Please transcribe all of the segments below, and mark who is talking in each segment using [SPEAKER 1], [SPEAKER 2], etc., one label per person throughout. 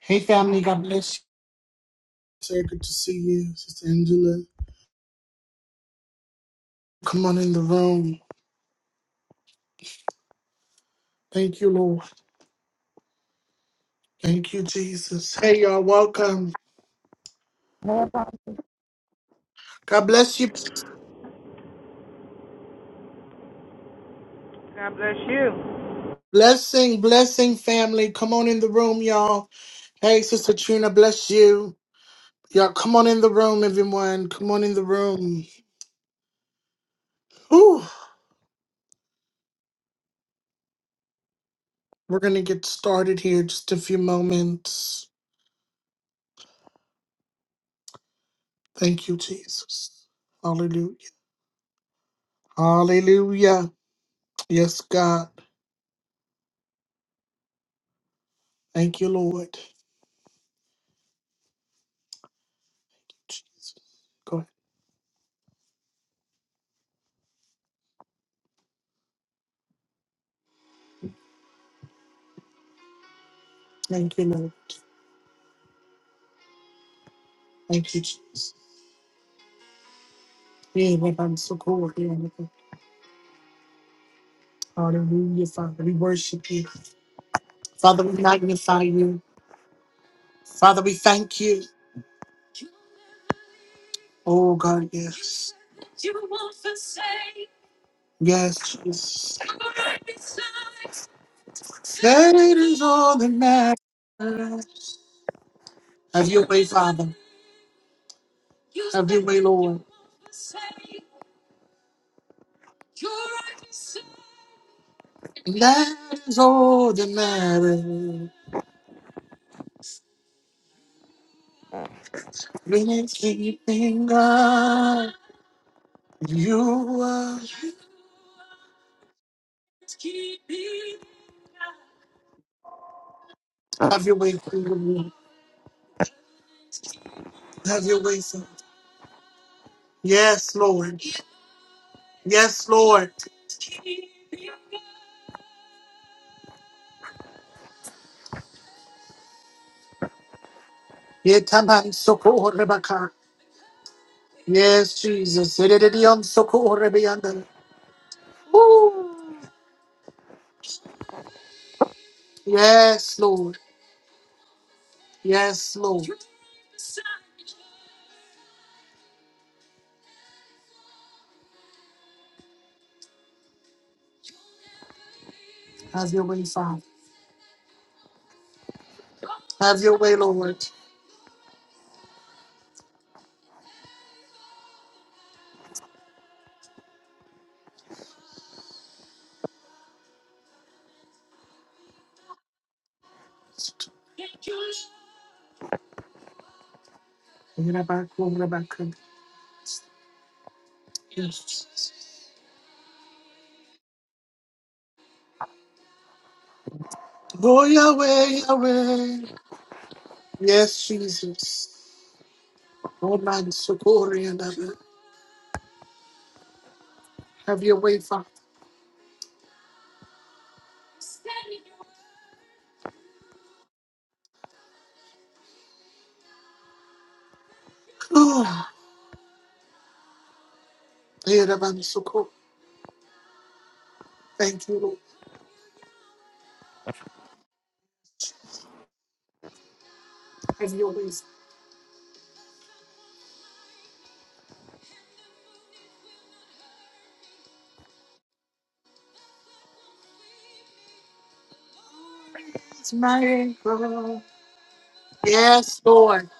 [SPEAKER 1] Hey, family. God bless you. Say good to see you, Sister Angela. Come on in the room. Thank you, Lord. Thank you, Jesus. Hey, y'all. Welcome. God bless you.
[SPEAKER 2] God bless you.
[SPEAKER 1] Blessing, blessing, family. Come on in the room, y'all. Hey, Sister Trina, bless you. Y'all, come on in the room, everyone. Come on in the room. Whew. We're going to get started here just a few moments. Thank you, Jesus. Hallelujah. Hallelujah. Yes, God. Thank you, Lord. Jesus. Go ahead. Thank you, Lord. Thank you, Jesus. Yeah, Lord, I'm so cool. Yeah, Lord. Hallelujah, Father. We worship you. Father, we magnify you. Father, we thank you. Oh, God, yes. Yes, Jesus. That is all that matters. That is all that matters. When it's anything, God, you are. Have your way through me. Have your way, Father. Yes, Lord. Yes, Lord. Yetaman sokorebaka. Yes, Jesus. Yedidion sokorebeanda. Yes, Lord. Yes, Lord. Have your way, Father. Have your way, Lord. Yerabakorebaka. Yes, Jesus. Go your way, your way. Yes, Jesus. Oh, man, sokoreanda. Have your way, Father. Oh, Yeraban soko. Thank you, Lord. It's my anchor. Yes, Lord.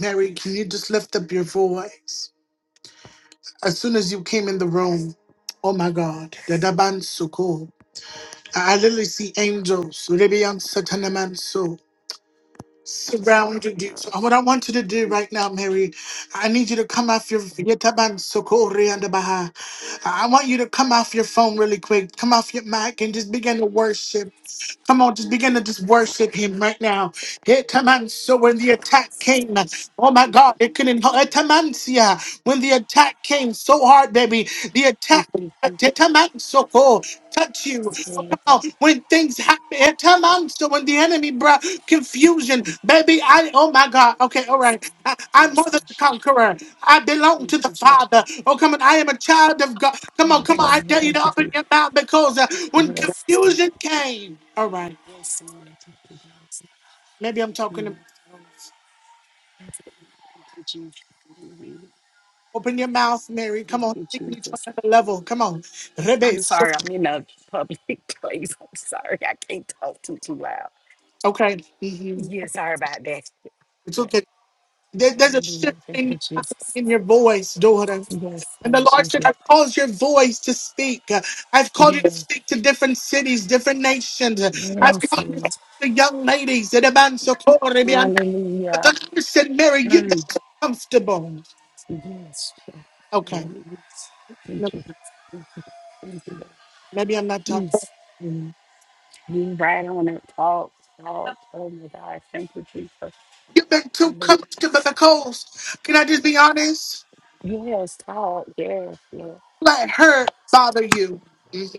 [SPEAKER 1] Mary, can you just lift up your voice? As soon as you came in the room, oh my God, the Daban Suko. I I literally see angels. Rebian Satanaman surrounded you. So what I want you to do right now, Mary, I need you to come off your Yetaban Sokori and the Baha. I want you to come off your phone really quick. Come off your mic and just begin to worship. Come on, just begin to just worship him right now. Yetaman, So when the attack came, oh my God, it couldn't Yetamansia. When the attack came so hard, baby, the attack Yetaman Soko, touch you.
[SPEAKER 3] Yes,
[SPEAKER 1] Oh, when things happen, every time I'm so when the enemy brought confusion, baby, I oh my God, okay, all
[SPEAKER 3] yes, yes,
[SPEAKER 1] right, I, I'm
[SPEAKER 3] yes,
[SPEAKER 1] more than
[SPEAKER 3] yes,
[SPEAKER 1] a conqueror. I belong
[SPEAKER 3] yes,
[SPEAKER 1] to the Father. Oh, come on, I am a child of God. Come on, come
[SPEAKER 3] yes, yes. Yes,
[SPEAKER 1] on, I
[SPEAKER 3] Lord,
[SPEAKER 1] dare you to
[SPEAKER 3] thank you for
[SPEAKER 1] open your mouth because uh, when
[SPEAKER 3] Yes, Lord.
[SPEAKER 1] confusion came, all right,
[SPEAKER 3] Yes, Lord, thank you, Jesus.
[SPEAKER 1] maybe I'm talking to
[SPEAKER 3] Mm.
[SPEAKER 1] myself.
[SPEAKER 3] Yes, Lord. Thank you, Jesus. Mm.
[SPEAKER 1] Open your mouth, Mary. Come on,
[SPEAKER 3] Thank
[SPEAKER 1] take
[SPEAKER 3] you,
[SPEAKER 1] me to
[SPEAKER 3] Jesus.
[SPEAKER 1] another level. Come on,
[SPEAKER 3] I'm
[SPEAKER 1] Rebe, so-
[SPEAKER 3] sorry, I'm in a public place. I'm sorry, I can't talk too too loud.
[SPEAKER 1] okay, hmm
[SPEAKER 3] Yeah, sorry about that.
[SPEAKER 1] it's
[SPEAKER 3] Yes,
[SPEAKER 1] okay. There- there's a
[SPEAKER 3] hallelujah.
[SPEAKER 1] shift
[SPEAKER 3] Thank
[SPEAKER 1] in
[SPEAKER 3] you, Jesus.
[SPEAKER 1] in your voice, daughter.
[SPEAKER 3] Yes,
[SPEAKER 1] And the
[SPEAKER 3] Lord,
[SPEAKER 1] Lord
[SPEAKER 3] thank
[SPEAKER 1] said,
[SPEAKER 3] you.
[SPEAKER 1] I've caused your voice to speak. I've called you
[SPEAKER 3] Yes,
[SPEAKER 1] to speak to different cities, different nations. I've
[SPEAKER 3] yes,
[SPEAKER 1] called you to
[SPEAKER 3] Lord.
[SPEAKER 1] speak to young ladies. And a man so glory be unto- But
[SPEAKER 3] Hallelujah.
[SPEAKER 1] the Lord said, Mary, you've
[SPEAKER 3] Mm.
[SPEAKER 1] comfortable.
[SPEAKER 3] Yes, Lord.
[SPEAKER 1] Okay.
[SPEAKER 3] Yes. Thank
[SPEAKER 1] Never
[SPEAKER 3] you. Thank you. Thank you. Lord.
[SPEAKER 1] Maybe I'm not talking.
[SPEAKER 3] Yes.
[SPEAKER 1] Mm.
[SPEAKER 3] You right on it. Talk, talk. Oh my God. Thank you, Jesus.
[SPEAKER 1] You've been too
[SPEAKER 3] Mm.
[SPEAKER 1] comfortable with the coast. Can I just be honest?
[SPEAKER 3] Yes, talk. Yes, Lord.
[SPEAKER 1] Let her bother you. Mhm.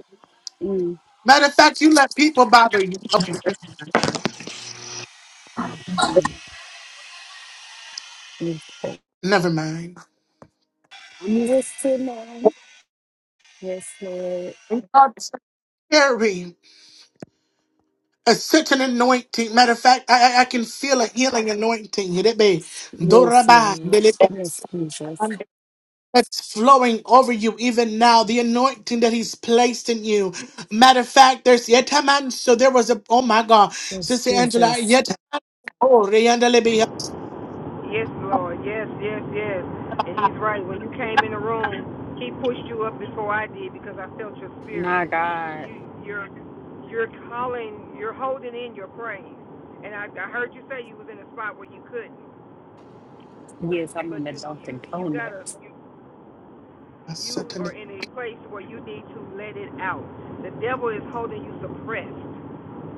[SPEAKER 3] Mm,
[SPEAKER 1] Matter of fact, you let people bother you. Okay.
[SPEAKER 3] mm, mm, mm. Oh,
[SPEAKER 1] Never mind.
[SPEAKER 3] Yes, tonight. Yes, Lord.
[SPEAKER 1] Mary. It's such an anointing. Matter of fact, I, I I can feel a healing anointing. Hirebe,
[SPEAKER 3] Yes,
[SPEAKER 1] doraba,
[SPEAKER 3] Lord.
[SPEAKER 1] delebe.
[SPEAKER 3] Yes, Jesus.
[SPEAKER 1] That's flowing over you even now. The anointing that He's placed in you. Matter of fact, there's yetaman. So there was a. Oh my God,
[SPEAKER 3] Yes,
[SPEAKER 1] Sister Angela.
[SPEAKER 3] Jesus.
[SPEAKER 1] Yet. Oh, reyandelebe.
[SPEAKER 2] Yes, Lord. Yes, yes, yes. And he's right. When you came in the room, he pushed you up before I did because I felt your spirit.
[SPEAKER 3] My God.
[SPEAKER 2] You, you're, you're calling. You're holding in your praise. And I, I heard you say you was in a spot where you couldn't,
[SPEAKER 3] Yes, I'm in
[SPEAKER 2] but
[SPEAKER 3] the
[SPEAKER 2] you, you,
[SPEAKER 3] Dunkin'
[SPEAKER 2] you gotta.
[SPEAKER 3] Donuts.
[SPEAKER 2] You, you are in a place where you need to let it out. The devil is holding you suppressed.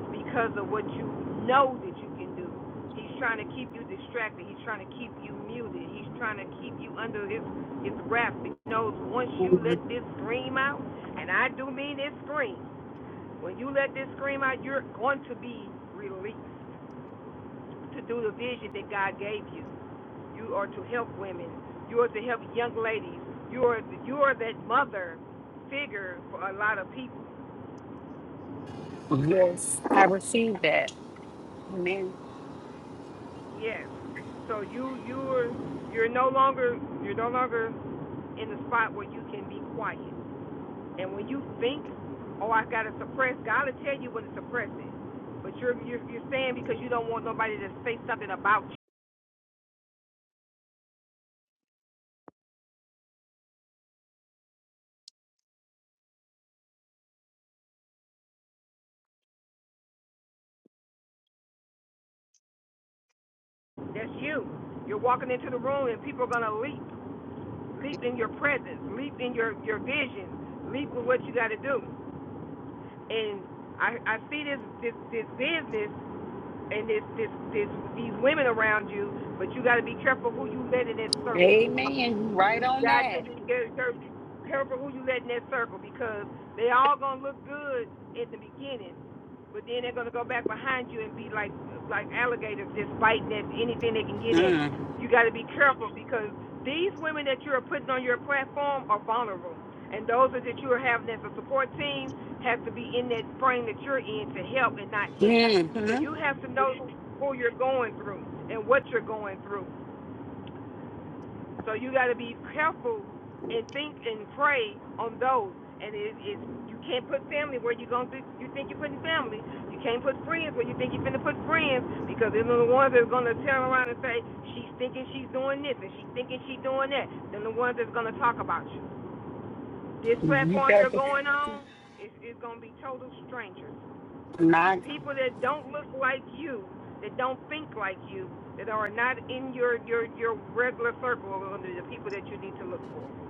[SPEAKER 2] because of what you know that you can do. He's trying to keep you distracted. He's trying to keep you muted. He's trying to keep you under his his wraps. He knows once you let this scream out, and I do mean this scream. When you let this scream out, you're going to be released to do the vision that God gave you. You are to help women. You are to help young ladies. You are you are that mother figure for a lot of people.
[SPEAKER 3] Yes, I received that. Amen.
[SPEAKER 2] Yes. So you you're you're no longer you're no longer in the spot where you can be quiet. And when you think, oh, I gotta suppress, God will tell you when to suppress it. But you're you're you're saying because you don't want nobody to say something about you. That's you. You're walking into the room and people are gonna leap, leap in your presence, leap in your your vision, leap with what you gotta do. And I I see this this this business and this this this these women around you, but you got to be careful who you let in that circle.
[SPEAKER 3] Amen. You right
[SPEAKER 2] You
[SPEAKER 3] on
[SPEAKER 2] got
[SPEAKER 3] that.
[SPEAKER 2] to be careful careful who you let in that circle because they all gonna look good at the beginning, but then they're gonna go back behind you and be like like alligators just biting at anything they can get at.
[SPEAKER 3] Mm.
[SPEAKER 2] You got to be careful because these women that you are putting on your platform are vulnerable, and those that you are having as a support team have to be in that frame that you're in to help and not hinder. So
[SPEAKER 3] Mm-hmm.
[SPEAKER 2] you have to know who you're going through and what you're going through so you got to be careful and think and pray on those. And it, it, you can't put family where you going th- you think you're putting family. You can't put friends where you think you're going to put friends because they're the ones that's going to turn around and say she's thinking she's doing this and she's thinking she's doing that. Then the ones that's going to talk about you. This
[SPEAKER 3] You
[SPEAKER 2] platform
[SPEAKER 3] got
[SPEAKER 2] you're
[SPEAKER 3] to
[SPEAKER 2] going on is is going to be total strangers
[SPEAKER 3] my God.
[SPEAKER 2] people that don't look like you, that don't think like you, that are not in your your your regular circle are gonna be the people that you need to look for.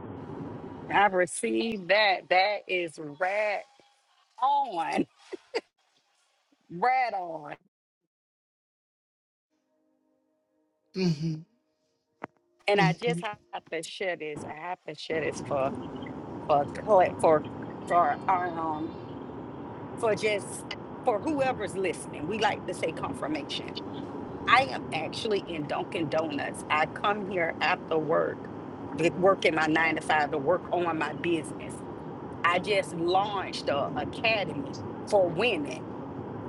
[SPEAKER 3] I received that. That is right on. Right on.
[SPEAKER 1] hmm
[SPEAKER 3] And I just
[SPEAKER 1] Mhm.
[SPEAKER 3] have to share this. I have to share this for for cl- for for our um for just for whoever's listening. We like to say confirmation. I am actually in Dunkin' Donuts. I come here after work, get work in my nine to five to work on my business. I just launched a academy for women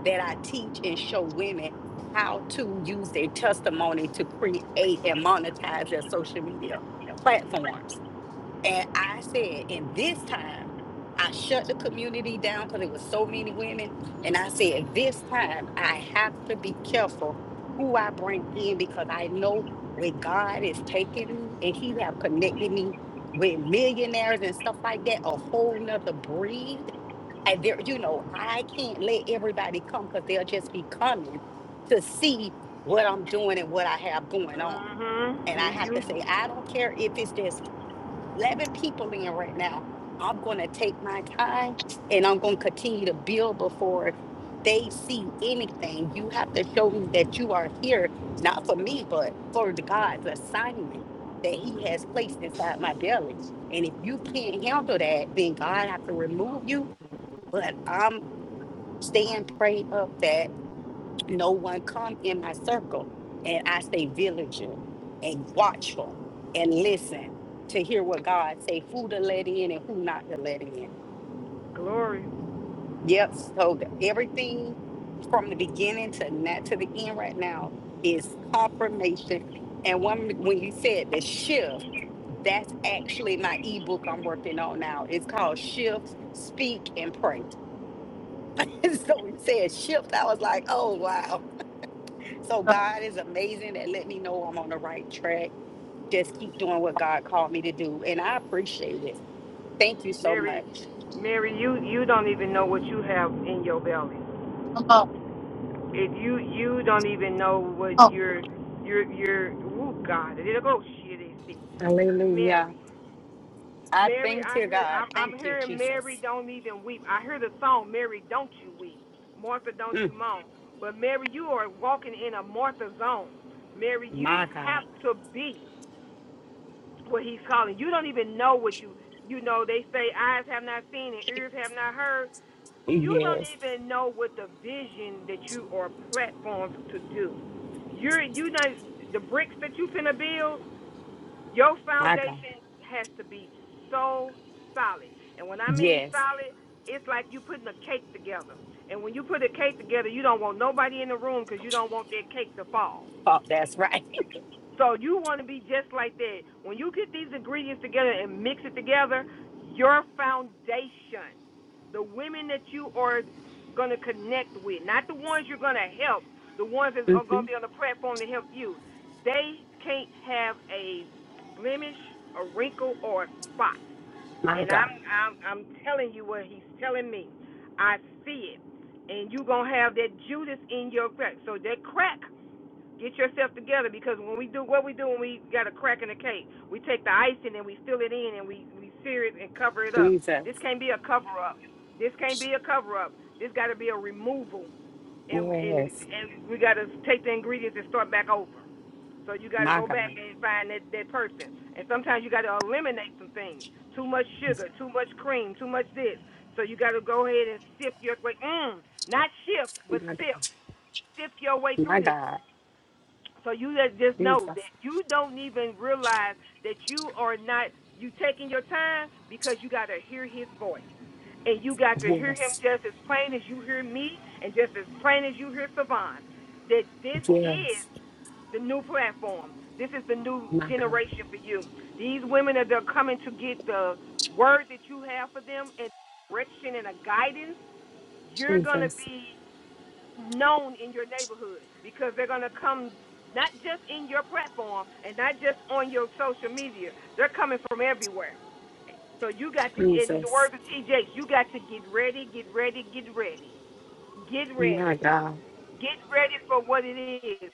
[SPEAKER 3] that I teach and show women how to use their testimony to create and monetize their social media platforms. And I said, and this time I shut the community down because it was so many women. And I said, this time I have to be careful who I bring in because I know where God is taking me and He have connected me with millionaires and stuff like that, a whole nother breed. And there, you know, I can't let everybody come because they'll just be coming to see what I'm doing and what I have going on.
[SPEAKER 2] mm
[SPEAKER 3] And
[SPEAKER 2] hmm
[SPEAKER 3] I
[SPEAKER 2] You
[SPEAKER 3] have to say,
[SPEAKER 2] you
[SPEAKER 3] I don't care if it's just 11 people in right now. I'm going to take my time and I'm going to continue to build before they see anything. You have to show me that you are here, not for me, but for the God's assignment that He has placed inside my belly. And if you can't handle that, then God have to remove you. But I'm staying prayed up that no one come in my circle and I stay vigilant and watchful and listen to hear what God say, who to let in and who not to let in.
[SPEAKER 2] glory,
[SPEAKER 3] Yep. So th- everything from the beginning to not to the end right now is confirmation. And when when you said the shift, that's actually my ebook I'm working on now. It's called Shift, Speak, and Pray. so you said shift. I was like, oh wow. So God is amazing at letting me know I'm on the right track. Just keep doing what God called me to do. And I appreciate it. Thank you so
[SPEAKER 2] Mary,
[SPEAKER 3] much.
[SPEAKER 2] Mary. You you don't even know what you have in your belly. If you you don't even know what your your your whoop God. It'll go shit.
[SPEAKER 3] Hallelujah.
[SPEAKER 2] Mary.
[SPEAKER 3] I
[SPEAKER 2] Mary,
[SPEAKER 3] thank
[SPEAKER 2] I
[SPEAKER 3] you,
[SPEAKER 2] heard.
[SPEAKER 3] God.
[SPEAKER 2] I'm,
[SPEAKER 3] Thank
[SPEAKER 2] I'm
[SPEAKER 3] you,
[SPEAKER 2] hearing
[SPEAKER 3] Jesus.
[SPEAKER 2] Mary, don't even weep. I hear the song Mary, don't you weep. Martha, don't you
[SPEAKER 3] Mm,
[SPEAKER 2] moan. But Mary, you are walking in a Martha zone. Mary, you
[SPEAKER 3] my God.
[SPEAKER 2] have to be what He's calling. You don't even know what you. You know they say eyes have not seen and ears have not heard. You don't
[SPEAKER 3] Yes.
[SPEAKER 2] even know what the vision that you are platformed to do. You're you know the bricks that you finna build. Your
[SPEAKER 3] My God.
[SPEAKER 2] foundation has to be so solid. And when I mean
[SPEAKER 3] Yes.
[SPEAKER 2] solid, it's like you putting a cake together. And when you put a cake together, you don't want nobody in the room because you don't want that cake to fall.
[SPEAKER 3] Oh, that's right.
[SPEAKER 2] So you want to be just like that. When you get these ingredients together and mix it together, your foundation, the women that you are going to connect with, not the ones you're going to help, the ones that are going
[SPEAKER 3] hmm
[SPEAKER 2] to be on the platform to help you, they can't have a blemish, a wrinkle, or a spot.
[SPEAKER 3] My
[SPEAKER 2] And I'm
[SPEAKER 3] God.
[SPEAKER 2] I'm, I'm telling you what he's telling me. I see it. And you're going to have that Judas in your crack. So that crack Get yourself together because when we do what we do when we got a crack in the cake, we take the icing and we fill it in and we we sear it and cover it up.
[SPEAKER 3] Jesus.
[SPEAKER 2] This can't be a cover up. This can't be a cover up. This got to be a removal, and and
[SPEAKER 3] Yes.
[SPEAKER 2] and we got to take the ingredients and start back over. So you got to
[SPEAKER 3] My
[SPEAKER 2] go
[SPEAKER 3] God.
[SPEAKER 2] back and find that that person. And sometimes you got to eliminate some things. Too much sugar, too much cream, too much this. So you got to go ahead and sift your way. Mm, not shift, but
[SPEAKER 3] My God.
[SPEAKER 2] sift. Sift your way through
[SPEAKER 3] My
[SPEAKER 2] this.
[SPEAKER 3] God.
[SPEAKER 2] So you just just
[SPEAKER 3] Jesus.
[SPEAKER 2] know that you don't even realize that you are not you taking your time because you got to hear his voice. And you got to hear him
[SPEAKER 3] Yes.
[SPEAKER 2] just as plain as you hear me and just as plain as you hear Savon. That this is
[SPEAKER 3] Yes.
[SPEAKER 2] the new platform. This is the new
[SPEAKER 3] My God.
[SPEAKER 2] generation for you. These women are they're coming to get the word that you have for them and direction and a guidance. You're gonna
[SPEAKER 3] Jesus.
[SPEAKER 2] be known in your neighborhood because they're going to come not just in your platform and not just on your social media. They're coming from everywhere. So you got to, in the
[SPEAKER 3] Jesus.
[SPEAKER 2] words of TJ, you got to get ready, get ready, get ready. Get ready.
[SPEAKER 3] My God,
[SPEAKER 2] Get ready for what it is.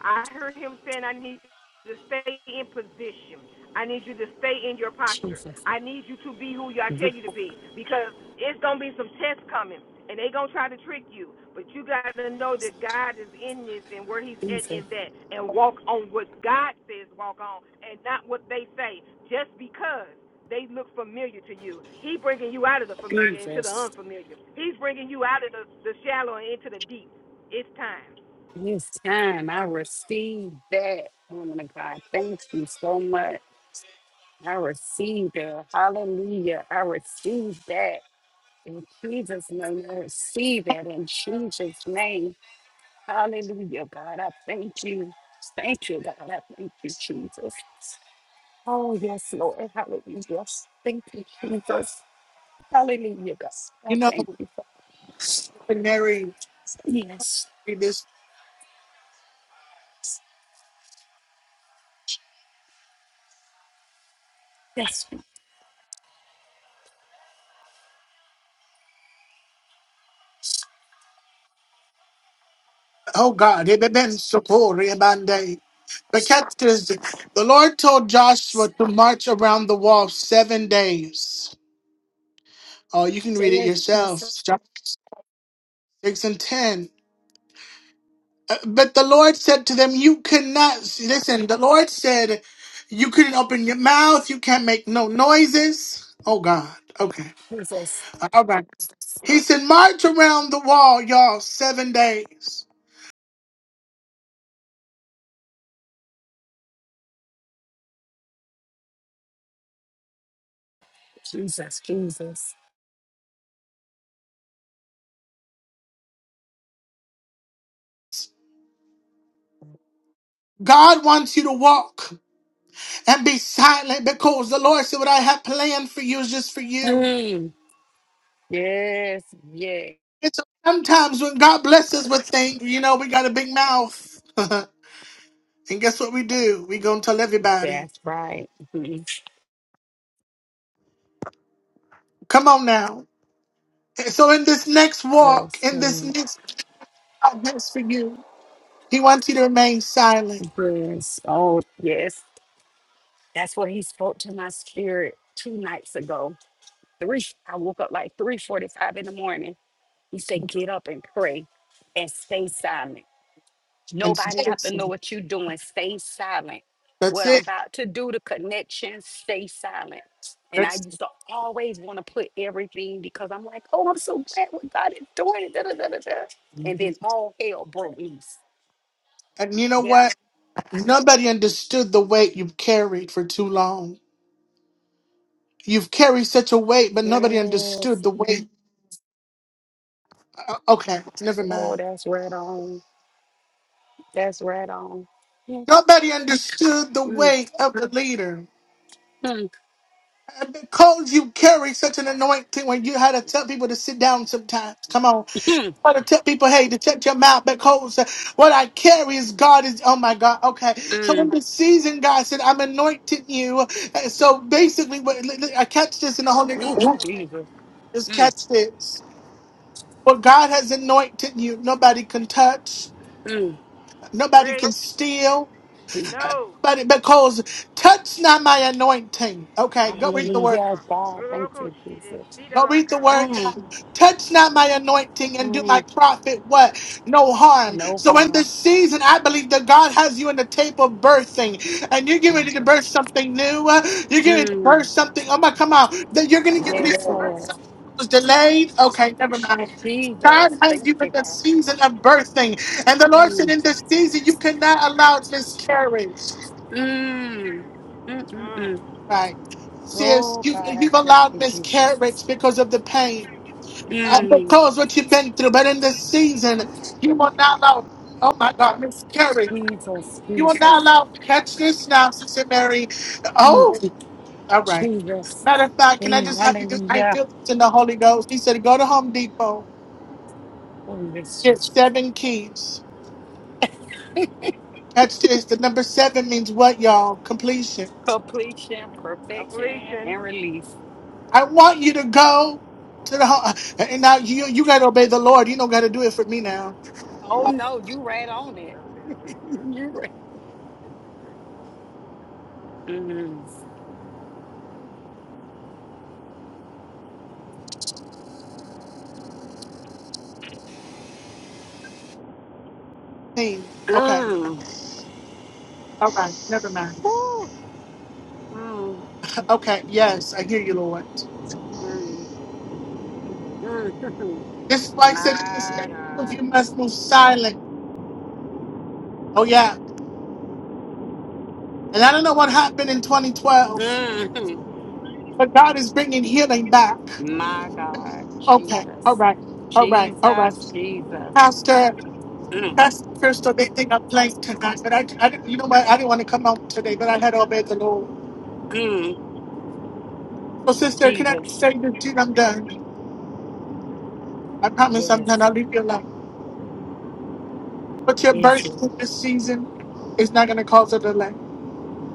[SPEAKER 2] I heard him saying, I need you to stay in position. I need you to stay in your posture.
[SPEAKER 3] Jesus,
[SPEAKER 2] I need you to be who I tell you to be because it's going to be some tests coming and they going to try to trick you. But you got to know that God is in this and where he's at
[SPEAKER 3] Yes,
[SPEAKER 2] in that and walk on what God says walk on and not what they say just because they look familiar to you. He bringing you out of the
[SPEAKER 3] Jesus,
[SPEAKER 2] familiar into the
[SPEAKER 3] Jesus.
[SPEAKER 2] unfamiliar. He's bringing you out of the, the shallow and into the deep. It's time.
[SPEAKER 3] This time I received that, woman of God. Thank you so much. I received it. Hallelujah. I received that. In Jesus' name, I receive that in Jesus' name. Hallelujah, God. I thank you. Thank you, God. I thank you, Jesus. Oh, yes, Lord. Hallelujah. Thank you, Jesus. Hallelujah, God. I
[SPEAKER 1] You know,
[SPEAKER 3] thank you, Father.
[SPEAKER 1] Mary.
[SPEAKER 3] Yes.
[SPEAKER 1] this
[SPEAKER 3] Yes,
[SPEAKER 1] oh God, it had been so poor in Monday. But catch this the Lord told Joshua to march around the wall seven days. Oh, you can read it
[SPEAKER 3] Yes,
[SPEAKER 1] yourself.
[SPEAKER 3] Jesus,
[SPEAKER 1] Joshua six and ten. Uh, But the Lord said to them, You cannot listen, the Lord said you couldn't open your mouth, you can't make no noises. Oh God. Okay.
[SPEAKER 3] Jesus,
[SPEAKER 1] All right. He said, March around the wall, y'all, seven days.
[SPEAKER 3] Jesus, Jesus.
[SPEAKER 1] God wants you to walk and be silent because the Lord said, What I have planned for you is just for you.
[SPEAKER 3] Mm. Yes, yes,
[SPEAKER 1] It's sometimes when God blesses with things, you know, we got a big mouth. and guess what we do? we going to tell everybody.
[SPEAKER 3] that's right. Mhm.
[SPEAKER 1] Come on now. so in this next walk,
[SPEAKER 3] Yes,
[SPEAKER 1] in this
[SPEAKER 3] Lord.
[SPEAKER 1] next God has for you, He wants you to remain silent
[SPEAKER 3] yes, oh, yes. That's what he spoke to my spirit two nights ago. Three, I woke up like 3.45 in the morning. He said, get up and pray and stay silent.
[SPEAKER 1] and
[SPEAKER 3] Nobody
[SPEAKER 1] stay
[SPEAKER 3] have to know
[SPEAKER 1] silent.
[SPEAKER 3] what you're doing. Stay silent.
[SPEAKER 1] That's
[SPEAKER 3] What I'm
[SPEAKER 1] it.
[SPEAKER 3] about to do, the connection, stay silent. And I
[SPEAKER 1] That's
[SPEAKER 3] used to always want to put everything because I'm like, oh, I'm so glad what God is doing. it, Da, da, da, da, da. And then all hell broke loose.
[SPEAKER 1] and you know
[SPEAKER 3] Yeah.
[SPEAKER 1] what? Nobody understood the weight you've carried for too long. You've carried such a weight, but nobody understood
[SPEAKER 3] Yes.
[SPEAKER 1] the weight. Uh, Okay, never
[SPEAKER 3] Oh,
[SPEAKER 1] mind.
[SPEAKER 3] that's right on. That's right on. Mm,
[SPEAKER 1] Nobody understood the
[SPEAKER 3] mm,
[SPEAKER 1] weight of the leader.
[SPEAKER 3] mm,
[SPEAKER 1] Uh, Because you carried such an anointing when you had to tell people to sit down sometimes. Come on.
[SPEAKER 3] mm,
[SPEAKER 1] had to tell people, hey, to shut your mouth because uh, what I carry is God is, oh my God, okay. So in
[SPEAKER 3] mm.
[SPEAKER 1] this season, God said, I'm anointing you. And so basically, what, li- li- I catch this in the Holy
[SPEAKER 3] Ooh,
[SPEAKER 1] Ghost.
[SPEAKER 3] Jesus.
[SPEAKER 1] Just
[SPEAKER 3] Mm,
[SPEAKER 1] catch this. What God has anointed you, nobody can touch.
[SPEAKER 3] mm,
[SPEAKER 1] Nobody
[SPEAKER 2] Preach.
[SPEAKER 1] can steal.
[SPEAKER 3] Jesus.
[SPEAKER 2] No.
[SPEAKER 1] Nobody because touch not my anointing. Okay,
[SPEAKER 2] And
[SPEAKER 1] go
[SPEAKER 2] do
[SPEAKER 1] read the
[SPEAKER 2] my
[SPEAKER 1] word.
[SPEAKER 3] Hallelujah,
[SPEAKER 2] part.
[SPEAKER 3] God. Thank you,
[SPEAKER 2] She did
[SPEAKER 3] Jesus.
[SPEAKER 2] see that
[SPEAKER 1] No, read
[SPEAKER 2] like
[SPEAKER 1] the
[SPEAKER 2] a
[SPEAKER 1] word.
[SPEAKER 2] shit.
[SPEAKER 3] Mm,
[SPEAKER 1] down. Touch not my anointing and do
[SPEAKER 3] mm.
[SPEAKER 1] my prophet what? No harm.
[SPEAKER 3] No
[SPEAKER 1] So in
[SPEAKER 3] harm.
[SPEAKER 1] this season, I believe that God has you in the tape of birthing. And you're getting ready to
[SPEAKER 3] Jesus.
[SPEAKER 1] birth something new. Uh, You're getting ready to birth
[SPEAKER 3] Mm,
[SPEAKER 1] something. Oh my, come on. That you're going to get ready to
[SPEAKER 3] yes,
[SPEAKER 1] birth
[SPEAKER 3] Lord.
[SPEAKER 1] something. that Was delayed? Okay, never mind. God
[SPEAKER 3] Jesus.
[SPEAKER 1] has
[SPEAKER 3] Thank
[SPEAKER 1] you in
[SPEAKER 3] you,
[SPEAKER 1] the
[SPEAKER 3] God.
[SPEAKER 1] season of birthing, and the Lord said,
[SPEAKER 3] Mm,
[SPEAKER 1] "In this season, you cannot allow miscarriage."
[SPEAKER 3] mm, mm, mm, mm.
[SPEAKER 2] Mm.
[SPEAKER 1] Right? Sis,
[SPEAKER 3] Oh,
[SPEAKER 1] you
[SPEAKER 3] God, I
[SPEAKER 1] you've
[SPEAKER 3] thank
[SPEAKER 1] allowed
[SPEAKER 3] you, Jesus.
[SPEAKER 1] miscarriage because of the pain. Uh,
[SPEAKER 3] Mm,
[SPEAKER 1] because what you've been through, but in this season, you will not allow, oh my God, Miss Carrie,
[SPEAKER 3] Jesus,
[SPEAKER 1] you will
[SPEAKER 3] Jesus.
[SPEAKER 1] not allow, catch this now, Sister Mary.
[SPEAKER 3] Mm,
[SPEAKER 1] Oh, all right.
[SPEAKER 3] Jesus.
[SPEAKER 1] Matter of fact, can I
[SPEAKER 3] Mm,
[SPEAKER 1] just have you do, I
[SPEAKER 3] hallelujah.
[SPEAKER 1] feel this in the Holy Ghost. He said, go to Home Depot,
[SPEAKER 3] Oh, yes,
[SPEAKER 1] get
[SPEAKER 3] Jesus.
[SPEAKER 1] seven keys. Catch this. The number seven means what, y'all? Completion.
[SPEAKER 3] Completion, perfection,
[SPEAKER 2] Completion.
[SPEAKER 3] and release.
[SPEAKER 1] I want you to go to the home, and now you, you got to obey the Lord. You don't got to do it for me now.
[SPEAKER 3] Oh, no, you right on it. you right. Mm,
[SPEAKER 1] Okay.
[SPEAKER 3] mm,
[SPEAKER 1] All right, never mind.
[SPEAKER 3] Woo. mm,
[SPEAKER 1] Okay, yes, I hear you, Lord.
[SPEAKER 3] mm, mm.
[SPEAKER 1] This is why I said in this day,
[SPEAKER 3] My God.
[SPEAKER 1] you must move silent. Oh, yeah. And I don't know what happened in 2012,
[SPEAKER 3] Mhm.
[SPEAKER 1] but God is bringing healing back.
[SPEAKER 3] My God.
[SPEAKER 1] Okay, all
[SPEAKER 3] Jesus.
[SPEAKER 1] right, all right, all right.
[SPEAKER 3] Jesus. Jesus.
[SPEAKER 1] Pastor,
[SPEAKER 3] Mm,
[SPEAKER 1] Pastor Crystal, they think I'm playing tonight, but I, I you know what? I didn't want to come out today, but I had to obey the Lord.
[SPEAKER 3] mm.
[SPEAKER 1] So, sister, can I
[SPEAKER 3] Jesus.
[SPEAKER 1] say this to you? I'm done. I promise I'm done.
[SPEAKER 3] Yes.
[SPEAKER 1] I'll leave you alone. But your
[SPEAKER 3] Yes,
[SPEAKER 1] birth
[SPEAKER 3] Lord.
[SPEAKER 1] this season is not going to cause a delay.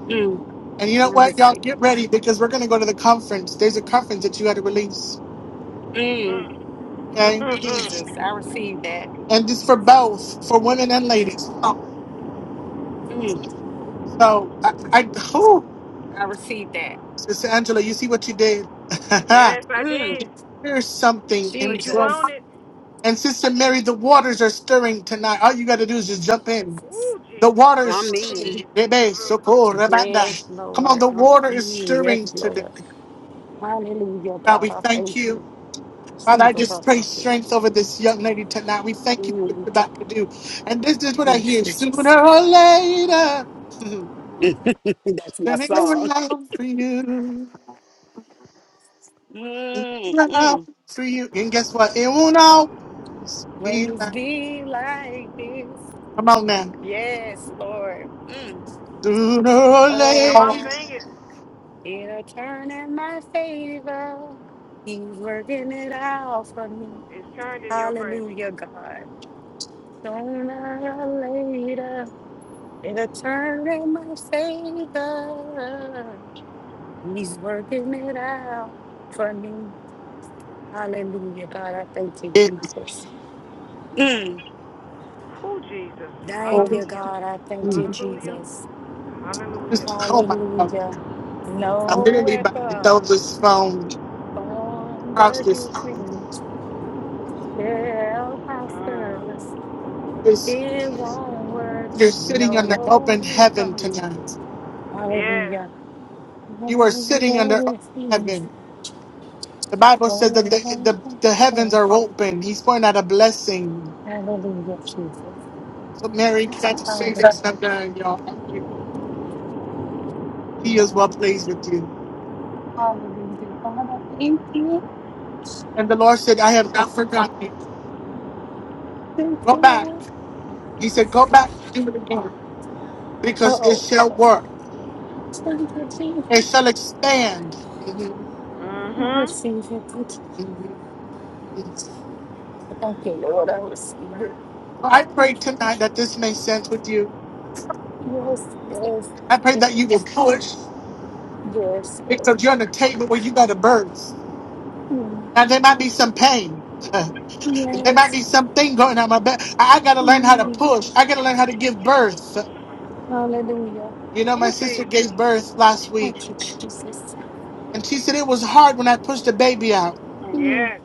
[SPEAKER 3] Mm.
[SPEAKER 1] And you know
[SPEAKER 3] I
[SPEAKER 1] what, y'all
[SPEAKER 3] receive
[SPEAKER 1] get
[SPEAKER 3] it.
[SPEAKER 1] ready because we're gonna go to the conference. There's a conference that you had to release,
[SPEAKER 3] Mm.
[SPEAKER 1] okay?
[SPEAKER 3] Jesus.
[SPEAKER 2] Mm.
[SPEAKER 3] I receive that.
[SPEAKER 1] And this for both, for women and ladies. Oh,
[SPEAKER 3] Mm.
[SPEAKER 1] so I, I oh,
[SPEAKER 3] I receive that.
[SPEAKER 1] Sister Angela, you see what you did.
[SPEAKER 2] yes, I
[SPEAKER 3] Mm.
[SPEAKER 2] did.
[SPEAKER 1] There's something in
[SPEAKER 2] But
[SPEAKER 1] the
[SPEAKER 2] you
[SPEAKER 1] room.
[SPEAKER 2] own
[SPEAKER 3] Jesus.
[SPEAKER 2] it.
[SPEAKER 1] And Sister Mary, the waters are stirring tonight. All you gotta do is just jump in.
[SPEAKER 3] Jesus.
[SPEAKER 2] Ooh,
[SPEAKER 1] The
[SPEAKER 2] Jesus.
[SPEAKER 1] water is
[SPEAKER 3] I'm
[SPEAKER 2] Loco. She did
[SPEAKER 3] in.
[SPEAKER 1] stirring.
[SPEAKER 2] see the
[SPEAKER 1] Rebe, soko,
[SPEAKER 2] loco.
[SPEAKER 3] Yes,
[SPEAKER 1] rabanda. Come on,
[SPEAKER 3] Lord.
[SPEAKER 1] the
[SPEAKER 3] I'm
[SPEAKER 1] water is
[SPEAKER 3] in. Yes,
[SPEAKER 1] stirring today.
[SPEAKER 3] Lord. Hallelujah,
[SPEAKER 1] God,
[SPEAKER 3] God.
[SPEAKER 1] we
[SPEAKER 3] I
[SPEAKER 1] thank
[SPEAKER 3] thank
[SPEAKER 1] you.
[SPEAKER 3] you.
[SPEAKER 1] Father, I
[SPEAKER 3] Jesus, I
[SPEAKER 1] just pray
[SPEAKER 3] thank you.
[SPEAKER 1] strength over this young lady tonight. We thank you for what
[SPEAKER 3] Mm.
[SPEAKER 1] you're about to do. And this is what I
[SPEAKER 3] yes,
[SPEAKER 1] hear
[SPEAKER 3] Jesus.
[SPEAKER 1] sooner or later.
[SPEAKER 3] That's my
[SPEAKER 1] Turning
[SPEAKER 3] song.
[SPEAKER 1] around for you. Around
[SPEAKER 3] Mm-mm.
[SPEAKER 1] for you. And guess what? It won't all be
[SPEAKER 3] Ways
[SPEAKER 1] like.
[SPEAKER 3] be like this.
[SPEAKER 1] Come on now.
[SPEAKER 3] Yes, Lord. Mm.
[SPEAKER 1] Sooner or
[SPEAKER 3] Oh,
[SPEAKER 2] Come on,
[SPEAKER 1] later.
[SPEAKER 3] God.
[SPEAKER 2] sing it.
[SPEAKER 3] It'll turn in my favor. He's working it out for me.
[SPEAKER 2] It's turned in your favor.
[SPEAKER 3] Hallelujah, God. Sooner or later, it'll turn in my favor. He's working it out for me. Hallelujah, God. I thank you,
[SPEAKER 1] It
[SPEAKER 3] Jesus.
[SPEAKER 2] Ooh, Jesus.
[SPEAKER 3] Thank
[SPEAKER 1] will
[SPEAKER 3] you,
[SPEAKER 2] Hallelujah.
[SPEAKER 3] God. I thank
[SPEAKER 1] be.
[SPEAKER 3] you,
[SPEAKER 2] Hallelujah.
[SPEAKER 3] Jesus.
[SPEAKER 1] Just,
[SPEAKER 2] Hallelujah.
[SPEAKER 1] oh my God.
[SPEAKER 3] Hallelujah.
[SPEAKER 1] I'm
[SPEAKER 3] No
[SPEAKER 1] literally about to throw
[SPEAKER 3] weapon
[SPEAKER 1] this phone
[SPEAKER 3] formed
[SPEAKER 1] across this
[SPEAKER 3] against
[SPEAKER 1] phone.
[SPEAKER 3] me shall prosper.
[SPEAKER 2] Mm.
[SPEAKER 1] It's,
[SPEAKER 3] It won't work.
[SPEAKER 1] you're sitting under open
[SPEAKER 3] No
[SPEAKER 1] heaven
[SPEAKER 3] weapon.
[SPEAKER 1] tonight.
[SPEAKER 2] Yes.
[SPEAKER 3] Hallelujah.
[SPEAKER 1] You are
[SPEAKER 3] Formed
[SPEAKER 1] sitting under open
[SPEAKER 3] against me
[SPEAKER 1] heaven. The Bible says that the,
[SPEAKER 3] shall
[SPEAKER 1] the, the heavens
[SPEAKER 3] prosper.
[SPEAKER 1] are open. He's pouring out a blessing.
[SPEAKER 3] Hallelujah, Jesus.
[SPEAKER 1] So Mary catch
[SPEAKER 3] Hallelujah.
[SPEAKER 1] favors of the y'all. I'm really- He is well pleased with you.
[SPEAKER 3] Hallelujah. God, I thank you.
[SPEAKER 1] And the Lord said, I have not forgotten you.
[SPEAKER 3] Thank
[SPEAKER 1] Go
[SPEAKER 3] you,
[SPEAKER 1] back.
[SPEAKER 3] Lord.
[SPEAKER 1] He said, Go back and do it again. Because it
[SPEAKER 3] Oh,
[SPEAKER 1] shall work.
[SPEAKER 3] thank you,
[SPEAKER 1] It
[SPEAKER 3] Jesus.
[SPEAKER 1] shall expand. Mhm,
[SPEAKER 3] I
[SPEAKER 2] Mm-hmm.
[SPEAKER 3] receive it. Thank you,
[SPEAKER 1] mhm, mhm.
[SPEAKER 3] Thank you, Lord. I receive it.
[SPEAKER 1] I pray
[SPEAKER 3] Thank you.
[SPEAKER 1] tonight that this makes sense with you.
[SPEAKER 3] Yes, yes,
[SPEAKER 1] I pray
[SPEAKER 3] it
[SPEAKER 1] that you will
[SPEAKER 3] is.
[SPEAKER 1] push
[SPEAKER 3] Yes, Lord.
[SPEAKER 1] because you're on a table where you got to burst.
[SPEAKER 3] Mm,
[SPEAKER 1] Now there might
[SPEAKER 3] mm,
[SPEAKER 1] be some pain. There might
[SPEAKER 3] Yes.
[SPEAKER 1] be something going on my back. I, I gotta learn how to
[SPEAKER 3] Mm,
[SPEAKER 1] push. I gotta learn how to give birth.
[SPEAKER 3] Hallelujah.
[SPEAKER 1] You know, my
[SPEAKER 2] Ooh,
[SPEAKER 1] sister
[SPEAKER 2] Jesus.
[SPEAKER 1] gave birth last week,
[SPEAKER 3] Thank you, Jesus.
[SPEAKER 1] and she said it was hard when I pushed the baby out.
[SPEAKER 3] Mm,
[SPEAKER 2] Yes.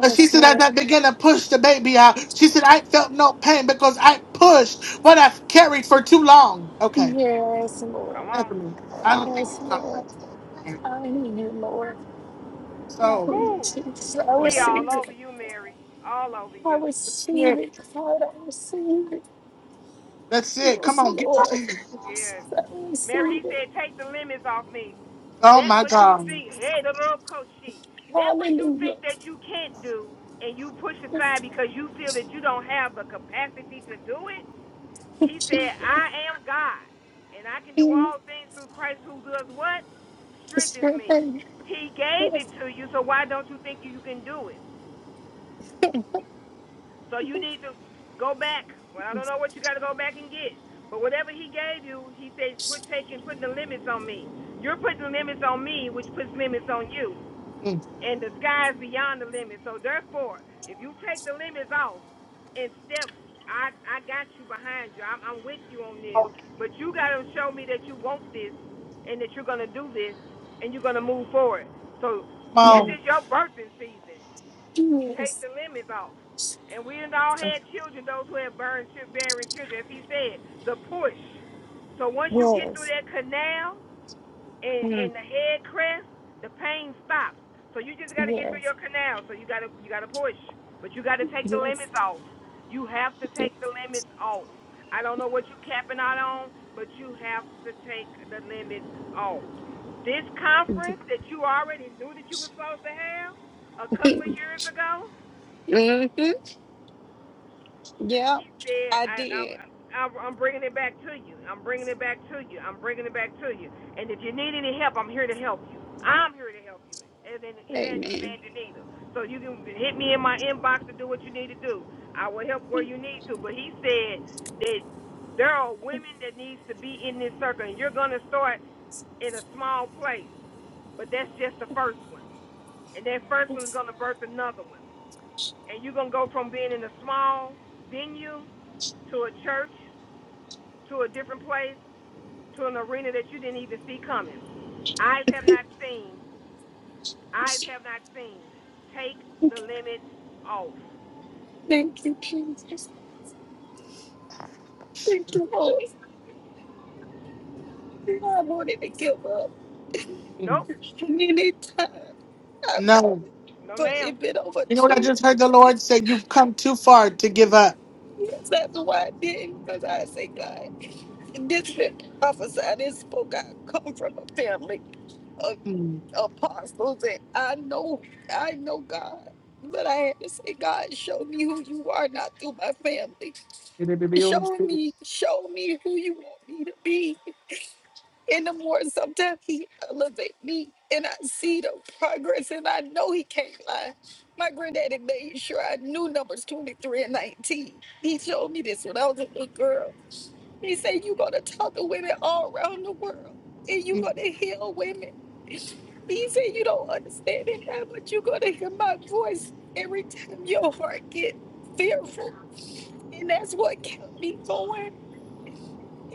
[SPEAKER 1] But she said as
[SPEAKER 3] Lord.
[SPEAKER 1] I began to push the baby out, she said I felt no pain because I pushed what I've carried for too long. Okay,
[SPEAKER 3] Yes,
[SPEAKER 2] Come
[SPEAKER 3] Lord.
[SPEAKER 2] on.
[SPEAKER 1] never mind. I don't think
[SPEAKER 3] Yes,
[SPEAKER 1] it's not
[SPEAKER 3] Lord.
[SPEAKER 1] pain.
[SPEAKER 3] I need you, Lord. I
[SPEAKER 1] So
[SPEAKER 3] need You,
[SPEAKER 2] Ooh.
[SPEAKER 3] Jesus. I
[SPEAKER 2] He all
[SPEAKER 3] receive
[SPEAKER 2] over
[SPEAKER 3] it.
[SPEAKER 2] you, Mary. All over
[SPEAKER 3] I
[SPEAKER 2] you.
[SPEAKER 1] that's
[SPEAKER 3] receive
[SPEAKER 1] it.
[SPEAKER 3] it, God. I receive it.
[SPEAKER 1] That's it. Come
[SPEAKER 3] Yes,
[SPEAKER 1] on, get it. to
[SPEAKER 3] Lord.
[SPEAKER 1] me.
[SPEAKER 3] Yes,
[SPEAKER 2] Yes.
[SPEAKER 3] I
[SPEAKER 2] Mary, he
[SPEAKER 3] receive it.
[SPEAKER 2] said, take the limits off me.
[SPEAKER 1] Oh
[SPEAKER 2] That
[SPEAKER 1] my
[SPEAKER 2] what you
[SPEAKER 1] God.
[SPEAKER 2] think, hey, the little coach she, that what you
[SPEAKER 3] Hallelujah.
[SPEAKER 2] think that you can't do and you push
[SPEAKER 3] Yes.
[SPEAKER 2] aside because you feel that you don't have the capacity to do it.
[SPEAKER 3] Yes.
[SPEAKER 2] He said, I am God and I can do
[SPEAKER 3] Mm.
[SPEAKER 2] all things through Christ who does what? Strengthens me.
[SPEAKER 3] Yes.
[SPEAKER 2] He gave
[SPEAKER 3] Yes.
[SPEAKER 2] it to you, so why don't you think you can do it? So you need to go back. Well, I don't know what you got to go back and get. But whatever he gave you, he said, quit taking, putting the limits on me. You're putting limits on me, which puts limits on you.
[SPEAKER 1] Mm.
[SPEAKER 2] And the sky is beyond the limit. So therefore, if you take the limits off and step, I, I got you behind you. I'm, I'm with you on this.
[SPEAKER 1] Come
[SPEAKER 2] But you got to show me that you want this and that you're going to do this and you're going to move forward. So this
[SPEAKER 1] on.
[SPEAKER 2] is your birthing season take the limits off. And we and all had children, those who have burned chil- bearing children, as he said, the push. So once you get through that canal and, and the head crest, the pain stops. So you just gotta get through your canal. So you gotta you gotta push. But you gotta take the limits off. You have to take the limits off. I don't know what you are capping out on, but you have to take the limits off. This conference that you already knew that you were supposed to have a couple of years ago,
[SPEAKER 3] Mm-hmm. Yeah,
[SPEAKER 2] He said,
[SPEAKER 3] I
[SPEAKER 2] I, I'm,
[SPEAKER 3] did.
[SPEAKER 2] I'm I'm bringing it back to you. I'm bringing it back to you. I'm bringing it back to you. And if you need any help, I'm here to help you. I'm here to help you. And then Evangelist
[SPEAKER 3] Amen.
[SPEAKER 2] Angelina. So you can hit me in my inbox to do what you need to do. I will help where you need to. But he said that there are women that needs to be in this circle. And you're going to start in a small place. But that's just the first one. And that first one is
[SPEAKER 3] Yes.
[SPEAKER 2] going to birth another one. And you're going to go from being in a small venue to a church to a different place, to an arena that you didn't even see coming. Eyes have not seen, eyes have not seen. Take the limit off.
[SPEAKER 3] Thank you, Jesus. Thank you, Lord. I wanted to give up.
[SPEAKER 1] Mm.
[SPEAKER 2] Nope,
[SPEAKER 3] And any time, I,
[SPEAKER 1] No.
[SPEAKER 2] no
[SPEAKER 3] but
[SPEAKER 2] ma'am.
[SPEAKER 3] it been over
[SPEAKER 1] You know what
[SPEAKER 3] two
[SPEAKER 1] I
[SPEAKER 3] and
[SPEAKER 1] just
[SPEAKER 3] a
[SPEAKER 1] heard the
[SPEAKER 3] half
[SPEAKER 1] Lord say? You've come too far to give up.
[SPEAKER 3] years. That's why I didn't, because I say, God. this been prophesied and spoke. I come from a family of
[SPEAKER 1] Mm.
[SPEAKER 3] apostles, and I know, I know God. But I had to say, God, show me who you are, not through my family. Show me, show me who you want me to be. And the more sometimes He elevate me, and I see the progress, and I know He can't lie. My granddaddy made sure I knew numbers 23 and 19. He showed me this when I was a little girl. He said, You're going to talk to women all around the world and you're going to heal women. He said, You don't understand it now, but you're going to hear my voice every time your heart get fearful. And that's what kept me going.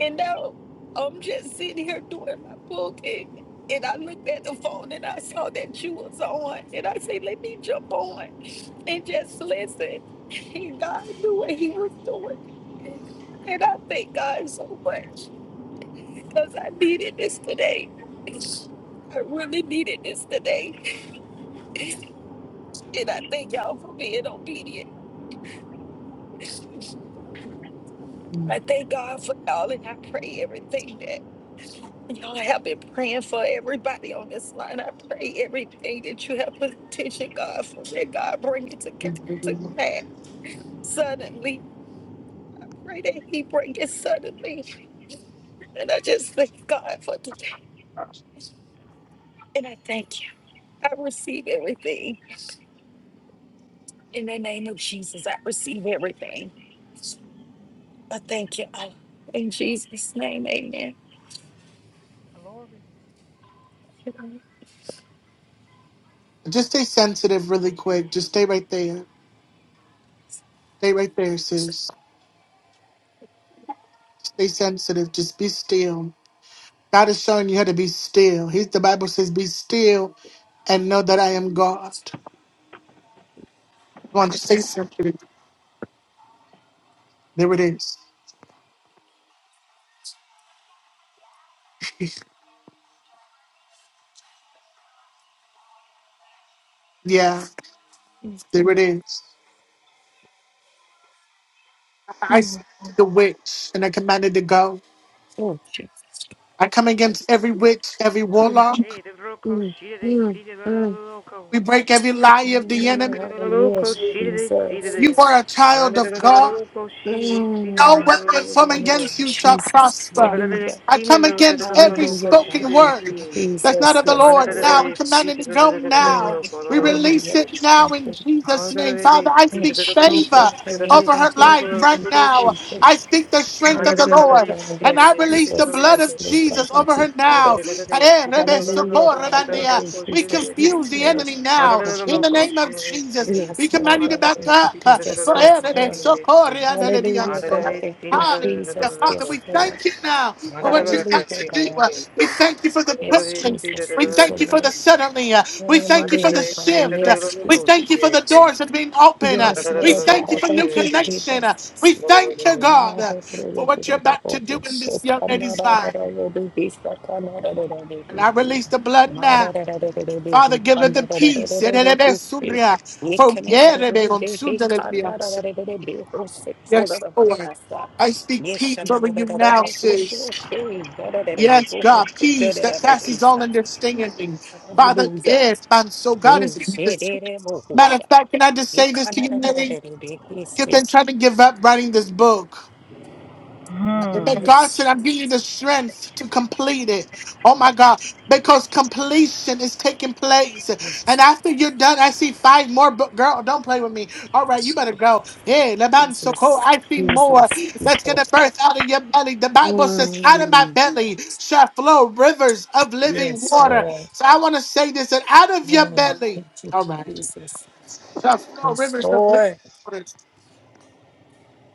[SPEAKER 3] And now I'm just sitting here doing my book. And, and I looked at the phone and I saw that you was on. And I said, Let me jump on and just listen. And God knew what he was doing. And I thank God so much because I needed this today. I really needed this today. And I thank y'all for being obedient. I thank God for y'all and I pray everything that y'all have been praying for everybody on this line. I pray everything that you have petitioned God for that God bring it to, ca- to pass suddenly. Pray that he bring it suddenly. And I just thank God for today. And I thank you. I receive everything. In the name of Jesus, I receive everything. I thank you. Abba. In Jesus' name, amen.
[SPEAKER 1] Just stay sensitive really quick. Just stay right there. Stay right there, sis. Stay sensitive. Just be still. God is showing you how to be still. He's the Bible says, be still and know that I am God. Come on, just stay sensitive. There it is. Yeah,
[SPEAKER 3] Mm,
[SPEAKER 1] there it is. I I s-
[SPEAKER 3] mm,
[SPEAKER 1] the witch and I commanded to go.
[SPEAKER 3] mm,
[SPEAKER 1] I come against every witch, every
[SPEAKER 3] mm,
[SPEAKER 1] warlock.
[SPEAKER 2] Hey, the loco,
[SPEAKER 3] mm,
[SPEAKER 2] she did it,
[SPEAKER 3] mm,
[SPEAKER 2] she did it,
[SPEAKER 3] mm.
[SPEAKER 2] loco.
[SPEAKER 1] We break every lie of the
[SPEAKER 2] The
[SPEAKER 1] enemy.
[SPEAKER 3] Mm,
[SPEAKER 2] loco,
[SPEAKER 3] Yes,
[SPEAKER 2] she did it, she did
[SPEAKER 3] Jesus.
[SPEAKER 1] You
[SPEAKER 2] it.
[SPEAKER 1] are a child
[SPEAKER 2] Manda
[SPEAKER 1] of God.
[SPEAKER 2] loco, she did it, she did
[SPEAKER 1] No
[SPEAKER 3] Mm,
[SPEAKER 1] weapon from
[SPEAKER 3] Thank
[SPEAKER 2] it.
[SPEAKER 1] against
[SPEAKER 3] you,
[SPEAKER 1] you shall
[SPEAKER 3] Jesus.
[SPEAKER 1] prosper.
[SPEAKER 2] Manda
[SPEAKER 3] Hallelujah.
[SPEAKER 1] I
[SPEAKER 2] she did
[SPEAKER 1] come against
[SPEAKER 2] it,
[SPEAKER 1] every
[SPEAKER 2] loco,
[SPEAKER 3] Hallelujah,
[SPEAKER 2] she
[SPEAKER 1] spoken
[SPEAKER 3] God.
[SPEAKER 2] did
[SPEAKER 3] Thank you,
[SPEAKER 1] word
[SPEAKER 2] it.
[SPEAKER 1] that's not
[SPEAKER 3] Jesus.
[SPEAKER 1] of the
[SPEAKER 3] Yes,
[SPEAKER 2] Manda
[SPEAKER 1] Lord
[SPEAKER 3] Lord.
[SPEAKER 1] now. We command
[SPEAKER 2] she did
[SPEAKER 1] it to go
[SPEAKER 2] it,
[SPEAKER 3] Mm,
[SPEAKER 1] now. We
[SPEAKER 2] loco,
[SPEAKER 3] Hallelujah.
[SPEAKER 1] release
[SPEAKER 2] she
[SPEAKER 3] God.
[SPEAKER 2] did
[SPEAKER 1] it
[SPEAKER 2] it.
[SPEAKER 1] now
[SPEAKER 3] Thank
[SPEAKER 2] Hallelujah.
[SPEAKER 1] in
[SPEAKER 3] you.
[SPEAKER 1] Jesus'
[SPEAKER 3] Jesus.
[SPEAKER 1] name. Father, I
[SPEAKER 3] Thank
[SPEAKER 1] speak
[SPEAKER 3] you, Jesus.
[SPEAKER 1] favor
[SPEAKER 3] Thank
[SPEAKER 1] over
[SPEAKER 3] you,
[SPEAKER 1] her
[SPEAKER 3] Jesus.
[SPEAKER 1] life
[SPEAKER 3] Thank
[SPEAKER 1] right
[SPEAKER 3] you,
[SPEAKER 1] now.
[SPEAKER 3] Jesus.
[SPEAKER 1] I speak the strength of the
[SPEAKER 3] Hallelujah,
[SPEAKER 1] Lord
[SPEAKER 3] God.
[SPEAKER 1] and
[SPEAKER 3] Yes,
[SPEAKER 1] I release the
[SPEAKER 3] Jesus.
[SPEAKER 1] blood of
[SPEAKER 3] Yes, Lord God.
[SPEAKER 1] Jesus over
[SPEAKER 3] Thank you,
[SPEAKER 1] her now.
[SPEAKER 3] Jesus. Hallelujah, God. Thank you,
[SPEAKER 1] We
[SPEAKER 3] Jesus. Yes,
[SPEAKER 1] confuse the
[SPEAKER 3] Lord.
[SPEAKER 1] enemy
[SPEAKER 3] Thank
[SPEAKER 1] now
[SPEAKER 3] you,
[SPEAKER 1] in the
[SPEAKER 3] Jesus.
[SPEAKER 1] name of Jesus. We
[SPEAKER 3] Yes,
[SPEAKER 1] command
[SPEAKER 3] Lord
[SPEAKER 1] you to
[SPEAKER 3] God.
[SPEAKER 1] back
[SPEAKER 3] Thank you,
[SPEAKER 1] up uh,
[SPEAKER 3] Jesus.
[SPEAKER 1] for
[SPEAKER 3] Yes,
[SPEAKER 1] everything.
[SPEAKER 3] Lord.
[SPEAKER 1] So glory and hallelujah.
[SPEAKER 3] Hallelujah, God. Thank you,
[SPEAKER 1] Hallelujah.
[SPEAKER 3] Jesus.
[SPEAKER 1] Father,
[SPEAKER 3] Yes,
[SPEAKER 1] we
[SPEAKER 3] Lord.
[SPEAKER 1] thank you now for what you got
[SPEAKER 3] Hallelujah,
[SPEAKER 1] to do.
[SPEAKER 3] God.
[SPEAKER 1] Uh, We thank you for the
[SPEAKER 3] Yes,
[SPEAKER 1] blessing.
[SPEAKER 3] Jesus.
[SPEAKER 1] We
[SPEAKER 3] Thank you,
[SPEAKER 1] thank you for
[SPEAKER 3] Lord.
[SPEAKER 1] the suddenly. Uh, We thank you for the
[SPEAKER 3] Hallelujah, God.
[SPEAKER 1] shift. Uh,
[SPEAKER 3] Yes,
[SPEAKER 1] We
[SPEAKER 3] Jesus.
[SPEAKER 1] thank you for the doors that are being open. Uh,
[SPEAKER 3] Yes,
[SPEAKER 1] We
[SPEAKER 3] Lord God.
[SPEAKER 1] thank you
[SPEAKER 3] I
[SPEAKER 1] for new
[SPEAKER 3] thank you,
[SPEAKER 1] connection.
[SPEAKER 3] Jesus.
[SPEAKER 1] Uh, We thank you, God,
[SPEAKER 3] Hallelujah.
[SPEAKER 1] uh, for what you're about to do in this young lady's life. And I release the blood now. Father, give her the peace. For Yes, Lord. I speak peace over you now, sis. Yes, God, peace that passes all understanding. Father, yes, man, so God is
[SPEAKER 3] Yes,
[SPEAKER 1] giving
[SPEAKER 3] it
[SPEAKER 1] this.
[SPEAKER 3] is.
[SPEAKER 1] Matter of fact, can I just
[SPEAKER 3] It
[SPEAKER 1] say this to you,
[SPEAKER 3] can-
[SPEAKER 1] Mary? You've been trying to give up writing this book.
[SPEAKER 2] Hmm.
[SPEAKER 1] And God said,
[SPEAKER 3] Yes,
[SPEAKER 1] I'm giving you the strength to complete it. Oh my God. Because completion is taking place.
[SPEAKER 3] yes,
[SPEAKER 1] And
[SPEAKER 3] yes.
[SPEAKER 1] after you're done, I see five more. But girl, don't play with me. All right, you better go. Hey, Laban Soko,
[SPEAKER 3] Jesus,
[SPEAKER 1] I see more
[SPEAKER 3] Jesus,
[SPEAKER 1] that's going
[SPEAKER 3] Jesus.
[SPEAKER 1] to burst out of your belly. The Bible says, out of my
[SPEAKER 3] Mm,
[SPEAKER 1] belly shall flow rivers of living
[SPEAKER 3] yes,
[SPEAKER 1] water.
[SPEAKER 3] Lord.
[SPEAKER 1] So I want to say this that out of your
[SPEAKER 3] Mm, thank
[SPEAKER 1] belly,
[SPEAKER 3] you,
[SPEAKER 1] all right,
[SPEAKER 3] Jesus.
[SPEAKER 1] shall flow
[SPEAKER 3] Yes,
[SPEAKER 1] rivers of living
[SPEAKER 3] Lord.
[SPEAKER 1] water.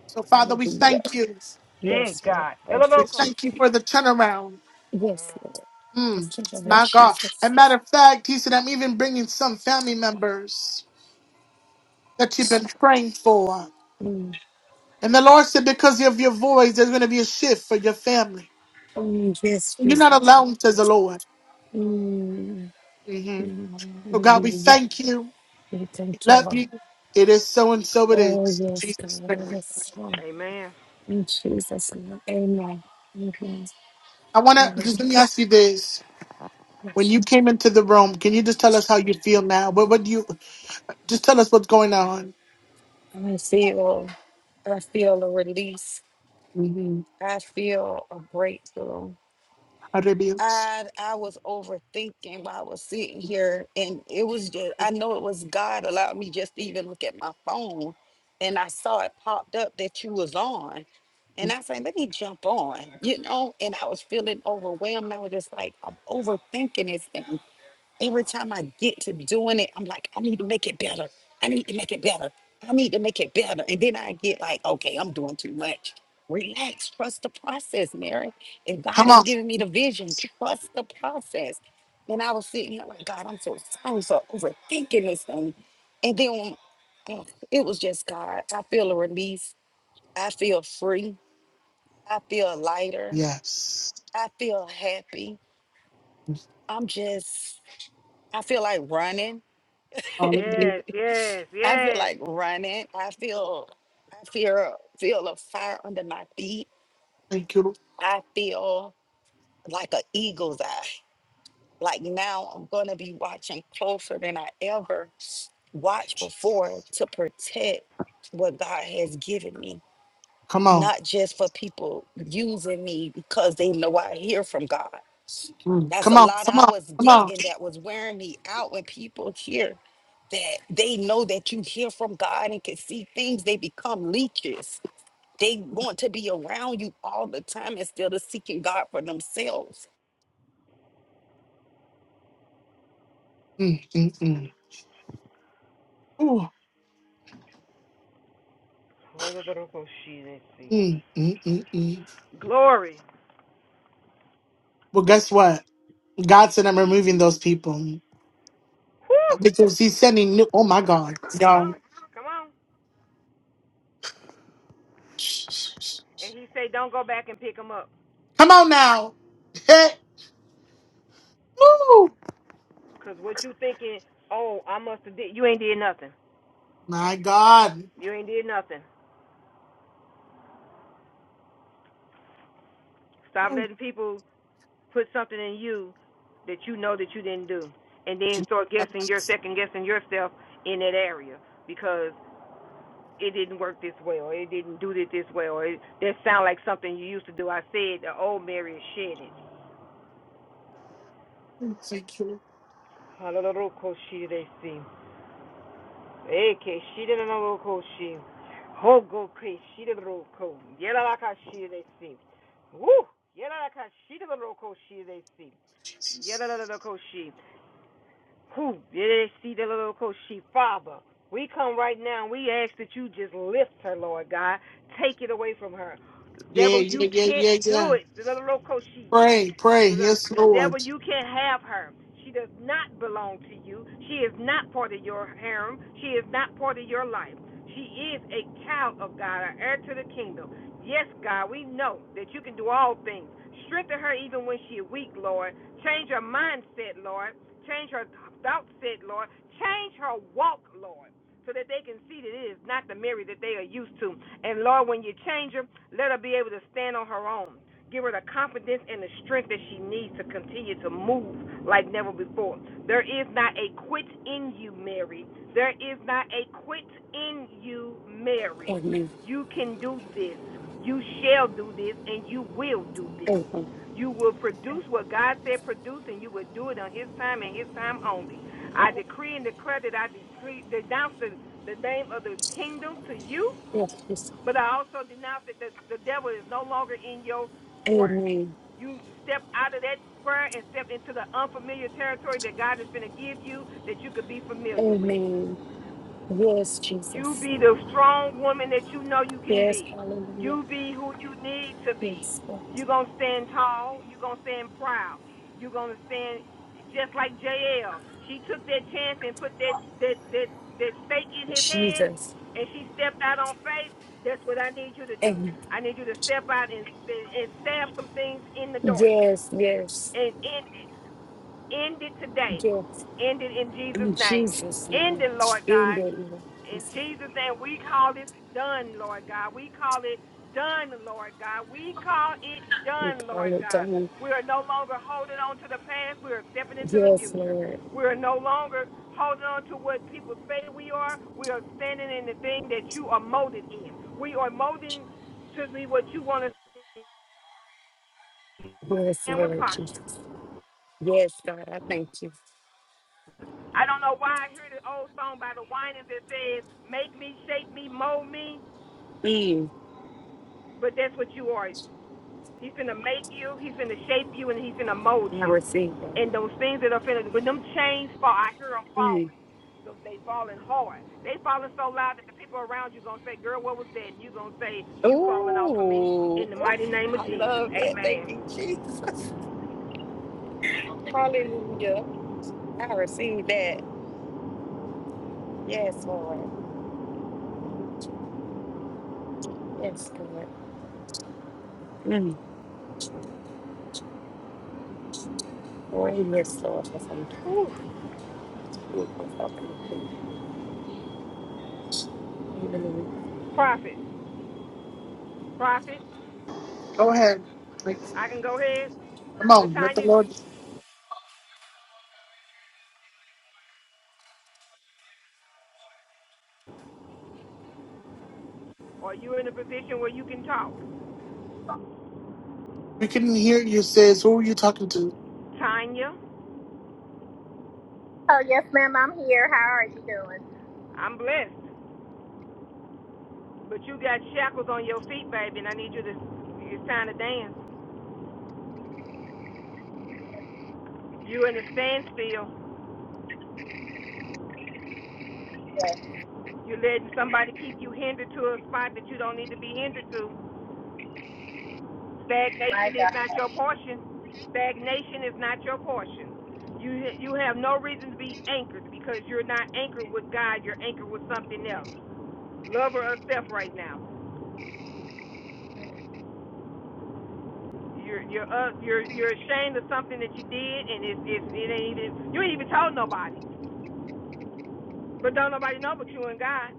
[SPEAKER 1] So, Father, we
[SPEAKER 3] Hallelujah.
[SPEAKER 1] thank you.
[SPEAKER 2] Yeah,
[SPEAKER 3] Yes, Lord.
[SPEAKER 2] God.
[SPEAKER 3] Thank
[SPEAKER 1] We
[SPEAKER 3] you,
[SPEAKER 2] Delaloco
[SPEAKER 3] Jesus.
[SPEAKER 1] thank you
[SPEAKER 2] shit.
[SPEAKER 1] for the turnaround.
[SPEAKER 3] Yes,
[SPEAKER 2] Mm.
[SPEAKER 3] Lord.
[SPEAKER 1] Mm,
[SPEAKER 3] Thank you, Lord
[SPEAKER 1] my God.
[SPEAKER 3] Jesus.
[SPEAKER 1] a matter of fact, he said, I'm even bringing some family members that you've been praying for.
[SPEAKER 3] Mm,
[SPEAKER 1] And the Lord said, because of your voice, there's going to be a shift for your family.
[SPEAKER 3] mm, yes,
[SPEAKER 1] You're not
[SPEAKER 3] Jesus.
[SPEAKER 1] alone, says the Lord.
[SPEAKER 3] Mm,
[SPEAKER 1] hmm
[SPEAKER 3] mm,
[SPEAKER 1] So, God, we
[SPEAKER 3] hallelujah.
[SPEAKER 1] thank you.
[SPEAKER 3] We
[SPEAKER 1] We
[SPEAKER 3] thank you,
[SPEAKER 1] love
[SPEAKER 3] Lord.
[SPEAKER 1] you. It is so and so it
[SPEAKER 3] Oh,
[SPEAKER 1] is. In
[SPEAKER 3] yes,
[SPEAKER 1] Jesus'
[SPEAKER 3] God.
[SPEAKER 1] name.
[SPEAKER 3] Yes, Lord.
[SPEAKER 2] Amen.
[SPEAKER 3] In Jesus' name. Amen. Amen.
[SPEAKER 1] I want to
[SPEAKER 3] Hallelujah.
[SPEAKER 1] just let me ask you this. When you came into the room, can you just tell us how you feel now? What, what do you just tell us what's going on?
[SPEAKER 3] I see you all. I feel a release.
[SPEAKER 1] Mm-hmm.
[SPEAKER 3] I feel a breakthrough. I I was overthinking while I was sitting here, and it was just I know it was God allowed me just to even look at my phone, and I saw it popped up that you was on, and I said, "Let me jump on," you know. And I was feeling overwhelmed. I was just like, "I'm overthinking this," thing. Every time I get to doing it, I'm like, I need to make it better. I need to make it better. I need to make it better. And then I get like, okay, I'm doing too much. Relax, trust the process, Mary. If God
[SPEAKER 1] Come
[SPEAKER 3] is
[SPEAKER 1] on.
[SPEAKER 3] giving me the vision, trust the process. And I was sitting here like, God, I'm so sorry for overthinking this thing. And then oh, it was just God. I feel a release. I feel free. I feel lighter.
[SPEAKER 1] Yes.
[SPEAKER 3] I feel happy. I'm just, I feel like running.
[SPEAKER 1] Hallelujah.
[SPEAKER 2] Yes, yes,
[SPEAKER 3] I feel
[SPEAKER 2] yes.
[SPEAKER 3] like running. I feel I feel feel a fire under my feet.
[SPEAKER 1] Thank you, Lord
[SPEAKER 3] I feel like an eagle's eye. Like now I'm gonna be watching closer than I ever watched
[SPEAKER 1] Jesus.
[SPEAKER 3] before to protect what God has given me.
[SPEAKER 1] Come on.
[SPEAKER 3] Not just for people using me because they know I hear from God.
[SPEAKER 1] Mm.
[SPEAKER 3] That's
[SPEAKER 1] Come
[SPEAKER 3] a
[SPEAKER 1] on.
[SPEAKER 3] lot
[SPEAKER 1] Come
[SPEAKER 3] I
[SPEAKER 1] on.
[SPEAKER 3] was
[SPEAKER 1] Come on.
[SPEAKER 3] getting that was wearing me out when people hear that they know that you hear from God and can see things, they become leeches. They want to be around you all the time instead of seeking God for themselves.
[SPEAKER 1] Mm, mm, mm. Ooh.
[SPEAKER 2] Delaloco shit, let's see.
[SPEAKER 1] Mm, mm, mm, mm.
[SPEAKER 2] Glory.
[SPEAKER 1] Well, guess what? God said I'm removing those people because he's sending new. Oh, my God.
[SPEAKER 2] Come
[SPEAKER 1] Y'all.
[SPEAKER 2] on, come on. And he say, don't go back and pick him up.
[SPEAKER 1] Come on now. Hey. Woo.
[SPEAKER 2] Because what you thinking, oh, I must have did, you ain't did nothing.
[SPEAKER 1] My God.
[SPEAKER 2] You ain't did nothing. Stop
[SPEAKER 1] Oh,
[SPEAKER 2] letting people put something in you that you know that you didn't do, and then start guessing your
[SPEAKER 1] Jesus.
[SPEAKER 2] second guessing yourself in that area because it didn't work this way or it didn't do it this way or it, that sound like something you used to do. I said the old Mary is shedding.
[SPEAKER 1] Thank you.
[SPEAKER 2] Halorokoshireshi. Ekeshirenorokoshi. Hogokeshireroko. Yelalakashireresi. Woo! Yelalakashirerokoshireshi. Yelalalakoshi. Who did they see the little coach? She father. We come right now and we ask that you just lift her, Lord God. Take it away from her.
[SPEAKER 1] Yeah,
[SPEAKER 2] Devil,
[SPEAKER 1] yeah,
[SPEAKER 2] you
[SPEAKER 1] yeah,
[SPEAKER 2] can't
[SPEAKER 1] yeah,
[SPEAKER 2] do
[SPEAKER 1] yeah.
[SPEAKER 2] it. The little coach, she
[SPEAKER 1] Pray, pray.
[SPEAKER 2] The,
[SPEAKER 1] Yes,
[SPEAKER 2] the
[SPEAKER 1] Lord.
[SPEAKER 2] devil, you can't have her. She does not belong to you. She is not part of your harem. She is not part of your life. She is a child of God, an heir to the kingdom. Yes, God, we know that you can do all things. Strengthen her even when she is weak, Lord. Change her mindset, Lord. Change her thought set, Lord. Change her walk, Lord, so that they can see that it is not the Mary that they are used to. And Lord, when you change her, let her be able to stand on her own. Give her the confidence and the strength that she needs to continue to move like never before. There is not a quit in you, Mary. There is not a quit in you, Mary.
[SPEAKER 3] Amen.
[SPEAKER 2] You can do this. You shall do this, and you will do this.
[SPEAKER 3] Amen.
[SPEAKER 2] You will produce what God said produce, and you will do it on His time and His time only. I decree and declare that I decree, denounce the, the name of the kingdom to you,
[SPEAKER 3] Yes. yes.
[SPEAKER 2] but I also denounce that the, the devil is no longer in your square.
[SPEAKER 3] Amen.
[SPEAKER 2] You step out of that square and step into the unfamiliar territory that God is going to give you that you could be familiar with.
[SPEAKER 3] Amen. Yes,
[SPEAKER 2] You
[SPEAKER 3] Jesus.
[SPEAKER 2] be the strong woman that you know you can
[SPEAKER 3] Yes,
[SPEAKER 2] be.
[SPEAKER 3] hallelujah.
[SPEAKER 2] You be who you need to be.
[SPEAKER 3] Yes, Lord.
[SPEAKER 2] You're going to stand tall. You're going to stand proud. You're going to stand just like JL. She took that chance and put that, that, that, that stake in his hand,
[SPEAKER 3] Jesus.
[SPEAKER 2] and she stepped out on faith. That's what I need you to do.
[SPEAKER 3] Amen.
[SPEAKER 2] I need you to step out and, and stab some things in the dark.
[SPEAKER 3] Yes, yes,
[SPEAKER 2] And end it. End it today.
[SPEAKER 3] yes.
[SPEAKER 2] End it in Jesus'
[SPEAKER 3] In
[SPEAKER 2] name.
[SPEAKER 3] Jesus'
[SPEAKER 2] End
[SPEAKER 3] name.
[SPEAKER 2] it, Lord
[SPEAKER 3] In the
[SPEAKER 2] God.
[SPEAKER 3] name. of
[SPEAKER 2] In
[SPEAKER 3] Jesus.
[SPEAKER 2] Jesus' name, we call this done, Lord God. We call it done, Lord God. We call it
[SPEAKER 3] We
[SPEAKER 2] done,
[SPEAKER 3] call
[SPEAKER 2] Lord
[SPEAKER 3] it
[SPEAKER 2] God.
[SPEAKER 3] done.
[SPEAKER 2] We are no longer holding on to the past. We are stepping into the
[SPEAKER 3] Yes,
[SPEAKER 2] future.
[SPEAKER 3] Lord.
[SPEAKER 2] We are no longer holding on to what people say we are. We are standing in the thing that you are molded in. We are molding to be what you want us to be
[SPEAKER 3] Yes,
[SPEAKER 2] and with
[SPEAKER 3] Lord Jesus.
[SPEAKER 2] posture.
[SPEAKER 3] Yes, God, I thank you.
[SPEAKER 2] I don't know why I hear the old song by the whiners that says, Make me, shape me, mold me,
[SPEAKER 3] Mm,
[SPEAKER 2] but that's what you are. He's gonna make you, he's gonna shape you, and he's gonna mold
[SPEAKER 3] I
[SPEAKER 2] you.
[SPEAKER 3] receive that.
[SPEAKER 2] And those things that are finished, when them chains fall, I hear them
[SPEAKER 3] Mm.
[SPEAKER 2] falling. So they falling hard. They falling so loud that the people around you gonna say, "Girl, what was that?" And you gonna say, "You falling off of me."
[SPEAKER 3] Ooh,
[SPEAKER 2] In the mighty
[SPEAKER 3] oof,
[SPEAKER 2] name of
[SPEAKER 3] I
[SPEAKER 2] Jesus,
[SPEAKER 3] love that. Thank
[SPEAKER 2] Amen.
[SPEAKER 3] you, Jesus. Hallelujah. I receive that. Yes, Lord. Yes, Lord. Mm. Oh, yes, Lord. I thank you.
[SPEAKER 2] Whew.
[SPEAKER 3] Mm, I thank you. Hallelujah.
[SPEAKER 2] Prophet, prophet,
[SPEAKER 1] Go ahead. Like,
[SPEAKER 2] I can go ahead.
[SPEAKER 1] Come on. Let the
[SPEAKER 2] Tanya,
[SPEAKER 1] Lord.
[SPEAKER 2] are you in a position where you can talk?
[SPEAKER 1] We couldn't hear you, sis. Who are you talking to?
[SPEAKER 2] Tanya,
[SPEAKER 4] Oh yes, ma'am. I'm here. How are you doing?
[SPEAKER 2] I'm blessed, but you got shackles on your feet, baby, and I need you to. It's time to dance. You are in a standstill.
[SPEAKER 4] Good.
[SPEAKER 2] You're letting somebody keep you hindered to a spot that you don't need to be hindered to.
[SPEAKER 4] My
[SPEAKER 2] Stagnation is
[SPEAKER 4] God.
[SPEAKER 2] not your portion. Stagnation is not your portion. You you have no reason to be anchored because you're not anchored with God. You're anchored with something else. Love or self right now. You're you're uh, you're you're ashamed of something that you did, and it's it's it ain't even you ain't even told nobody. But don't nobody know but you and God.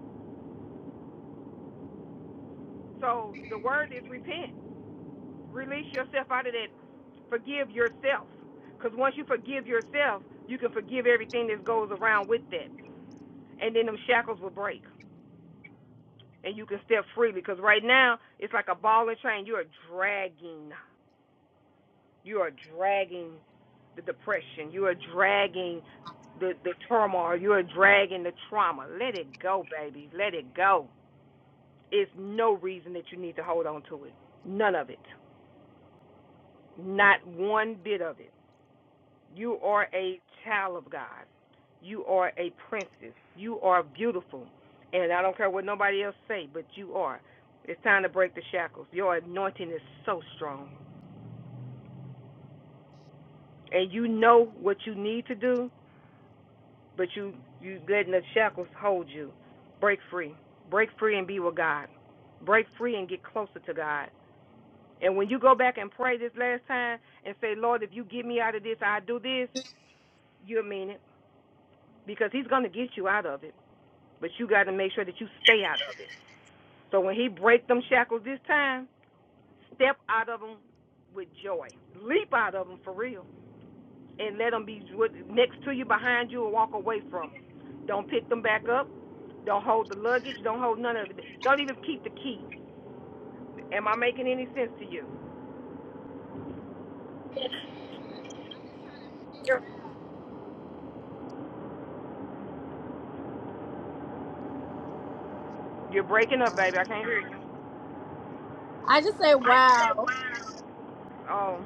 [SPEAKER 2] So the word is repent. Release yourself out of that Forgive yourself. Because once you forgive yourself, you can forgive everything that goes around with that. And then them shackles will break and you can step freely. Because right now, it's like a ball and chain. You are dragging. You are dragging the depression. You are dragging the, the turmoil. You are dragging the trauma. Let it go, baby. Let it go. It's no reason that you need to hold on to it. None of it. Not one bit of it. You are a child of God. You are a princess. You are beautiful. And I don't care what nobody else say, but you are. It's time to break the shackles. Your anointing is so strong. And you know what you need to do, but you you letting the shackles hold you. Break free. Break free and be with God. Break free and get closer to God. And when you go back and pray this last time and say, Lord, if you get me out of this, I do this, you'll mean it. Because he's gonna get you out of it. but you got to make sure that you stay out of it. So when he break them shackles this time, step out of them with joy, leap out of them for real, and let them be next to you, behind you, and walk away from. 'em. Don't pick them back up. Don't hold the luggage. Don't hold none of it. Don't even keep the key. Am I making any sense to you?
[SPEAKER 4] I'm just
[SPEAKER 2] You're breaking up, baby. I can't hear you.
[SPEAKER 4] I just say wow
[SPEAKER 2] Oh,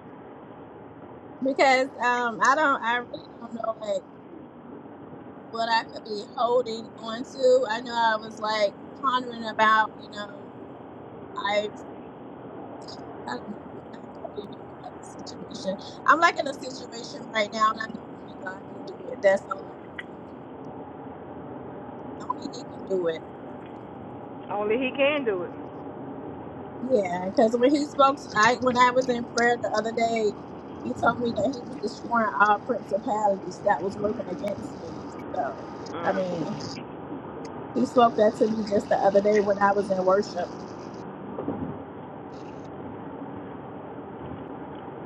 [SPEAKER 4] because um I don't I really don't know like what I could be holding on to. I know I was like pondering about you know I I don't know I, I really don't know about this situation. I'm like in a situation right now and I know only God can do it. That's all I can say. Only He can do it.
[SPEAKER 2] only he can do it.
[SPEAKER 4] Yeah, because when he spoke, I when I was in prayer the other day, he told me that he was destroying all principalities that was working against me. So, I mean, he spoke that to me just the other day when I was in worship.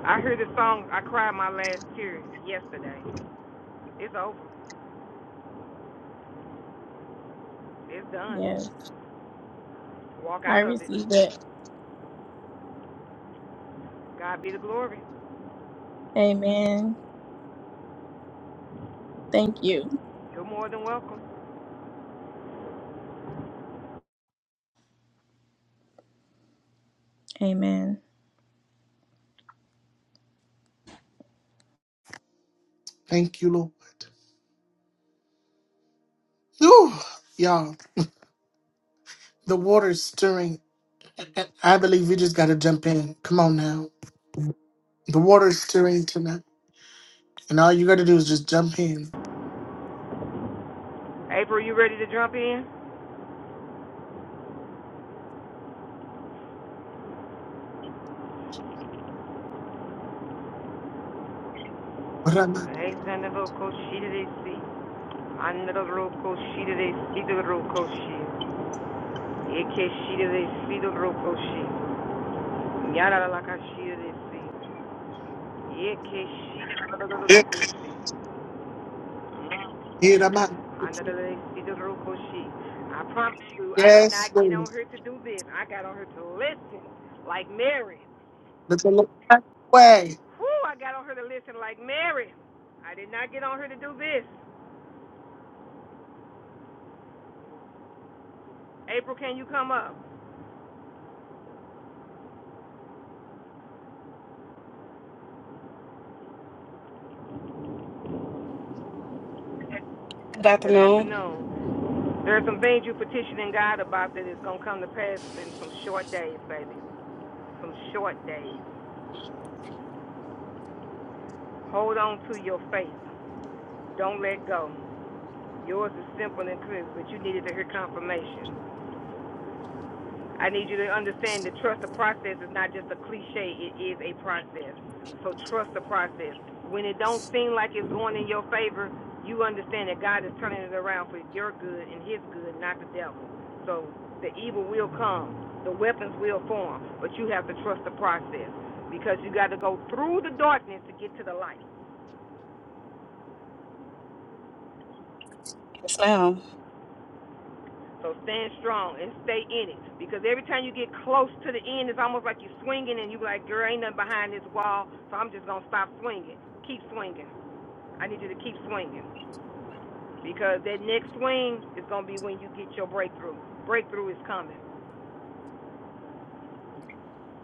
[SPEAKER 2] I heard the song. I cried my last tears yesterday. It's over. It's done.
[SPEAKER 4] Yes,
[SPEAKER 2] Walk
[SPEAKER 4] I
[SPEAKER 2] out of it.
[SPEAKER 4] received it.
[SPEAKER 2] God be the glory.
[SPEAKER 4] Amen. Thank you.
[SPEAKER 2] You're more than welcome.
[SPEAKER 4] Amen.
[SPEAKER 1] Thank you, Lord. Whew. Y'all, the water's stirring. I believe we just got to jump in. Come on now. The water's stirring tonight. And all you got to do is just jump in.
[SPEAKER 2] April, you ready to jump in?
[SPEAKER 1] Rama.
[SPEAKER 2] Hey, send a little cochita de si. Anda little cochita de si, the little cochita. E que chita de si, the little cochita. Yara la cachita de si. E que chita de
[SPEAKER 1] Yeah.
[SPEAKER 2] little cochita.
[SPEAKER 1] Yeah, Rama.
[SPEAKER 2] Anda de si, the little cochita. I promise you, I did
[SPEAKER 1] Yes,
[SPEAKER 2] not get
[SPEAKER 1] Lord.
[SPEAKER 2] on here to do this. I got on here to listen, like Mary.
[SPEAKER 1] Let the Lord have his way.
[SPEAKER 2] Whew, I got on her to listen like Mary. I did not get on her to do this. April, can you come up? Good
[SPEAKER 5] Good afternoon.
[SPEAKER 2] afternoon. There are some things you petitioning God about that is going to come to pass in some short days, baby. Some short days. Hold on to your faith. Don't let go. Yours is simple and clear, but you needed to hear confirmation. I need you to understand that trust the process is not just a cliche, it is a process. So trust the process. When it don't seem like it's going in your favor, you understand that God is turning it around for your good and his good, not the devil. So the evil will come, the weapons will form, but you have to trust the process because you got to go through the darkness to get to the light.
[SPEAKER 5] Yes, ma'am.
[SPEAKER 2] So stand strong and stay in it. Because every time you get close to the end, it's almost like you're swinging and you're like, girl, ain't nothing behind this wall, so I'm just going to stop swinging. Keep swinging. I need you to keep swinging. Because that next swing is going to be when you get your breakthrough. Breakthrough is coming.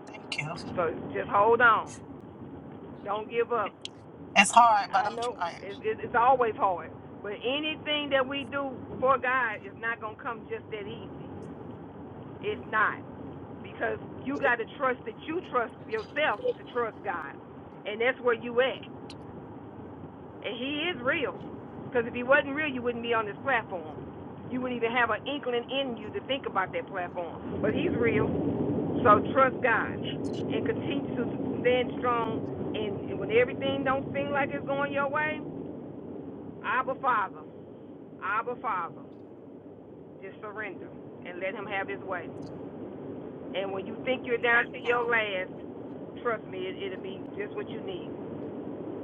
[SPEAKER 5] Thank you.
[SPEAKER 2] So just hold on. Don't give up.
[SPEAKER 5] It's hard, but
[SPEAKER 2] I
[SPEAKER 5] I'm
[SPEAKER 2] know
[SPEAKER 5] trying.
[SPEAKER 2] it's, it's always hard. But anything that we do for God is not going to come just that easy. It's not. because you got to trust that you trust yourself to trust God, and that's where you at. And He is real, because if He wasn't real, you wouldn't be on this platform. You wouldn't even have an inkling in you to think about that platform. But He's real, so trust God and continue to stand strong. And, when everything don't seem like it's going your way, Abba Father, Abba Father, just surrender and let Him have His way. And when you think you're down
[SPEAKER 5] Thank
[SPEAKER 2] to your
[SPEAKER 5] you.
[SPEAKER 2] last, trust me, it, it'll be just what you need.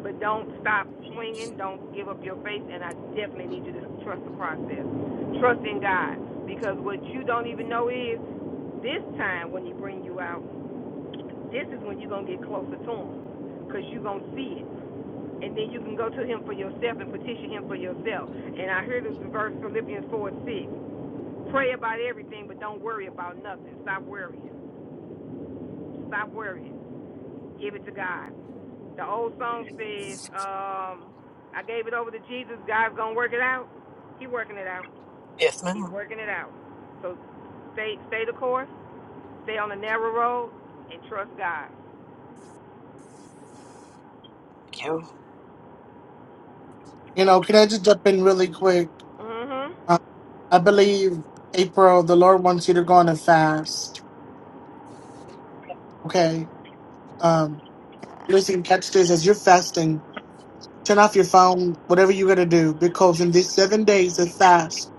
[SPEAKER 2] But don't stop swinging. Don't give up your faith. And I definitely need you to trust the process. Trust in God. Because what you don't even know is this time when He bring you out, this is when you're going to get closer to Him. Because you're going to see it. And then you can go to Him for yourself and petition Him for yourself. And I hear this verse, Philippians 4 and 6. Pray about everything, but don't worry about nothing. Stop worrying. Stop worrying. Give it to God. The old song says, um, I gave it over to Jesus. God's gonna work it out. He's working it out.
[SPEAKER 5] Yes,
[SPEAKER 2] He's
[SPEAKER 5] ma'am.
[SPEAKER 2] working it out. So stay stay the course. Stay on the narrow road and trust God.
[SPEAKER 5] Thank you.
[SPEAKER 1] You know, can I just jump in really quick?
[SPEAKER 2] Mhm.
[SPEAKER 1] Uh, I believe, April, the Lord wants you to go on a fast. Okay. Um, listen, catch this. As you're fasting, Turn off your phone, whatever you're gonna do, because in these seven days of fast,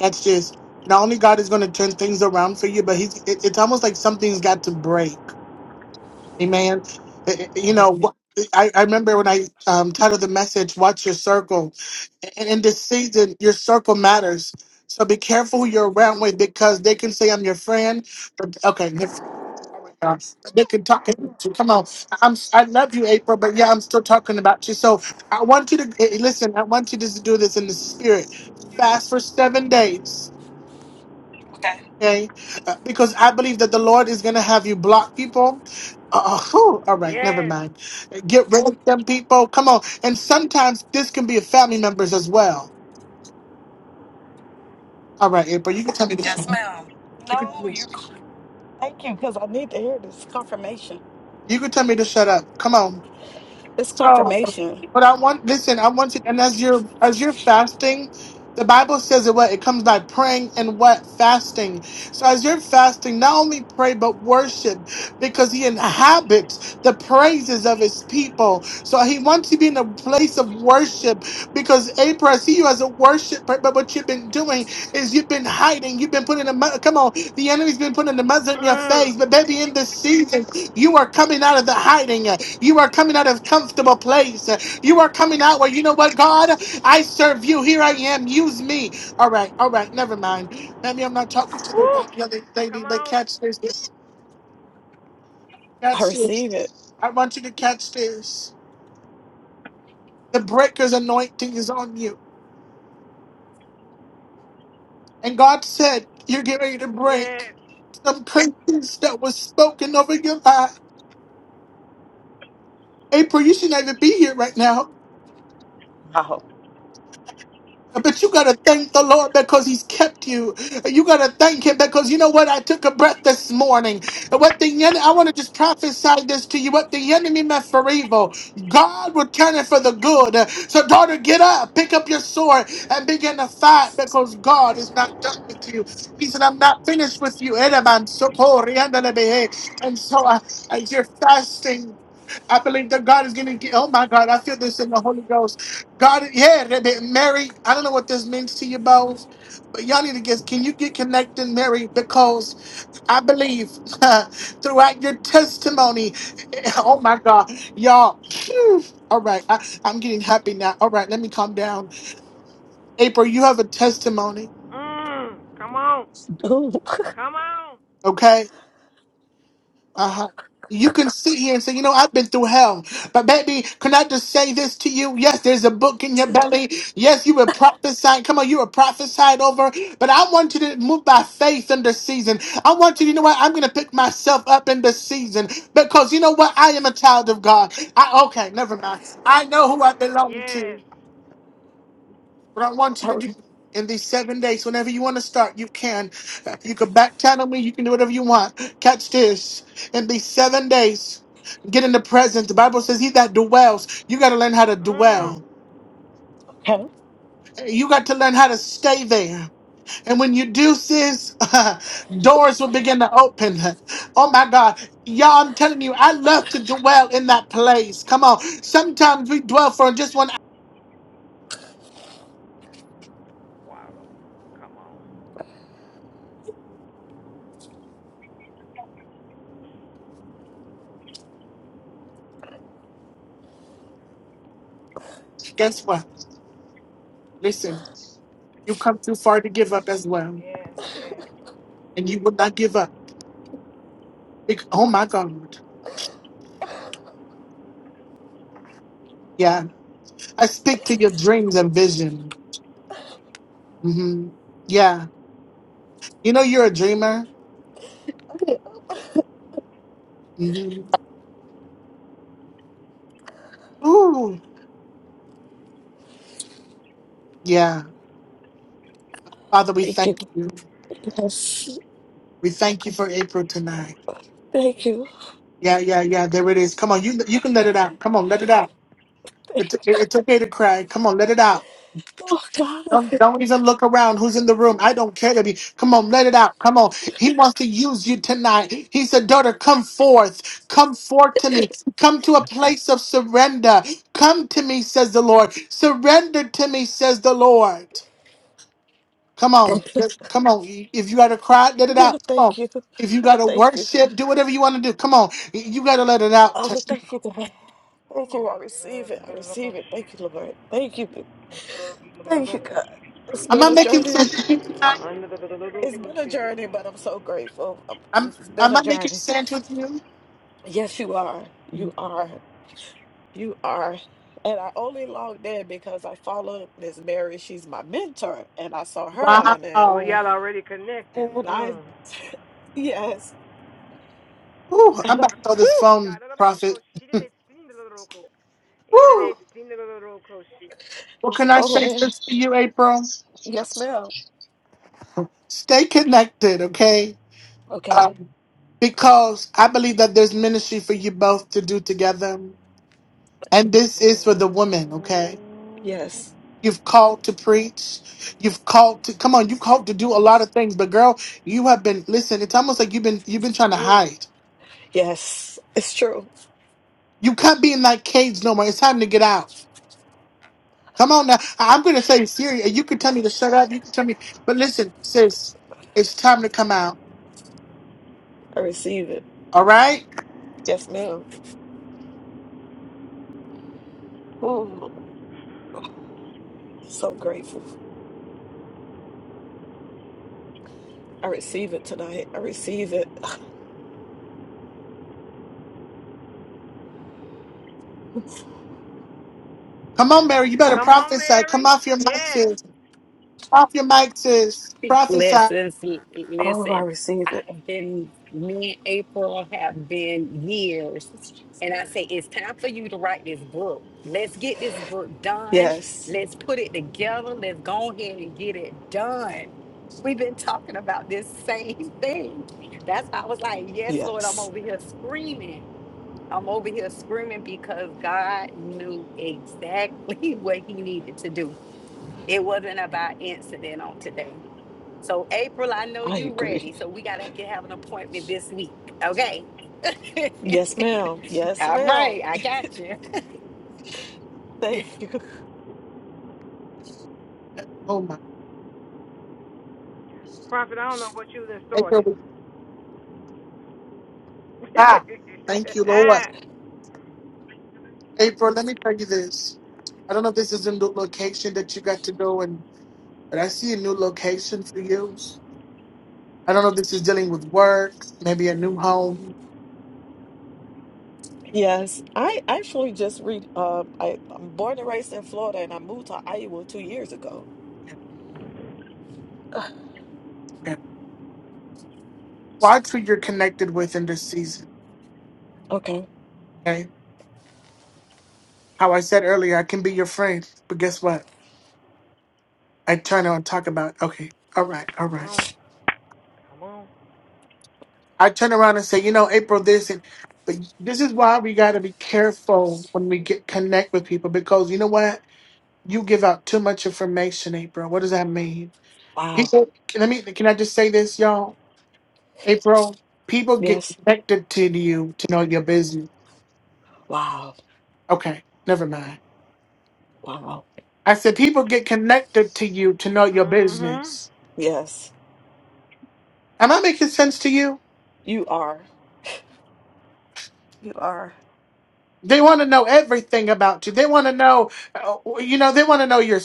[SPEAKER 1] that's just not only God is gonna turn things around for you, but He's it, it's almost like something's got to break. Amen. I- I- You
[SPEAKER 5] Yes.
[SPEAKER 1] know, wh- I, I remember when I um, titled the message "Watch Your Circle," and in this season, your circle matters. So be careful who you're around with because they can say I'm your friend. But, okay, um, They can talk to you. come on. I'm I love you, April, but yeah, I'm still talking about you. So I want you to eh, eh, listen. I want you to do this in the spirit. Fast for seven days,
[SPEAKER 5] Okay.
[SPEAKER 1] okay? Uh, because I believe that the Lord is going to have you block people. Uh, uh, whew, all right, never
[SPEAKER 2] Yes.
[SPEAKER 1] mind. Get rid of them people. Come on. And sometimes this can be family members as well. All right, April, you can tell me to
[SPEAKER 5] Yes,
[SPEAKER 1] shut. up.
[SPEAKER 5] ma'am.
[SPEAKER 1] You
[SPEAKER 5] No,
[SPEAKER 1] can
[SPEAKER 5] you're. c- Thank you, because I need to hear this confirmation.
[SPEAKER 1] you can tell me to shut up. Come on.
[SPEAKER 5] This
[SPEAKER 1] So,
[SPEAKER 5] confirmation.
[SPEAKER 1] but I want listen. I want you, and as you're as you're fasting, the Bible says it. What it comes by praying and what fasting. So as you're fasting, not only pray but worship, because He inhabits the praises of His people. So He wants you to be in a place of worship, because April, I see you as a worshiper. But what you've been doing is you've been hiding. You've been putting a mu- come on. The enemy's been putting the muzzle in your face.
[SPEAKER 2] Mm.
[SPEAKER 1] But baby, in this season, you are coming out of the hiding. You are coming out of comfortable place. You are coming out where you know what, God, I serve you. Here I am. Use me. All right, all right, never mind. Maybe I'm not talking to the
[SPEAKER 2] Woo.
[SPEAKER 1] the other lady,
[SPEAKER 2] Come
[SPEAKER 1] but
[SPEAKER 2] on.
[SPEAKER 1] catch this.
[SPEAKER 5] I
[SPEAKER 1] Catch this.
[SPEAKER 5] receive it.
[SPEAKER 1] I want you to catch this. The breaker's anointing is on you. And God said, You're getting ready to break
[SPEAKER 2] Yes.
[SPEAKER 1] some curses that was spoken over your life. April, you should not even be here right now.
[SPEAKER 5] Wow.
[SPEAKER 1] But you gotta thank the Lord because He's kept you. You gotta thank Him because you know what? I took a breath this morning. What the enemy? I want to just prophesy this to you. What the enemy meant for evil, God would turn it for the good. So, daughter, get up, pick up your sword, and begin to fight because God is not done with you. He said, "I'm not finished with you." Edaman, sokori, andalabehe. And so, uh, as you're fasting, I believe that God is going to get. Oh my God, I feel this in the Holy Ghost. God, yeah, Rebbe- Mary, I don't know what this means to you both, but y'all need to get, can you get connected, Mary? Because I believe throughout your testimony, oh my God, y'all, phew. all right, I, I'm getting happy now. All right, let me calm down. April, you have a testimony,
[SPEAKER 2] Mm. Come on.
[SPEAKER 5] Ooh,
[SPEAKER 2] Come on.
[SPEAKER 1] okay? Uh-huh. You can sit here and say, you know, I've been through hell. But baby, can I just say this to you? Yes, there's a book in your belly. Yes, you were prophesied. Come on, you were prophesied over. But I want you to move by faith in this season. I want you, you know what? I'm gonna pick myself up in this season because you know what? I am a child of God. I okay, never mind. I know who I belong to.
[SPEAKER 2] Yes.
[SPEAKER 1] What I want you
[SPEAKER 5] I
[SPEAKER 1] to
[SPEAKER 5] re-
[SPEAKER 1] do in these seven days, whenever you want to start, you can. You can back channel me. You can do whatever you want. Catch this. In these seven days, get in the presence. The Bible says, He that dwells, you got to learn how to
[SPEAKER 2] Mm.
[SPEAKER 1] dwell.
[SPEAKER 5] okay.
[SPEAKER 1] You got to learn how to stay there. And when you do, sis, doors will begin to open. Oh my God. Y'all, I'm telling you, I love to dwell in that place. Come on. Sometimes we dwell for just one hour.
[SPEAKER 2] Wow. Come on.
[SPEAKER 1] Guess what? Listen, you come too far to give up as well.
[SPEAKER 2] Yes.
[SPEAKER 1] and you will not give up. Bec- Oh my God. Yeah. I speak to your dreams and vision. hmm Yeah. You know, you're a dreamer.
[SPEAKER 5] Okay.
[SPEAKER 1] hmm Ooh. Yeah. Father, we
[SPEAKER 5] Thank
[SPEAKER 1] thank
[SPEAKER 5] you.
[SPEAKER 1] you.
[SPEAKER 5] Yes.
[SPEAKER 1] We thank you for April tonight.
[SPEAKER 5] Thank you.
[SPEAKER 1] Yeah, yeah, yeah. There it is. Come on. You, you can let it out. Come on. Let it out.
[SPEAKER 5] Thank
[SPEAKER 1] It's, it's okay to cry. Come on. Let it out.
[SPEAKER 5] you. Oh,
[SPEAKER 1] Don't,
[SPEAKER 5] God.
[SPEAKER 1] don't even look around. Who's in the room? I don't care to be. Come on, let it out. Come on. He wants to use you tonight. He said, Daughter, come forth. Come forth to me. Come to a place of surrender. Come to me, says the Lord. Surrender to me, says the Lord. Come on. Yes, Come on. If you got to cry, let it
[SPEAKER 5] Oh,
[SPEAKER 1] out. Come
[SPEAKER 5] thank
[SPEAKER 1] on.
[SPEAKER 5] you.
[SPEAKER 1] If you
[SPEAKER 5] Oh,
[SPEAKER 1] got to
[SPEAKER 5] thank you.
[SPEAKER 1] worship, do whatever you want to do. Come on. You got to let it out.
[SPEAKER 5] Oh, thank you. Thank you. I receive it. I receive it.
[SPEAKER 2] Yes.
[SPEAKER 5] Thank you, Lord. Thank you. Thank you, God. It's
[SPEAKER 1] Am
[SPEAKER 5] been
[SPEAKER 1] I
[SPEAKER 5] a
[SPEAKER 1] making
[SPEAKER 5] journey.
[SPEAKER 1] sense?
[SPEAKER 5] It's been a journey, but I'm so grateful. Um, It's
[SPEAKER 1] I'm,
[SPEAKER 5] it's been
[SPEAKER 1] am
[SPEAKER 5] a
[SPEAKER 1] I making
[SPEAKER 5] journey.
[SPEAKER 1] sense with you?
[SPEAKER 5] Yes, you are. You are. You are. And I only logged in because I follow Miss Mary. She's my mentor, and I saw her on it.
[SPEAKER 2] Well,
[SPEAKER 1] Wow.
[SPEAKER 2] y'all already connected.
[SPEAKER 5] And I,
[SPEAKER 2] Mm.
[SPEAKER 5] yes.
[SPEAKER 1] Ooh, I'm
[SPEAKER 5] And I,
[SPEAKER 1] about to throw this
[SPEAKER 2] Whew!
[SPEAKER 1] phone,
[SPEAKER 2] Got a little
[SPEAKER 1] Prophet.
[SPEAKER 2] roco. She did extend the little roco. It
[SPEAKER 1] Woo!
[SPEAKER 2] did extend the little roco.
[SPEAKER 1] What can I
[SPEAKER 5] oh,
[SPEAKER 1] say
[SPEAKER 5] man.
[SPEAKER 1] this to you, April?
[SPEAKER 5] Yes, ma'am.
[SPEAKER 1] Stay connected, okay?
[SPEAKER 5] Okay.
[SPEAKER 1] Um, because I believe that there's ministry for you both to do together. And this is for the women, okay?
[SPEAKER 5] Yes.
[SPEAKER 1] You've called to preach. You've called to come on. You've called to do a lot of things, but girl, you have been. Listen, it's almost like you've been you've been trying to
[SPEAKER 2] Mm.
[SPEAKER 1] hide.
[SPEAKER 5] Yes. It's true.
[SPEAKER 1] You can't be in that cage no more. It's time to get out. Come on now. I- I'm going to say serious. You can tell me to shut up. You can tell me. But listen, sis, it's time to come out.
[SPEAKER 5] I receive it.
[SPEAKER 1] All right?
[SPEAKER 5] Yes, ma'am. Oh, so grateful. I receive it tonight. I receive it.
[SPEAKER 1] Come on, Mary. You better
[SPEAKER 2] Come on,
[SPEAKER 1] prophesy. Come
[SPEAKER 2] Mary.
[SPEAKER 1] off your mic,
[SPEAKER 2] Yes.
[SPEAKER 1] sis. Off your mic, sis.
[SPEAKER 3] Big
[SPEAKER 1] Prophesy.
[SPEAKER 3] Blessings. L-
[SPEAKER 5] Oh, I
[SPEAKER 3] Listen,
[SPEAKER 5] receive it.
[SPEAKER 3] I've been, me and April have been years. And I say, it's time for you to write this book. Let's get this book done.
[SPEAKER 5] Yes.
[SPEAKER 3] Let's put it together. Let's go ahead and get it done. We've been talking about this same thing. That's why I was like, yes, Lord, I'm
[SPEAKER 5] Yes.
[SPEAKER 3] over here screaming. I'm over here screaming because God knew exactly what he needed to do. It wasn't about incident on today. So April, I know
[SPEAKER 5] I
[SPEAKER 3] you
[SPEAKER 5] agree.
[SPEAKER 3] ready. So we gotta get, have an appointment this week. Okay.
[SPEAKER 5] Yes, ma'am. Yes,
[SPEAKER 3] All right,
[SPEAKER 5] ma'am.
[SPEAKER 3] I got you.
[SPEAKER 5] Thank you.
[SPEAKER 1] Oh, my.
[SPEAKER 2] Prophet, I don't know what you done started.
[SPEAKER 1] April. Ah, thank you, Lord.
[SPEAKER 2] Ah.
[SPEAKER 1] April, let me tell you this. I don't know if this is a new location that you got to go in, but I see a new location for you. I don't know if this is dealing with work, maybe a new home.
[SPEAKER 5] Yes. I actually just read um I, I'm born and raised in Florida and I moved to Iowa two years ago.
[SPEAKER 1] Watch who you're connected with in this season.
[SPEAKER 5] Okay.
[SPEAKER 1] okay? How I said earlier, I can be your friend, but guess what? I turn around and talk about, okay, all right, all
[SPEAKER 2] come
[SPEAKER 1] right.
[SPEAKER 2] on. Come on.
[SPEAKER 1] I turn around and say, you know, April, this and but this is why we got to be careful when we get connect with people because you know what? You give out too much information, April. What does that mean?
[SPEAKER 5] Wow.
[SPEAKER 1] People, can- let me. Can I just say this, y'all? April, people get
[SPEAKER 5] Yes.
[SPEAKER 1] connected to you to know your business.
[SPEAKER 5] Wow.
[SPEAKER 1] Okay, never mind.
[SPEAKER 5] Wow.
[SPEAKER 1] I said people get connected to you to know your
[SPEAKER 2] Mm. hmm
[SPEAKER 1] business.
[SPEAKER 5] Yes.
[SPEAKER 1] Am I making sense to you?
[SPEAKER 5] You are. You are.
[SPEAKER 1] They want to know everything about you. They want to know, uh, you know, they want to know your.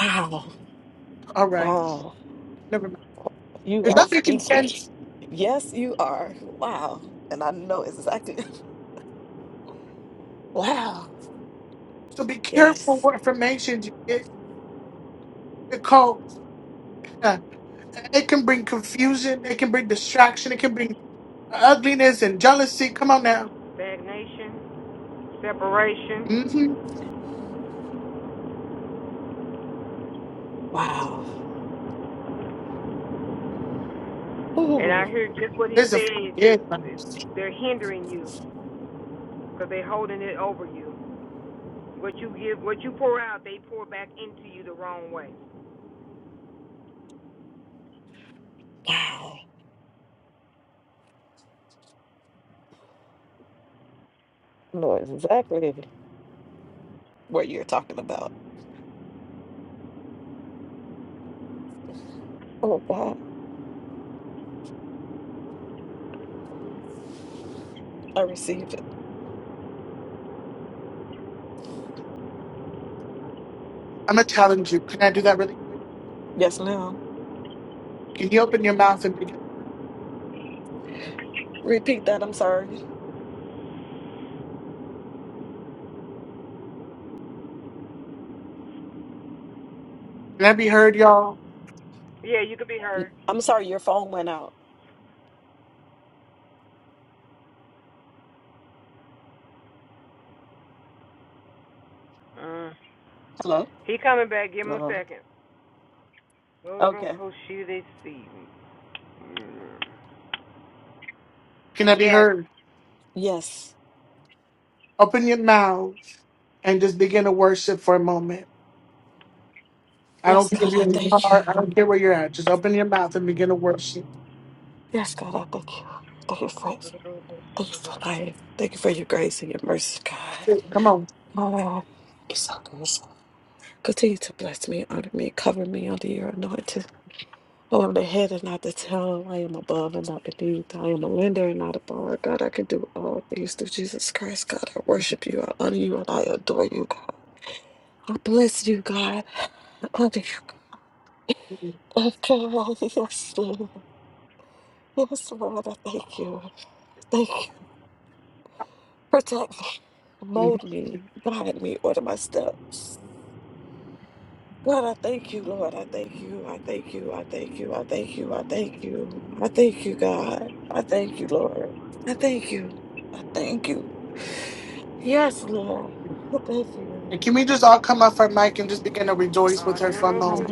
[SPEAKER 5] Wow.
[SPEAKER 1] All right,
[SPEAKER 5] Wow.
[SPEAKER 1] never mind.
[SPEAKER 5] You
[SPEAKER 1] If
[SPEAKER 5] are
[SPEAKER 1] you're making
[SPEAKER 5] speaking.
[SPEAKER 1] sense,
[SPEAKER 5] Yes, you are. Wow. And I know exactly Wow.
[SPEAKER 1] so be careful
[SPEAKER 5] Yes.
[SPEAKER 1] what information you get because uh, it can bring confusion, it can bring distraction, it can bring ugliness and jealousy. Come on now.
[SPEAKER 2] Stagnation, separation,
[SPEAKER 1] Mm-hmm.
[SPEAKER 5] Wow.
[SPEAKER 2] And I
[SPEAKER 5] Ooh,
[SPEAKER 2] hear just what he
[SPEAKER 1] There's a
[SPEAKER 2] says.
[SPEAKER 1] yeah.
[SPEAKER 2] It's,
[SPEAKER 1] I'm
[SPEAKER 2] it's, they're hindering you because they're holding it over you. What you give, what you pour out, they pour back into you the wrong way.
[SPEAKER 5] wow. I Know exactly what you're talking about. Oh God. I received it.
[SPEAKER 1] gonna challenge you. Can I do that really quick?
[SPEAKER 5] Yes, ma'am.
[SPEAKER 1] Can you open your mouth and begin? to work?
[SPEAKER 5] Repeat that. I'm sorry.
[SPEAKER 1] Can I be heard, y'all?
[SPEAKER 2] Yeah, you could be heard.
[SPEAKER 5] I'm sorry your phone went out. Hello?
[SPEAKER 2] He coming back. Give him a
[SPEAKER 5] Hello.
[SPEAKER 2] second. Little
[SPEAKER 5] Okay.
[SPEAKER 2] Koshita see.
[SPEAKER 1] Can I be
[SPEAKER 2] Yes.
[SPEAKER 1] heard?
[SPEAKER 5] Yes.
[SPEAKER 1] Open your mouth and just begin to worship for a moment. I don't
[SPEAKER 5] Yes,
[SPEAKER 1] care
[SPEAKER 5] God,
[SPEAKER 1] if you're
[SPEAKER 5] I
[SPEAKER 1] in the
[SPEAKER 5] thank you.
[SPEAKER 1] car. I don't care where you're at. Just open your mouth and begin to worship.
[SPEAKER 5] Yes, God, I thank you. Thank you for thank you for life. Thank you for your grace and your mercy, God.
[SPEAKER 1] Come on.
[SPEAKER 5] Oh, you're so grateful. Continue to bless me, honor me, cover me under your anointing. Oh, i am the head and not the tail. I am above and not beneath. I am a lender and not a borrower. God, I can do all things through Jesus Christ. God, I worship you. I honor you and I adore you, God. I bless you, God. I honor you, God. Oh, God, Yes, Lord. Yes, Lord. I thank you. Thank you. Protect me. Mold
[SPEAKER 1] And
[SPEAKER 5] me. Guide me. Order my steps. God, I thank you, Lord. I thank you. I thank you. I thank you. I thank you. I thank you. I thank you, God. I thank you, Lord. I thank you. I thank you. Yes, Lord. I thank you.
[SPEAKER 1] can we just all come off our mic and just begin to rejoice with
[SPEAKER 2] Uh, the
[SPEAKER 1] her for a
[SPEAKER 2] little
[SPEAKER 1] moment?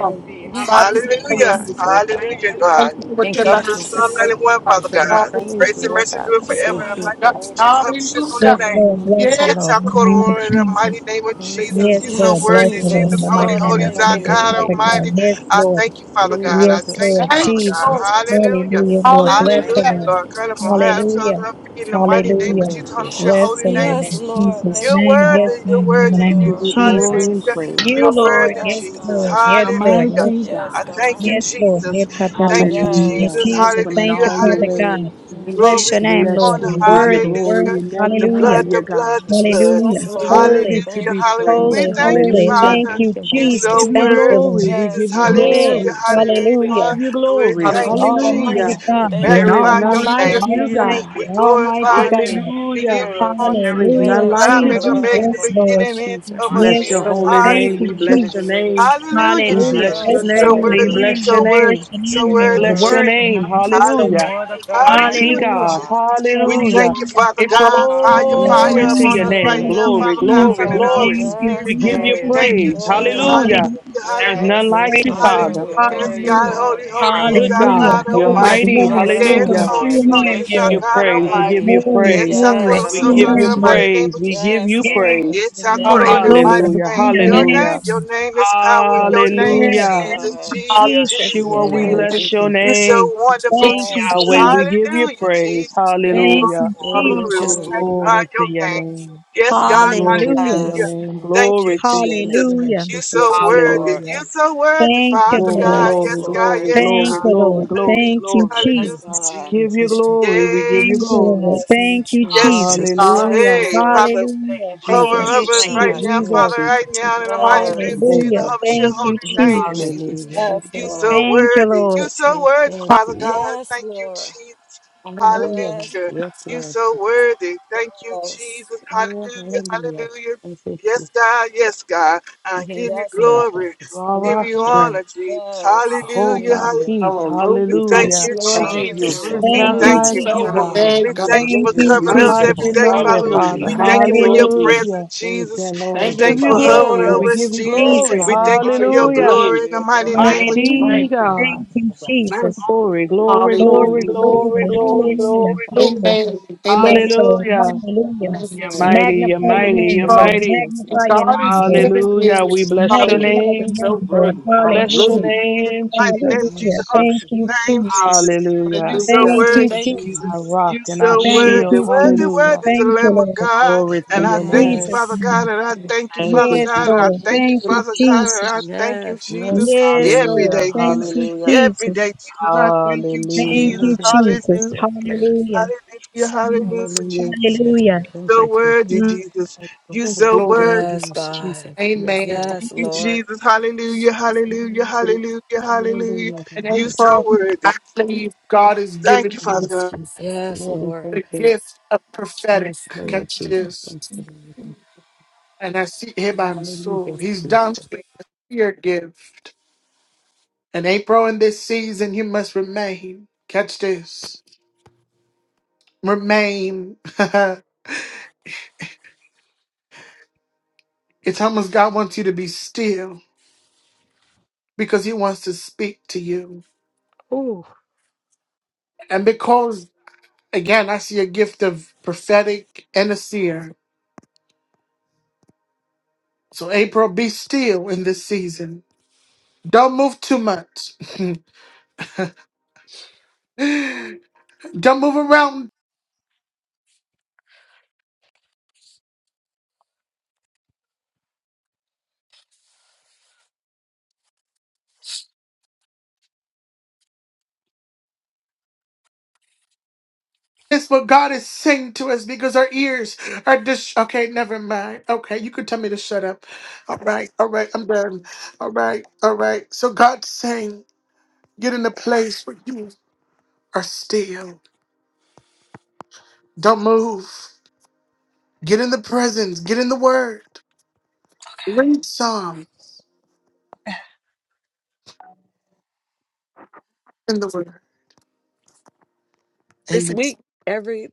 [SPEAKER 1] Um,
[SPEAKER 2] see.
[SPEAKER 3] Jesus.
[SPEAKER 1] Father,
[SPEAKER 5] Yes.
[SPEAKER 1] we
[SPEAKER 2] Hallelujah,
[SPEAKER 1] thank
[SPEAKER 6] Hallelujah.
[SPEAKER 2] God.
[SPEAKER 3] Yes,
[SPEAKER 1] you.
[SPEAKER 3] Lord God.
[SPEAKER 2] Thank
[SPEAKER 6] Hallelujah,
[SPEAKER 2] you
[SPEAKER 1] We
[SPEAKER 2] so
[SPEAKER 1] thank
[SPEAKER 6] God.
[SPEAKER 1] you for
[SPEAKER 2] much.
[SPEAKER 1] what
[SPEAKER 3] Thank
[SPEAKER 1] you're
[SPEAKER 3] you,
[SPEAKER 6] help
[SPEAKER 1] about
[SPEAKER 6] Cover
[SPEAKER 1] to do. in
[SPEAKER 6] Psalm
[SPEAKER 3] Jesus.
[SPEAKER 1] our
[SPEAKER 5] Yes.
[SPEAKER 3] Father
[SPEAKER 6] 91,
[SPEAKER 1] life,
[SPEAKER 3] God, we
[SPEAKER 6] Father
[SPEAKER 1] Father.
[SPEAKER 3] give you
[SPEAKER 6] God.
[SPEAKER 3] praise,
[SPEAKER 6] Grace and
[SPEAKER 1] Hallelujah.
[SPEAKER 3] Lord
[SPEAKER 6] mercy
[SPEAKER 3] God.
[SPEAKER 6] do it
[SPEAKER 5] Yes,
[SPEAKER 3] Thank
[SPEAKER 6] forever.
[SPEAKER 3] you,
[SPEAKER 2] Yes,
[SPEAKER 6] And I
[SPEAKER 5] God.
[SPEAKER 6] might
[SPEAKER 3] Jesus.
[SPEAKER 6] Jesus, holy
[SPEAKER 1] Hallelujah.
[SPEAKER 7] Yes,
[SPEAKER 6] name.
[SPEAKER 7] Lord.
[SPEAKER 3] Hallelujah,
[SPEAKER 7] Bless her,
[SPEAKER 1] Yes.
[SPEAKER 6] It's
[SPEAKER 7] Lord.
[SPEAKER 6] our
[SPEAKER 7] In the
[SPEAKER 3] Jesus.
[SPEAKER 7] name of
[SPEAKER 6] quarter in
[SPEAKER 1] Thank
[SPEAKER 6] the mighty
[SPEAKER 7] Jesus.
[SPEAKER 6] name of
[SPEAKER 3] We sing
[SPEAKER 6] Jesus.
[SPEAKER 3] the
[SPEAKER 6] You're
[SPEAKER 7] Yes,
[SPEAKER 6] so
[SPEAKER 3] Lord
[SPEAKER 7] Lord.
[SPEAKER 5] Yes,
[SPEAKER 3] of
[SPEAKER 7] Bless
[SPEAKER 6] worthy,
[SPEAKER 7] her,
[SPEAKER 3] the
[SPEAKER 7] Lord. In
[SPEAKER 3] Lord,
[SPEAKER 6] Jesus.
[SPEAKER 5] Jesus.
[SPEAKER 7] the
[SPEAKER 3] we
[SPEAKER 6] Holy,
[SPEAKER 7] mighty
[SPEAKER 5] Lord, I
[SPEAKER 3] come
[SPEAKER 7] name
[SPEAKER 6] holy
[SPEAKER 3] out
[SPEAKER 7] of
[SPEAKER 6] is
[SPEAKER 3] of
[SPEAKER 5] thank
[SPEAKER 6] our
[SPEAKER 3] it,
[SPEAKER 7] Jesus,
[SPEAKER 3] it,
[SPEAKER 6] God
[SPEAKER 3] it,
[SPEAKER 5] you.
[SPEAKER 3] it,
[SPEAKER 7] Father
[SPEAKER 3] it.
[SPEAKER 7] God.
[SPEAKER 6] Almighty.
[SPEAKER 7] Yes,
[SPEAKER 6] I
[SPEAKER 7] Lord.
[SPEAKER 6] thank you, Father God. I
[SPEAKER 7] Yes,
[SPEAKER 3] Jesus,
[SPEAKER 6] thank
[SPEAKER 7] Lord.
[SPEAKER 6] you,
[SPEAKER 1] you,
[SPEAKER 6] Father
[SPEAKER 3] Jesus.
[SPEAKER 6] God.
[SPEAKER 1] Lord.
[SPEAKER 7] Jesus.
[SPEAKER 2] Hallelujah.
[SPEAKER 6] Hallelujah.
[SPEAKER 7] Hallelujah,
[SPEAKER 5] Yes,
[SPEAKER 7] Lord. Bless her,
[SPEAKER 6] Hallelujah.
[SPEAKER 2] Thank
[SPEAKER 1] Hallelujah.
[SPEAKER 3] Hallelujah,
[SPEAKER 7] Lord.
[SPEAKER 6] Lord,
[SPEAKER 2] you.
[SPEAKER 6] God, from high so
[SPEAKER 7] Hallelujah.
[SPEAKER 6] up in the mighty name
[SPEAKER 7] Hallelujah.
[SPEAKER 6] of
[SPEAKER 3] Jesus.
[SPEAKER 6] Jesus. I'm sure
[SPEAKER 3] Yes,
[SPEAKER 7] Bless
[SPEAKER 6] holy
[SPEAKER 7] her,
[SPEAKER 6] name,
[SPEAKER 7] Lord.
[SPEAKER 5] Yes,
[SPEAKER 7] In
[SPEAKER 6] Jesus.
[SPEAKER 3] Jesus.
[SPEAKER 5] Lord.
[SPEAKER 7] Jesus'
[SPEAKER 3] Yes.
[SPEAKER 5] Thank
[SPEAKER 6] You're
[SPEAKER 5] you,
[SPEAKER 7] name.
[SPEAKER 6] worthy.
[SPEAKER 5] God.
[SPEAKER 7] Yes, Lord.
[SPEAKER 6] You're
[SPEAKER 5] Thank
[SPEAKER 7] In the
[SPEAKER 6] worthy,
[SPEAKER 5] you,
[SPEAKER 8] We
[SPEAKER 7] name of
[SPEAKER 8] give
[SPEAKER 5] Lord.
[SPEAKER 6] Jesus.
[SPEAKER 8] you
[SPEAKER 7] Jesus.
[SPEAKER 8] glory and
[SPEAKER 6] Hallelujah.
[SPEAKER 8] praise.
[SPEAKER 5] Yes.
[SPEAKER 7] You,
[SPEAKER 6] You're
[SPEAKER 3] Jesus.
[SPEAKER 7] Lord.
[SPEAKER 6] worthy,
[SPEAKER 8] Hallelujah.
[SPEAKER 5] Yes,
[SPEAKER 7] Yes,
[SPEAKER 6] Jesus.
[SPEAKER 7] Lord.
[SPEAKER 5] God.
[SPEAKER 7] Yes,
[SPEAKER 8] You're a
[SPEAKER 7] Lord.
[SPEAKER 6] Hallelujah.
[SPEAKER 7] Yes,
[SPEAKER 8] mighty
[SPEAKER 5] Yes,
[SPEAKER 6] I
[SPEAKER 8] God.
[SPEAKER 6] thank
[SPEAKER 5] God.
[SPEAKER 6] you,
[SPEAKER 7] yes, Lord.
[SPEAKER 6] Jesus.
[SPEAKER 7] Yes, ta, ta, ta,
[SPEAKER 6] Thank you,
[SPEAKER 7] ta. Yes,
[SPEAKER 3] Yes,
[SPEAKER 5] Yes.
[SPEAKER 8] Hallelujah.
[SPEAKER 6] Jesus.
[SPEAKER 7] Jesus.
[SPEAKER 8] Awesome in
[SPEAKER 7] Thank
[SPEAKER 6] Hallelujah.
[SPEAKER 7] you,
[SPEAKER 8] all your
[SPEAKER 7] Father
[SPEAKER 6] Hallelujah.
[SPEAKER 7] God.
[SPEAKER 8] ways.
[SPEAKER 1] In Jesus,
[SPEAKER 7] Bless your
[SPEAKER 6] Glory,
[SPEAKER 8] We
[SPEAKER 7] name,
[SPEAKER 8] bless
[SPEAKER 7] Lord.
[SPEAKER 6] honor,
[SPEAKER 8] you
[SPEAKER 7] You're
[SPEAKER 8] and give you
[SPEAKER 3] hallelujah.
[SPEAKER 7] worthy,
[SPEAKER 8] glory.
[SPEAKER 6] hallelujah.
[SPEAKER 7] worthy.
[SPEAKER 8] We
[SPEAKER 6] The
[SPEAKER 3] Yes,
[SPEAKER 7] Hallelujah.
[SPEAKER 8] magnify
[SPEAKER 6] blood, the
[SPEAKER 8] you,
[SPEAKER 3] Lord.
[SPEAKER 8] God.
[SPEAKER 6] blood, the
[SPEAKER 3] Jesus.
[SPEAKER 6] blood.
[SPEAKER 8] You
[SPEAKER 7] Hallelujah.
[SPEAKER 5] Yes,
[SPEAKER 8] are
[SPEAKER 5] Lord.
[SPEAKER 8] worthy
[SPEAKER 7] Holy,
[SPEAKER 8] to
[SPEAKER 6] Hallelujah,
[SPEAKER 5] Thank
[SPEAKER 8] be
[SPEAKER 5] you,
[SPEAKER 6] hallelujah.
[SPEAKER 3] Yes,
[SPEAKER 6] We
[SPEAKER 5] God.
[SPEAKER 8] praised.
[SPEAKER 7] holy,
[SPEAKER 3] Lord,
[SPEAKER 6] thank you,
[SPEAKER 7] holy.
[SPEAKER 3] because we
[SPEAKER 8] Hallelujah.
[SPEAKER 7] Thank
[SPEAKER 6] Father.
[SPEAKER 3] thank
[SPEAKER 7] you,
[SPEAKER 3] you,
[SPEAKER 6] You
[SPEAKER 3] Lord.
[SPEAKER 8] We
[SPEAKER 7] Jesus.
[SPEAKER 8] give
[SPEAKER 6] so
[SPEAKER 8] you
[SPEAKER 7] Thank you,
[SPEAKER 6] worthy,
[SPEAKER 8] glory.
[SPEAKER 7] Lord.
[SPEAKER 8] We
[SPEAKER 5] Yes,
[SPEAKER 6] Jesus.
[SPEAKER 8] give you
[SPEAKER 5] Lord.
[SPEAKER 3] Yes,
[SPEAKER 6] Hallelujah,
[SPEAKER 8] glory.
[SPEAKER 7] Yes.
[SPEAKER 3] Jesus.
[SPEAKER 2] Yes,
[SPEAKER 6] hallelujah,
[SPEAKER 8] We
[SPEAKER 7] Hallelujah.
[SPEAKER 6] Lord.
[SPEAKER 8] give
[SPEAKER 2] God.
[SPEAKER 8] you
[SPEAKER 6] And we
[SPEAKER 8] glory.
[SPEAKER 3] Yes,
[SPEAKER 2] Thank
[SPEAKER 1] hallelujah.
[SPEAKER 6] thank
[SPEAKER 5] Yes,
[SPEAKER 6] you,
[SPEAKER 2] you, God.
[SPEAKER 5] Lord.
[SPEAKER 6] Jesus.
[SPEAKER 3] Lord.
[SPEAKER 8] Hallelujah.
[SPEAKER 7] Almighty
[SPEAKER 5] We
[SPEAKER 6] We
[SPEAKER 7] God. You're
[SPEAKER 5] thank
[SPEAKER 8] There
[SPEAKER 2] Under
[SPEAKER 8] is
[SPEAKER 2] the
[SPEAKER 6] magnify
[SPEAKER 5] you.
[SPEAKER 8] none
[SPEAKER 6] your
[SPEAKER 8] like
[SPEAKER 2] local
[SPEAKER 7] almighty,
[SPEAKER 6] name,
[SPEAKER 1] Jesus,
[SPEAKER 8] you,
[SPEAKER 2] sheet
[SPEAKER 6] Jesus.
[SPEAKER 2] is
[SPEAKER 8] God.
[SPEAKER 6] We
[SPEAKER 2] sick.
[SPEAKER 7] almighty, almighty
[SPEAKER 6] glorify you.
[SPEAKER 7] God.
[SPEAKER 6] We
[SPEAKER 2] Sheet of
[SPEAKER 6] give
[SPEAKER 8] Hallelujah.
[SPEAKER 6] you
[SPEAKER 2] the local
[SPEAKER 6] honor.
[SPEAKER 8] There is
[SPEAKER 2] sheet.
[SPEAKER 7] Hallelujah,
[SPEAKER 6] You
[SPEAKER 8] none
[SPEAKER 6] the
[SPEAKER 5] Yes,
[SPEAKER 8] like
[SPEAKER 6] Alpha
[SPEAKER 8] you,
[SPEAKER 2] Under the
[SPEAKER 6] and
[SPEAKER 5] Lord.
[SPEAKER 7] Jesus.
[SPEAKER 6] Omega, the
[SPEAKER 8] Jesus.
[SPEAKER 7] Yes,
[SPEAKER 2] local
[SPEAKER 8] We
[SPEAKER 7] Lord.
[SPEAKER 6] beginning
[SPEAKER 3] yes,
[SPEAKER 2] sheet.
[SPEAKER 6] and end
[SPEAKER 3] Jesus.
[SPEAKER 6] of
[SPEAKER 2] Under
[SPEAKER 6] us,
[SPEAKER 8] bless
[SPEAKER 7] Yes,
[SPEAKER 2] the
[SPEAKER 8] your
[SPEAKER 6] Jesus.
[SPEAKER 7] Lord.
[SPEAKER 8] holy
[SPEAKER 2] speed of
[SPEAKER 7] Thank
[SPEAKER 5] Yes.
[SPEAKER 2] the
[SPEAKER 8] name.
[SPEAKER 7] you,
[SPEAKER 8] We
[SPEAKER 2] speed
[SPEAKER 6] Hallelujah.
[SPEAKER 8] bless
[SPEAKER 2] of the
[SPEAKER 8] your
[SPEAKER 7] Jesus.
[SPEAKER 2] river.
[SPEAKER 8] name.
[SPEAKER 6] Hallelujah,
[SPEAKER 8] We
[SPEAKER 2] Under
[SPEAKER 7] Hallelujah.
[SPEAKER 6] Jesus.
[SPEAKER 2] the
[SPEAKER 8] bless
[SPEAKER 7] Bless
[SPEAKER 8] your
[SPEAKER 5] Yes,
[SPEAKER 7] your
[SPEAKER 2] speed
[SPEAKER 3] Yes,
[SPEAKER 6] So
[SPEAKER 2] of
[SPEAKER 8] name.
[SPEAKER 5] God.
[SPEAKER 3] Lord.
[SPEAKER 7] holy
[SPEAKER 6] worthy,
[SPEAKER 8] We
[SPEAKER 2] the
[SPEAKER 7] name,
[SPEAKER 3] Lord.
[SPEAKER 8] bless your
[SPEAKER 6] so
[SPEAKER 7] Lord. Bless
[SPEAKER 8] name.
[SPEAKER 6] worthy,
[SPEAKER 7] your
[SPEAKER 6] so
[SPEAKER 7] name,
[SPEAKER 8] We
[SPEAKER 7] Lord.
[SPEAKER 6] worthy,
[SPEAKER 7] The
[SPEAKER 8] bless
[SPEAKER 6] Jesus.
[SPEAKER 8] your
[SPEAKER 2] river.
[SPEAKER 7] word.
[SPEAKER 8] name.
[SPEAKER 7] Yes,
[SPEAKER 2] No
[SPEAKER 7] Lord.
[SPEAKER 8] Hallelujah.
[SPEAKER 6] Hallelujah.
[SPEAKER 2] other God like
[SPEAKER 8] Mighty
[SPEAKER 2] you,
[SPEAKER 6] Hallelujah.
[SPEAKER 7] Hallelujah.
[SPEAKER 8] God.
[SPEAKER 2] God.
[SPEAKER 6] Jesus. We
[SPEAKER 8] Hallelujah.
[SPEAKER 6] thank you,
[SPEAKER 7] Hallelujah.
[SPEAKER 2] Hallelujah.
[SPEAKER 6] Father
[SPEAKER 1] April.
[SPEAKER 6] God. Fire,
[SPEAKER 9] Thank
[SPEAKER 2] Hallelujah.
[SPEAKER 3] Yes,
[SPEAKER 8] Glory
[SPEAKER 6] fire
[SPEAKER 8] to
[SPEAKER 3] Jesus.
[SPEAKER 5] Yes,
[SPEAKER 6] upon
[SPEAKER 8] your
[SPEAKER 7] Hallelujah.
[SPEAKER 6] us right
[SPEAKER 8] name.
[SPEAKER 5] Lord.
[SPEAKER 7] Thank
[SPEAKER 2] Hey,
[SPEAKER 6] now,
[SPEAKER 7] you,
[SPEAKER 2] can
[SPEAKER 8] Glory,
[SPEAKER 5] Thank
[SPEAKER 6] Father
[SPEAKER 5] you,
[SPEAKER 2] shoot
[SPEAKER 6] God,
[SPEAKER 2] a
[SPEAKER 6] Son,
[SPEAKER 8] glory,
[SPEAKER 6] and
[SPEAKER 7] Jesus.
[SPEAKER 6] the
[SPEAKER 3] Thank
[SPEAKER 5] Jesus.
[SPEAKER 3] you,
[SPEAKER 2] local.
[SPEAKER 8] glory.
[SPEAKER 6] Holy
[SPEAKER 7] Thank
[SPEAKER 3] Jesus.
[SPEAKER 5] Yes,
[SPEAKER 8] We
[SPEAKER 6] Spirit.
[SPEAKER 7] you.
[SPEAKER 8] give
[SPEAKER 7] Glory
[SPEAKER 8] you
[SPEAKER 6] We
[SPEAKER 7] to
[SPEAKER 2] Yes.
[SPEAKER 5] glory.
[SPEAKER 6] thank you,
[SPEAKER 8] praise.
[SPEAKER 7] you.
[SPEAKER 6] Jesus.
[SPEAKER 5] Glory.
[SPEAKER 3] Hallelujah.
[SPEAKER 6] Hallelujah.
[SPEAKER 2] Hallelujah.
[SPEAKER 8] Hallelujah.
[SPEAKER 7] Hallelujah.
[SPEAKER 8] There's none
[SPEAKER 2] Thank
[SPEAKER 6] Hallelujah.
[SPEAKER 5] Yes.
[SPEAKER 2] you.
[SPEAKER 3] Yes,
[SPEAKER 8] like
[SPEAKER 5] We
[SPEAKER 8] you,
[SPEAKER 7] Praise
[SPEAKER 3] Lord.
[SPEAKER 5] honor you
[SPEAKER 3] Thank
[SPEAKER 5] and
[SPEAKER 7] you.
[SPEAKER 8] Father.
[SPEAKER 5] we
[SPEAKER 3] you.
[SPEAKER 6] Hallelujah.
[SPEAKER 5] adore
[SPEAKER 6] Yes,
[SPEAKER 2] Glory,
[SPEAKER 5] you,
[SPEAKER 7] Hallelujah.
[SPEAKER 6] God, holy,
[SPEAKER 5] God.
[SPEAKER 2] glory,
[SPEAKER 6] holy
[SPEAKER 8] You're a
[SPEAKER 6] is
[SPEAKER 5] We
[SPEAKER 8] good
[SPEAKER 2] glory,
[SPEAKER 6] our
[SPEAKER 2] God.
[SPEAKER 5] thank
[SPEAKER 7] Hallelujah.
[SPEAKER 8] God.
[SPEAKER 5] you,
[SPEAKER 6] God
[SPEAKER 8] You're
[SPEAKER 7] Glory,
[SPEAKER 5] God.
[SPEAKER 6] Almighty.
[SPEAKER 3] Yes,
[SPEAKER 5] We
[SPEAKER 8] mighty.
[SPEAKER 2] I
[SPEAKER 7] glory,
[SPEAKER 2] do
[SPEAKER 5] bless
[SPEAKER 2] a
[SPEAKER 5] you,
[SPEAKER 2] little
[SPEAKER 6] Yes,
[SPEAKER 8] Hallelujah.
[SPEAKER 7] glory to
[SPEAKER 2] close
[SPEAKER 5] God.
[SPEAKER 6] holy,
[SPEAKER 7] your
[SPEAKER 3] Jesus.
[SPEAKER 5] We
[SPEAKER 2] shit.
[SPEAKER 6] holy
[SPEAKER 7] name,
[SPEAKER 6] is
[SPEAKER 8] We give
[SPEAKER 6] our
[SPEAKER 8] you
[SPEAKER 7] Lord.
[SPEAKER 5] worship
[SPEAKER 6] God
[SPEAKER 8] praise.
[SPEAKER 5] God.
[SPEAKER 8] We
[SPEAKER 6] Almighty.
[SPEAKER 8] give you
[SPEAKER 2] Yeah,
[SPEAKER 5] We
[SPEAKER 7] Glory,
[SPEAKER 8] praise.
[SPEAKER 6] Yes, I
[SPEAKER 2] I,
[SPEAKER 6] call
[SPEAKER 7] glory
[SPEAKER 2] got
[SPEAKER 6] on
[SPEAKER 2] a
[SPEAKER 5] yes,
[SPEAKER 7] to
[SPEAKER 2] little
[SPEAKER 8] We
[SPEAKER 6] so-
[SPEAKER 7] your
[SPEAKER 2] know
[SPEAKER 6] so
[SPEAKER 8] give
[SPEAKER 6] in
[SPEAKER 8] you
[SPEAKER 5] Lord.
[SPEAKER 3] Yes,
[SPEAKER 7] name,
[SPEAKER 6] the
[SPEAKER 2] close
[SPEAKER 3] Jesus.
[SPEAKER 7] Lord.
[SPEAKER 6] mighty
[SPEAKER 2] shit.
[SPEAKER 6] name
[SPEAKER 3] Thank
[SPEAKER 8] praise.
[SPEAKER 6] of
[SPEAKER 3] you.
[SPEAKER 8] We give
[SPEAKER 5] Yes,
[SPEAKER 8] you
[SPEAKER 6] Jesus.
[SPEAKER 5] God.
[SPEAKER 8] praise.
[SPEAKER 7] Yes,
[SPEAKER 6] Yes, I call
[SPEAKER 7] glory,
[SPEAKER 6] on the
[SPEAKER 1] Hallelujah.
[SPEAKER 7] glory
[SPEAKER 6] mighty
[SPEAKER 5] Yes.
[SPEAKER 8] Hallelujah.
[SPEAKER 7] to
[SPEAKER 6] name.
[SPEAKER 7] your
[SPEAKER 6] Your
[SPEAKER 1] Amen.
[SPEAKER 7] name,
[SPEAKER 8] Hallelujah.
[SPEAKER 6] name,
[SPEAKER 5] Yes.
[SPEAKER 6] your
[SPEAKER 7] Lord.
[SPEAKER 6] name is power.
[SPEAKER 3] Yes,
[SPEAKER 6] Your
[SPEAKER 3] Lord.
[SPEAKER 6] name,
[SPEAKER 5] Yes,
[SPEAKER 7] Yes,
[SPEAKER 8] Hallelujah.
[SPEAKER 6] Jesus,
[SPEAKER 7] thank
[SPEAKER 5] God.
[SPEAKER 7] you,
[SPEAKER 6] Jesus,
[SPEAKER 1] Hallelujah.
[SPEAKER 7] Jesus.
[SPEAKER 6] Jesus,
[SPEAKER 8] Yeshua, we
[SPEAKER 3] Hallelujah.
[SPEAKER 6] Jesus.
[SPEAKER 5] Yes.
[SPEAKER 3] We
[SPEAKER 8] bless
[SPEAKER 3] Thank
[SPEAKER 8] your
[SPEAKER 3] you.
[SPEAKER 6] You're so
[SPEAKER 8] name.
[SPEAKER 6] wonderful,
[SPEAKER 7] Thank
[SPEAKER 1] It's
[SPEAKER 7] you,
[SPEAKER 6] Jesus.
[SPEAKER 5] Yes,
[SPEAKER 8] Yahweh, we
[SPEAKER 7] Jesus.
[SPEAKER 5] Lord.
[SPEAKER 3] Jesus.
[SPEAKER 8] give you
[SPEAKER 6] Hallelujah,
[SPEAKER 8] praise.
[SPEAKER 6] Jesus.
[SPEAKER 7] Thank
[SPEAKER 5] Yes,
[SPEAKER 8] Hallelujah.
[SPEAKER 7] you,
[SPEAKER 6] Glory,
[SPEAKER 5] God.
[SPEAKER 3] Oh,
[SPEAKER 1] hallelujah.
[SPEAKER 5] We
[SPEAKER 6] glory.
[SPEAKER 3] yes,
[SPEAKER 6] We
[SPEAKER 5] honor
[SPEAKER 7] Jesus.
[SPEAKER 3] Lord.
[SPEAKER 5] you, God.
[SPEAKER 6] magnify
[SPEAKER 8] Glory to
[SPEAKER 6] your
[SPEAKER 5] We
[SPEAKER 8] your
[SPEAKER 6] name.
[SPEAKER 5] worship.
[SPEAKER 8] name.
[SPEAKER 6] Yes, God.
[SPEAKER 3] Hallelujah,
[SPEAKER 8] Glory
[SPEAKER 3] Jesus.
[SPEAKER 8] to
[SPEAKER 3] Yes,
[SPEAKER 7] Hallelujah.
[SPEAKER 8] your
[SPEAKER 6] Hallelujah.
[SPEAKER 3] Lord.
[SPEAKER 5] Yes.
[SPEAKER 8] name.
[SPEAKER 3] God.
[SPEAKER 6] Thank you,
[SPEAKER 8] Glory to your
[SPEAKER 3] Yes,
[SPEAKER 6] Jesus.
[SPEAKER 8] name.
[SPEAKER 3] Lord
[SPEAKER 7] Hallelujah.
[SPEAKER 6] You're
[SPEAKER 3] Jesus. Yes,
[SPEAKER 6] so
[SPEAKER 5] Yes,
[SPEAKER 3] Lord. God.
[SPEAKER 6] worthy.
[SPEAKER 5] Lord.
[SPEAKER 8] Hallelujah.
[SPEAKER 6] You're so worthy,
[SPEAKER 7] Thank you,
[SPEAKER 6] Father
[SPEAKER 3] Thank you,
[SPEAKER 8] Glory,
[SPEAKER 7] Lord.
[SPEAKER 6] God.
[SPEAKER 3] Jesus.
[SPEAKER 5] Yes,
[SPEAKER 8] glory,
[SPEAKER 6] Yes,
[SPEAKER 3] Yes,
[SPEAKER 6] God.
[SPEAKER 5] Lord.
[SPEAKER 8] glory,
[SPEAKER 3] Lord.
[SPEAKER 6] Yes,
[SPEAKER 7] Thank
[SPEAKER 8] glory,
[SPEAKER 6] God.
[SPEAKER 7] you,
[SPEAKER 8] glory,
[SPEAKER 7] Lord.
[SPEAKER 8] glory,
[SPEAKER 6] Hallelujah.
[SPEAKER 7] Thank you,
[SPEAKER 8] glory.
[SPEAKER 3] God.
[SPEAKER 5] Yes,
[SPEAKER 6] Hallelujah,
[SPEAKER 3] Yes, Lord.
[SPEAKER 7] Jesus.
[SPEAKER 8] We
[SPEAKER 5] God.
[SPEAKER 3] Thank
[SPEAKER 8] give
[SPEAKER 6] Jesus.
[SPEAKER 3] you,
[SPEAKER 8] you
[SPEAKER 3] Jesus.
[SPEAKER 8] glory. We give you
[SPEAKER 7] Thank you,
[SPEAKER 6] Yes, Jesus.
[SPEAKER 8] glory.
[SPEAKER 7] Lord.
[SPEAKER 5] Yes.
[SPEAKER 7] Thank
[SPEAKER 3] Yes,
[SPEAKER 7] you,
[SPEAKER 3] Lord
[SPEAKER 6] Yes,
[SPEAKER 7] Jesus.
[SPEAKER 6] Jesus.
[SPEAKER 3] Jesus.
[SPEAKER 1] God.
[SPEAKER 5] Yes,
[SPEAKER 8] Hallelujah.
[SPEAKER 6] Hey,
[SPEAKER 5] Lord.
[SPEAKER 6] Father,
[SPEAKER 8] Thank
[SPEAKER 7] Hallelujah.
[SPEAKER 8] you,
[SPEAKER 6] hover
[SPEAKER 7] Thank
[SPEAKER 5] Thank
[SPEAKER 7] you,
[SPEAKER 5] you,
[SPEAKER 8] Jesus.
[SPEAKER 6] over us
[SPEAKER 8] Thank you,
[SPEAKER 6] right
[SPEAKER 5] God.
[SPEAKER 3] Yes,
[SPEAKER 6] now,
[SPEAKER 7] Jesus.
[SPEAKER 3] Lord
[SPEAKER 6] Father,
[SPEAKER 3] Jesus.
[SPEAKER 8] Jesus.
[SPEAKER 6] right now, in the mighty
[SPEAKER 8] Thank
[SPEAKER 6] name
[SPEAKER 8] you,
[SPEAKER 6] of
[SPEAKER 5] Yes.
[SPEAKER 8] thank
[SPEAKER 6] Jesus,
[SPEAKER 7] Hallelujah.
[SPEAKER 8] you.
[SPEAKER 6] hover your
[SPEAKER 7] Thank you,
[SPEAKER 6] holy
[SPEAKER 3] Yes,
[SPEAKER 6] name,
[SPEAKER 7] Jesus.
[SPEAKER 3] Lord
[SPEAKER 6] Jesus.
[SPEAKER 3] Jesus.
[SPEAKER 8] Hallelujah.
[SPEAKER 3] Thank
[SPEAKER 5] Yes,
[SPEAKER 3] you,
[SPEAKER 6] You
[SPEAKER 3] Lord.
[SPEAKER 5] God.
[SPEAKER 6] so
[SPEAKER 7] Thank you,
[SPEAKER 6] worthy.
[SPEAKER 7] Lord.
[SPEAKER 6] You so
[SPEAKER 3] Yes,
[SPEAKER 6] worthy,
[SPEAKER 3] Lord
[SPEAKER 6] Father
[SPEAKER 3] Jesus.
[SPEAKER 6] God.
[SPEAKER 5] Yes,
[SPEAKER 6] Thank you,
[SPEAKER 5] Lord.
[SPEAKER 6] Jesus.
[SPEAKER 3] Hallelujah.
[SPEAKER 5] Yes,
[SPEAKER 6] Hallelujah.
[SPEAKER 3] Lord. Yes,
[SPEAKER 6] You
[SPEAKER 3] Lord
[SPEAKER 6] so
[SPEAKER 3] Jesus.
[SPEAKER 6] worthy. Thank you,
[SPEAKER 5] yes.
[SPEAKER 6] Jesus.
[SPEAKER 3] Oh,
[SPEAKER 6] Hallelujah.
[SPEAKER 3] hallelujah.
[SPEAKER 6] Hallelujah.
[SPEAKER 3] Thank you, Jesus.
[SPEAKER 6] Yes, God. Yes, God. I
[SPEAKER 3] Yes,
[SPEAKER 6] give you
[SPEAKER 5] Yes,
[SPEAKER 3] Lord
[SPEAKER 5] God.
[SPEAKER 6] glory.
[SPEAKER 8] You
[SPEAKER 3] Jesus.
[SPEAKER 8] are
[SPEAKER 3] Thank
[SPEAKER 6] Give
[SPEAKER 8] our
[SPEAKER 3] you,
[SPEAKER 6] you
[SPEAKER 3] Lord.
[SPEAKER 8] strength,
[SPEAKER 6] honor, Jesus.
[SPEAKER 5] Yes.
[SPEAKER 8] our hope,
[SPEAKER 6] Hallelujah.
[SPEAKER 3] Thank
[SPEAKER 8] our
[SPEAKER 3] you, Lord.
[SPEAKER 8] peace.
[SPEAKER 10] Hallelujah.
[SPEAKER 6] We
[SPEAKER 10] Thank
[SPEAKER 6] thank
[SPEAKER 10] you,
[SPEAKER 8] Hallelujah.
[SPEAKER 7] Jesus.
[SPEAKER 6] you,
[SPEAKER 10] Lord.
[SPEAKER 3] Yes,
[SPEAKER 10] You-
[SPEAKER 5] Honor
[SPEAKER 10] You're
[SPEAKER 6] Jesus.
[SPEAKER 8] There
[SPEAKER 5] you.
[SPEAKER 3] Jesus.
[SPEAKER 8] is
[SPEAKER 6] We
[SPEAKER 10] sober.
[SPEAKER 8] not
[SPEAKER 7] Thank you,
[SPEAKER 5] Yes.
[SPEAKER 6] thank
[SPEAKER 10] You're
[SPEAKER 5] We
[SPEAKER 8] like
[SPEAKER 6] you,
[SPEAKER 8] you,
[SPEAKER 5] adore
[SPEAKER 6] God.
[SPEAKER 10] sober.
[SPEAKER 7] Jesus.
[SPEAKER 8] God.
[SPEAKER 10] and
[SPEAKER 5] you.
[SPEAKER 1] Thank
[SPEAKER 6] We
[SPEAKER 1] God.
[SPEAKER 6] thank you
[SPEAKER 7] Thank
[SPEAKER 6] for
[SPEAKER 10] Hallelujah.
[SPEAKER 7] you,
[SPEAKER 3] Oh,
[SPEAKER 6] covering
[SPEAKER 8] Not
[SPEAKER 3] yes,
[SPEAKER 6] us
[SPEAKER 8] like
[SPEAKER 6] every
[SPEAKER 8] you
[SPEAKER 10] Merciful.
[SPEAKER 7] Jesus.
[SPEAKER 3] Jesus.
[SPEAKER 6] day,
[SPEAKER 3] Thank
[SPEAKER 8] nowhere,
[SPEAKER 6] Father.
[SPEAKER 3] you,
[SPEAKER 10] Hallelujah.
[SPEAKER 8] Father.
[SPEAKER 6] We
[SPEAKER 3] Jesus.
[SPEAKER 10] Thank
[SPEAKER 6] thank
[SPEAKER 10] you,
[SPEAKER 6] you for your
[SPEAKER 10] Lord
[SPEAKER 7] Hallelujah.
[SPEAKER 10] Jesus.
[SPEAKER 8] Hallelujah.
[SPEAKER 6] presence,
[SPEAKER 3] Thank you,
[SPEAKER 6] Jesus.
[SPEAKER 8] We
[SPEAKER 6] We
[SPEAKER 3] Lord
[SPEAKER 10] Thank
[SPEAKER 8] give
[SPEAKER 10] you,
[SPEAKER 6] thank
[SPEAKER 3] Jesus.
[SPEAKER 6] you
[SPEAKER 8] you
[SPEAKER 6] for
[SPEAKER 10] Father
[SPEAKER 3] Thank
[SPEAKER 10] God.
[SPEAKER 7] Yes,
[SPEAKER 6] hovering
[SPEAKER 8] glory. We
[SPEAKER 7] Lord.
[SPEAKER 6] over us,
[SPEAKER 5] Yes,
[SPEAKER 8] give you
[SPEAKER 6] Jesus.
[SPEAKER 5] yes,
[SPEAKER 10] Thank
[SPEAKER 8] glory.
[SPEAKER 10] you.
[SPEAKER 7] Jesus'
[SPEAKER 5] God,
[SPEAKER 6] We
[SPEAKER 5] we
[SPEAKER 6] thank
[SPEAKER 7] name.
[SPEAKER 6] you for
[SPEAKER 5] honor
[SPEAKER 10] Praise
[SPEAKER 6] your
[SPEAKER 5] you,
[SPEAKER 10] your
[SPEAKER 8] Hallelujah.
[SPEAKER 5] God.
[SPEAKER 6] glory
[SPEAKER 10] name.
[SPEAKER 6] in
[SPEAKER 5] We
[SPEAKER 6] the
[SPEAKER 5] adore
[SPEAKER 6] mighty
[SPEAKER 5] you.
[SPEAKER 6] name
[SPEAKER 10] Yeah,
[SPEAKER 8] Mighty
[SPEAKER 7] Hallelujah.
[SPEAKER 10] right. Thank
[SPEAKER 3] you,
[SPEAKER 10] you,
[SPEAKER 8] God.
[SPEAKER 7] Thank you,
[SPEAKER 10] Father God. Thank
[SPEAKER 7] Jesus.
[SPEAKER 8] Glory, glory,
[SPEAKER 10] we
[SPEAKER 1] Hallelujah.
[SPEAKER 3] Lord
[SPEAKER 8] glory,
[SPEAKER 7] Glory,
[SPEAKER 10] feel
[SPEAKER 7] glory,
[SPEAKER 10] good.
[SPEAKER 3] Jesus.
[SPEAKER 8] glory,
[SPEAKER 10] How
[SPEAKER 3] Thank
[SPEAKER 10] you
[SPEAKER 3] you,
[SPEAKER 8] glory,
[SPEAKER 10] want to
[SPEAKER 3] Lord.
[SPEAKER 10] say
[SPEAKER 7] hallelujah,
[SPEAKER 8] glory,
[SPEAKER 10] about
[SPEAKER 8] glory.
[SPEAKER 7] glory.
[SPEAKER 1] Amen. Amen.
[SPEAKER 7] Yes, Lord.
[SPEAKER 8] Hallelujah.
[SPEAKER 10] Yes,
[SPEAKER 7] Hallelujah.
[SPEAKER 3] Yes,
[SPEAKER 1] Amen.
[SPEAKER 8] You're
[SPEAKER 3] Lord.
[SPEAKER 10] Lord.
[SPEAKER 8] mighty.
[SPEAKER 7] Magnify
[SPEAKER 8] You're
[SPEAKER 3] Thank
[SPEAKER 7] your
[SPEAKER 3] you,
[SPEAKER 8] mighty. You're
[SPEAKER 3] Jesus.
[SPEAKER 7] name,
[SPEAKER 10] Yes,
[SPEAKER 1] Oh,
[SPEAKER 10] Lord.
[SPEAKER 7] Lord.
[SPEAKER 8] mighty.
[SPEAKER 10] Yes,
[SPEAKER 1] and
[SPEAKER 10] Lord.
[SPEAKER 7] Magnify your
[SPEAKER 1] God is
[SPEAKER 7] name,
[SPEAKER 10] Yes,
[SPEAKER 7] Lord.
[SPEAKER 1] giving
[SPEAKER 10] Lord.
[SPEAKER 3] Yes,
[SPEAKER 8] Hallelujah.
[SPEAKER 1] you.
[SPEAKER 8] We
[SPEAKER 3] Jesus.
[SPEAKER 8] bless
[SPEAKER 10] So
[SPEAKER 8] your
[SPEAKER 10] worthy.
[SPEAKER 1] Hallelujah.
[SPEAKER 7] Magnify your
[SPEAKER 8] name.
[SPEAKER 10] So
[SPEAKER 7] name, Lord.
[SPEAKER 10] worthy.
[SPEAKER 8] We bless your
[SPEAKER 7] Hallelujah.
[SPEAKER 10] Hallelujah.
[SPEAKER 6] In the
[SPEAKER 8] name,
[SPEAKER 6] mighty name of
[SPEAKER 8] Jesus.
[SPEAKER 3] Yes,
[SPEAKER 7] Hallelujah.
[SPEAKER 6] Jesus, Holy
[SPEAKER 3] Jesus.
[SPEAKER 7] Thank you,
[SPEAKER 6] name,
[SPEAKER 7] Jesus.
[SPEAKER 6] Jesus. You
[SPEAKER 8] Hallelujah.
[SPEAKER 6] so
[SPEAKER 1] Hallelujah.
[SPEAKER 5] Yes,
[SPEAKER 7] Thank
[SPEAKER 5] we
[SPEAKER 7] you,
[SPEAKER 6] worthy,
[SPEAKER 1] Thank
[SPEAKER 5] thank you.
[SPEAKER 6] Jesus.
[SPEAKER 8] Our
[SPEAKER 7] Jesus.
[SPEAKER 8] rock
[SPEAKER 6] You
[SPEAKER 8] and
[SPEAKER 3] Yes, Jesus. Yes,
[SPEAKER 8] our
[SPEAKER 6] so
[SPEAKER 7] Thank
[SPEAKER 6] worthy,
[SPEAKER 8] shield.
[SPEAKER 7] you,
[SPEAKER 3] Jesus.
[SPEAKER 6] worthy,
[SPEAKER 7] Jesus.
[SPEAKER 8] Hallelujah.
[SPEAKER 6] worthy is the
[SPEAKER 7] Thank you,
[SPEAKER 6] Lamb of
[SPEAKER 7] Lord.
[SPEAKER 6] God.
[SPEAKER 8] Glory
[SPEAKER 3] Lord.
[SPEAKER 8] to
[SPEAKER 6] And
[SPEAKER 7] In
[SPEAKER 6] I
[SPEAKER 8] your
[SPEAKER 6] thank
[SPEAKER 8] name.
[SPEAKER 6] you,
[SPEAKER 7] Jesus'
[SPEAKER 6] Father
[SPEAKER 5] Yes,
[SPEAKER 6] God,
[SPEAKER 7] name.
[SPEAKER 6] and I thank you,
[SPEAKER 8] Thank
[SPEAKER 6] Father
[SPEAKER 8] you,
[SPEAKER 7] Yes,
[SPEAKER 6] God, and I
[SPEAKER 7] Lord.
[SPEAKER 6] thank you,
[SPEAKER 7] Thank
[SPEAKER 8] Jesus.
[SPEAKER 7] you,
[SPEAKER 1] you.
[SPEAKER 6] Father God, and I
[SPEAKER 7] Jesus.
[SPEAKER 6] thank you,
[SPEAKER 5] yes,
[SPEAKER 3] Hallelujah,
[SPEAKER 6] Jesus,
[SPEAKER 3] Jesus.
[SPEAKER 7] Yes,
[SPEAKER 6] every
[SPEAKER 7] Lord.
[SPEAKER 8] Hallelujah.
[SPEAKER 6] day,
[SPEAKER 3] Yes,
[SPEAKER 7] Thank
[SPEAKER 6] Jesus,
[SPEAKER 3] Lord.
[SPEAKER 7] you,
[SPEAKER 8] Hallelujah.
[SPEAKER 6] every
[SPEAKER 7] Jesus.
[SPEAKER 6] day, Jesus, and I thank you,
[SPEAKER 7] Thank
[SPEAKER 6] Jesus,
[SPEAKER 7] you,
[SPEAKER 8] Hallelujah.
[SPEAKER 7] Jesus.
[SPEAKER 6] hallelujah.
[SPEAKER 7] Hallelujah.
[SPEAKER 6] Hallelujah,
[SPEAKER 7] Mm.
[SPEAKER 6] hallelujah,
[SPEAKER 3] Hallelujah,
[SPEAKER 6] Jesus.
[SPEAKER 3] Father
[SPEAKER 7] Hallelujah.
[SPEAKER 3] God. Thank
[SPEAKER 6] So
[SPEAKER 3] you, Jesus.
[SPEAKER 6] worthy,
[SPEAKER 7] Mm.
[SPEAKER 6] Jesus. You
[SPEAKER 1] Lord.
[SPEAKER 6] so
[SPEAKER 1] Glory.
[SPEAKER 6] worthy,
[SPEAKER 5] yes,
[SPEAKER 6] Jesus.
[SPEAKER 3] Yes,
[SPEAKER 5] God.
[SPEAKER 3] Jesus. Yes,
[SPEAKER 1] Amen.
[SPEAKER 3] Lord.
[SPEAKER 5] Yes,
[SPEAKER 6] Thank you,
[SPEAKER 5] Lord.
[SPEAKER 6] Jesus. Hallelujah, hallelujah,
[SPEAKER 9] you.
[SPEAKER 1] Amen.
[SPEAKER 6] hallelujah, hallelujah.
[SPEAKER 3] Hallelujah, God.
[SPEAKER 1] And
[SPEAKER 6] You
[SPEAKER 3] Thank
[SPEAKER 6] so
[SPEAKER 3] you.
[SPEAKER 1] April,
[SPEAKER 6] worthy.
[SPEAKER 1] I believe God is
[SPEAKER 6] Thank
[SPEAKER 1] giving
[SPEAKER 6] you,
[SPEAKER 1] you
[SPEAKER 6] Father
[SPEAKER 3] Yes,
[SPEAKER 6] God.
[SPEAKER 3] Jesus.
[SPEAKER 5] Yes,
[SPEAKER 3] Lord, we
[SPEAKER 5] Lord.
[SPEAKER 3] thank
[SPEAKER 1] the
[SPEAKER 3] you.
[SPEAKER 1] gift of prophetic.
[SPEAKER 3] Yes, Lord
[SPEAKER 9] Thank
[SPEAKER 1] Catch
[SPEAKER 3] Jesus.
[SPEAKER 1] this.
[SPEAKER 3] Thank you,
[SPEAKER 9] you.
[SPEAKER 3] Lord.
[SPEAKER 1] And I see him and
[SPEAKER 3] Hallelujah,
[SPEAKER 1] so he's done
[SPEAKER 3] Jesus.
[SPEAKER 1] with the fear gift. And April in this season, you must remain. Catch this Remain. it's almost God wants you to be still because He wants to speak to you.
[SPEAKER 5] Ooh.
[SPEAKER 1] And because, again, I see a gift of prophetic and a seer. So, April, be still in this season. Don't move too much. Don't move around. It's what God is saying to us because our ears are dis. Okay, never mind. Okay, you could tell me to shut up. All right, all right, I'm done. All right, all right. So God's saying, get in a place where you are still. Don't move. Get in the presence. Get in the word. Read Psalm in the word.
[SPEAKER 5] This
[SPEAKER 1] Amen.
[SPEAKER 5] week, every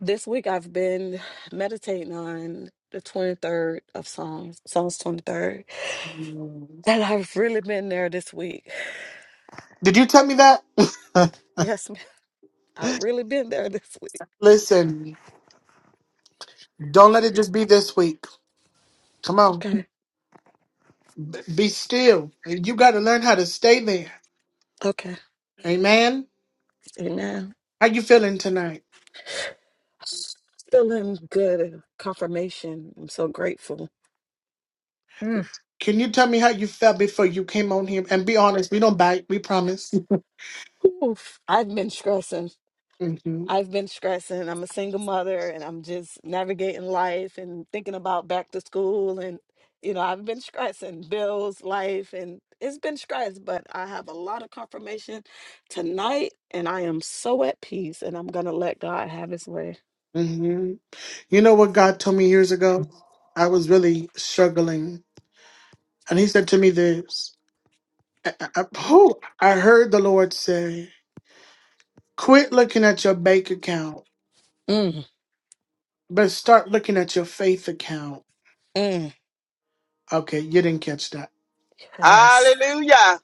[SPEAKER 5] this week I've been meditating on the 23rd of Psalms, Psalms 23rd. And I've really been there this week.
[SPEAKER 1] Did you tell me that?
[SPEAKER 5] Yes, ma'am. I've really been there this week.
[SPEAKER 1] Listen, don't let it just be this week. Come on.
[SPEAKER 5] Okay.
[SPEAKER 1] Be still. You gotta learn how to stay there.
[SPEAKER 5] Okay.
[SPEAKER 1] Amen.
[SPEAKER 5] Amen.
[SPEAKER 1] How you feeling tonight?
[SPEAKER 5] Feeling good confirmation. I'm so grateful. Mm.
[SPEAKER 1] Can you tell me how you felt before you came on here? And be honest, we don't bite, we promise.
[SPEAKER 5] Oof. I've been stressing.
[SPEAKER 1] hmm
[SPEAKER 5] I've been stressing. I'm a single mother and I'm just navigating life and thinking about back to school. And, you know, I've been stressing bills, life, and it's been stress, but I have a lot of confirmation tonight and I am so at peace and I'm going to let God have his way.
[SPEAKER 1] hmm You know what God told me years ago? I was really struggling. And he said to me this I, I, oh, I heard the Lord say, quit looking at your bank account,
[SPEAKER 5] Mm,
[SPEAKER 1] but start looking at your faith account.
[SPEAKER 5] mm.
[SPEAKER 1] Okay, you didn't catch that.
[SPEAKER 5] Yes.
[SPEAKER 6] Hallelujah,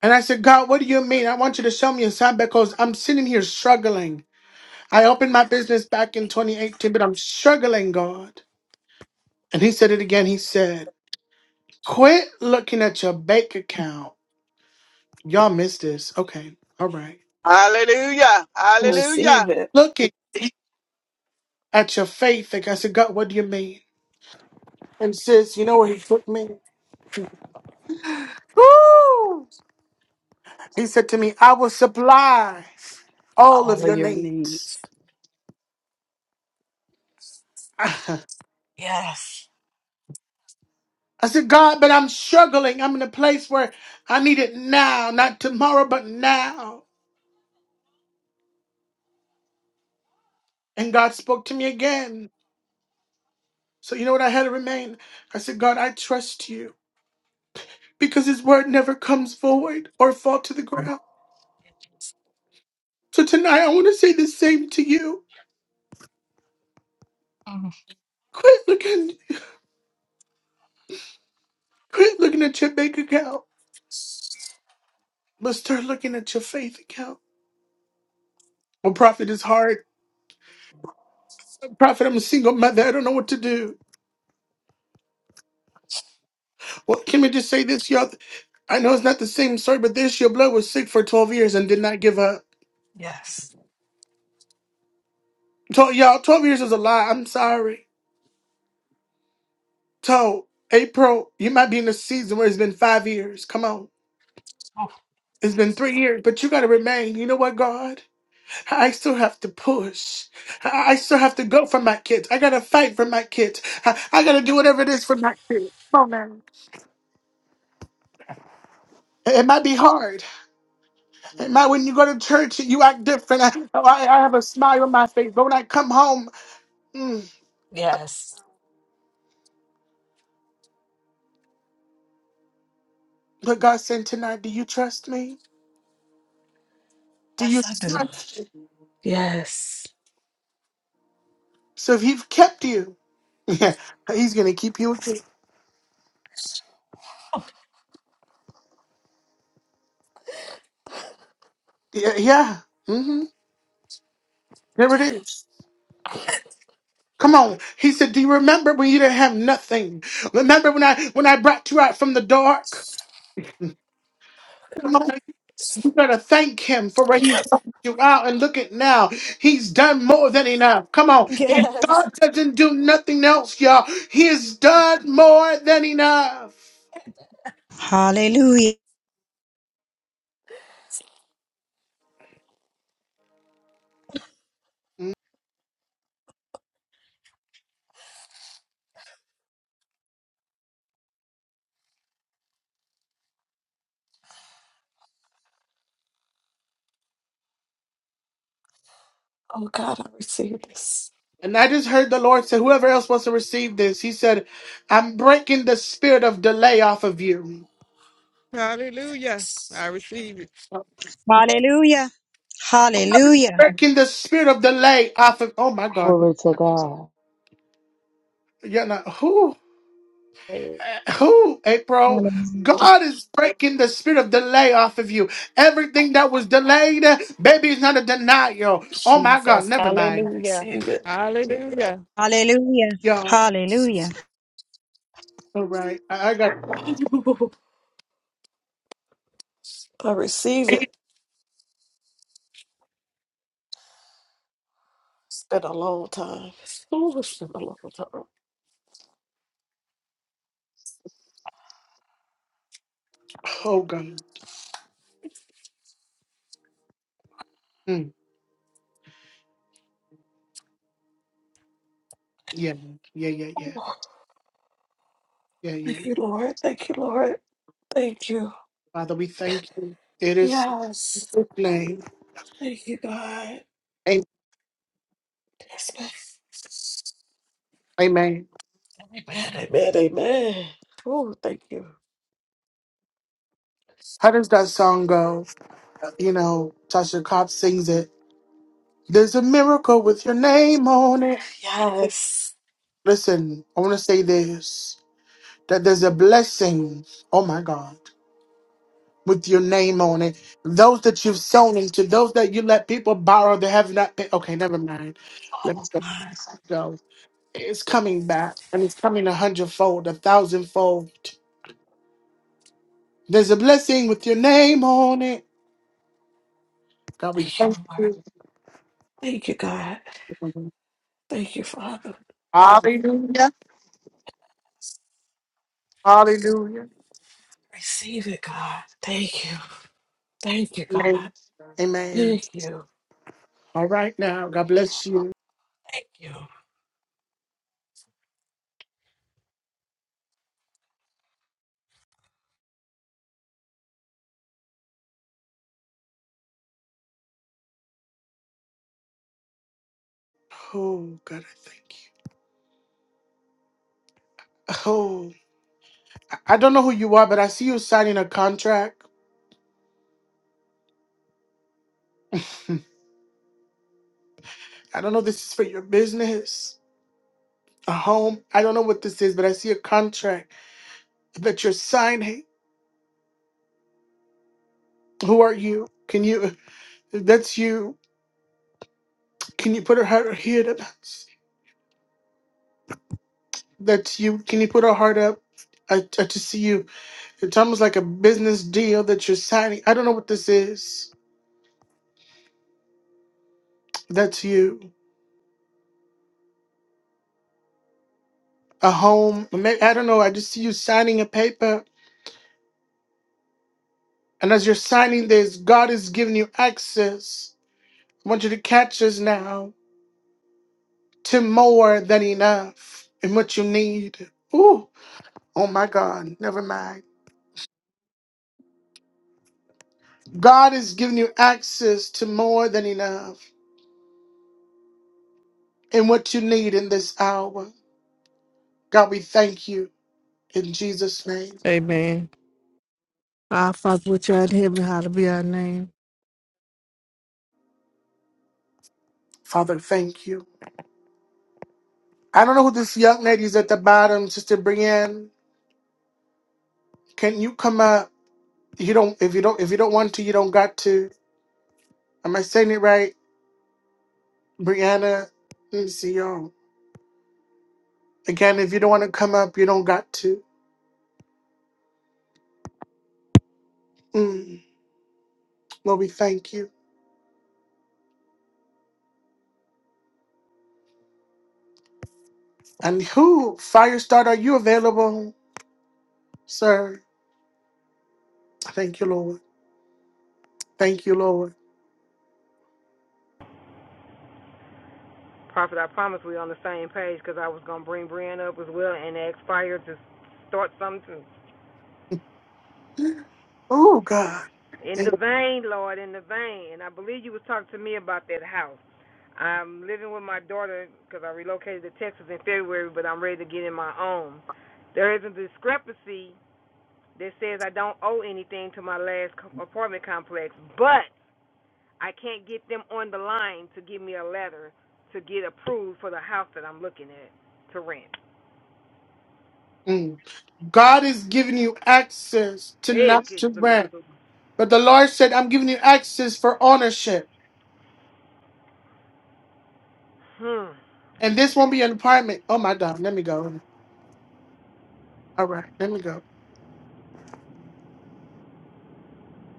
[SPEAKER 1] And I said, God, what do you mean? I want you to show me a sign because I'm sitting here struggling. I opened my business back in 2018, but I'm struggling, God. And he said it again. He said, quit looking at your bank account. Y'all missed this. Okay, all right.
[SPEAKER 6] hallelujah,
[SPEAKER 1] And
[SPEAKER 5] I
[SPEAKER 1] s-
[SPEAKER 6] hallelujah.
[SPEAKER 5] receive it,
[SPEAKER 1] Looking at your faith. Like I said, God, what do you mean? And sis, you know where he took me? Woo! He said to me, I will supply all of
[SPEAKER 5] all of
[SPEAKER 1] your
[SPEAKER 5] your
[SPEAKER 1] needs.
[SPEAKER 5] needs.
[SPEAKER 1] I
[SPEAKER 5] Yes.
[SPEAKER 1] said, God, but I'm struggling. I'm in a place where I need it now, not tomorrow, but now. And God spoke to me again. So you know what I had to remain? I said, God, I trust you because his word never comes void or fall to the ground. So tonight I want to say the same to you. Quit looking quit looking at your bank account, but start looking at your faith account. Well, prophet is hard. Prophet, I'm a single mother. I don't know what to do. Well, can we just say this, y'all? I know it's not the same story, but this your blood was sick for 12 years and did not give up.
[SPEAKER 5] Yes.
[SPEAKER 1] To- y'all, 12 years is a lie. I'm sorry. So, April, you might be in a season where it's been five years. Come on.
[SPEAKER 5] Oh,
[SPEAKER 1] It's been three years, but you got to remain. You know what, God? I still have to push. I I still have to go for my kids. I got to fight for my kids. I, I got to do whatever it is for my kids. Come on, man. It it might be hard. And my, when you go to church, you act different. I, oh, I, I have a smile on my face, but when I come home, mm,
[SPEAKER 5] yes.
[SPEAKER 1] but God said tonight, do you trust me? Do you
[SPEAKER 5] Yes, I do.
[SPEAKER 1] trust? me?"
[SPEAKER 5] Yes.
[SPEAKER 1] So if He's kept you, yeah, He's gonna keep you. again. Yeah, yeah. Mm-hmm. There it is. Come on. He said, "Do you remember when you didn't have nothing? Remember when I when I brought you out from the dark? Come on. you got to thank him for where he brought you out. And look at now. He's done more than enough. Come on. If
[SPEAKER 5] Yes.
[SPEAKER 1] God doesn't do nothing else, y'all, he has done more than enough.
[SPEAKER 7] Hallelujah.
[SPEAKER 5] Oh God, I receive this.
[SPEAKER 1] And I just heard the Lord say, whoever else wants to receive this, he said, I'm breaking the spirit of delay off of you.
[SPEAKER 6] Hallelujah.
[SPEAKER 5] Yes.
[SPEAKER 6] I receive it.
[SPEAKER 7] Hallelujah. Hallelujah.
[SPEAKER 1] Breaking the spirit of delay off of, oh my God.
[SPEAKER 8] Glory to God.
[SPEAKER 1] You're not, who? Who, April? God is breaking the spirit of delay off of you. Everything that was delayed, baby, is not a denial. Oh my God,
[SPEAKER 3] Jesus.
[SPEAKER 1] never mind.
[SPEAKER 5] I
[SPEAKER 3] Hallelujah.
[SPEAKER 5] receive it.
[SPEAKER 6] Hallelujah.
[SPEAKER 7] Hallelujah.
[SPEAKER 1] Y'all,
[SPEAKER 7] Hallelujah.
[SPEAKER 1] all right. I, I got,
[SPEAKER 5] I receive it. It's been a long time. Oh, it's been a long time.
[SPEAKER 1] oh God. Mm, yeah, yeah, yeah, yeah,
[SPEAKER 5] Oh,
[SPEAKER 1] yeah,
[SPEAKER 5] thank
[SPEAKER 1] yeah.
[SPEAKER 5] you, Lord. Thank you, Lord. Thank you.
[SPEAKER 1] Father, we thank you. It is in
[SPEAKER 5] Yes.
[SPEAKER 1] your name.
[SPEAKER 5] Thank you, God.
[SPEAKER 1] Am-
[SPEAKER 5] Yes, man.
[SPEAKER 1] Amen.
[SPEAKER 5] Amen. Amen. Amen. Oh, thank you.
[SPEAKER 1] How does that song go? You know, Tasha Cobb sings it. There's a miracle with your name on it.
[SPEAKER 5] Yes.
[SPEAKER 1] Listen, I want to say this. that there's a blessing, oh my God, with your name on it. Those that you've sown into, those that you let people borrow that have not paid. Okay, never mind. Let us
[SPEAKER 5] Oh,
[SPEAKER 1] stop.
[SPEAKER 5] God.
[SPEAKER 1] go. It's coming back and it's coming a hundredfold, a thousandfold. There's a blessing with your name on it. God, we
[SPEAKER 5] Thank
[SPEAKER 1] thank
[SPEAKER 5] you, Lord.
[SPEAKER 1] you.
[SPEAKER 5] Thank you, God. Thank you, Father.
[SPEAKER 1] Hallelujah. Hallelujah.
[SPEAKER 5] Receive it, God. Thank you. Thank you, God.
[SPEAKER 1] Amen. Amen.
[SPEAKER 5] Thank you.
[SPEAKER 1] All right now. God bless you.
[SPEAKER 5] Thank you.
[SPEAKER 1] Oh, God, I thank you. Oh. I I don't know who you are, but I see you signing a contract. I don't know if this is for your business, a home. I don't know what this is, but I see a contract that you're signing. Who are you? Can you? That's you. Can you put her heart here? That's that's you. Can you put her heart up? I, I just see you. It's almost like a business deal that you're signing. I don't know what this is. That's you. A home. May- I don't know. I just see you signing a paper. And as you're signing this, God is giving you access. want you to catch us now to more than enough and what you need. Ooh, oh my God, never mind. God is giving you access to more than enough and what you need in this hour. God, we thank you in Jesus' name.
[SPEAKER 6] Amen. Our Father which art in heaven, hallowed be our name.
[SPEAKER 1] Father, thank you. I don't know who this young lady is at the bottom, Sister Brienne. Can you come up? You don't if you don't if you don't want to, you don't got to. Am I saying it right? Brianna, let me see y'all. Again, if you don't want to come up, you don't got to. Mm, Lord, we thank you. And who, Firestarter, are you available, sir? Thank you, Lord. Thank you, Lord.
[SPEAKER 2] Prophet, I promise we on the same page because I was gonna bring Brian up as well and ask Fire to start something
[SPEAKER 1] Oh, God.
[SPEAKER 2] too. in the
[SPEAKER 1] Thank-
[SPEAKER 2] vein, Lord, in the vein. And I believe you was talking to me about that house. I'm living with my daughter because I relocated to Texas in February, but I'm ready to get in my own. There is a discrepancy that says I don't owe anything to my last apartment complex, but I can't get them on the line to give me a letter to get approved for the house that I'm looking at to rent.
[SPEAKER 1] mm. God is giving you access to
[SPEAKER 2] Hey,
[SPEAKER 1] not
[SPEAKER 2] good.
[SPEAKER 1] to grant. But the Lord said, I'm giving you access for ownership.
[SPEAKER 2] Hmm.
[SPEAKER 1] And this won't be an apartment. Oh, my God. Let me go. All right. Let me go.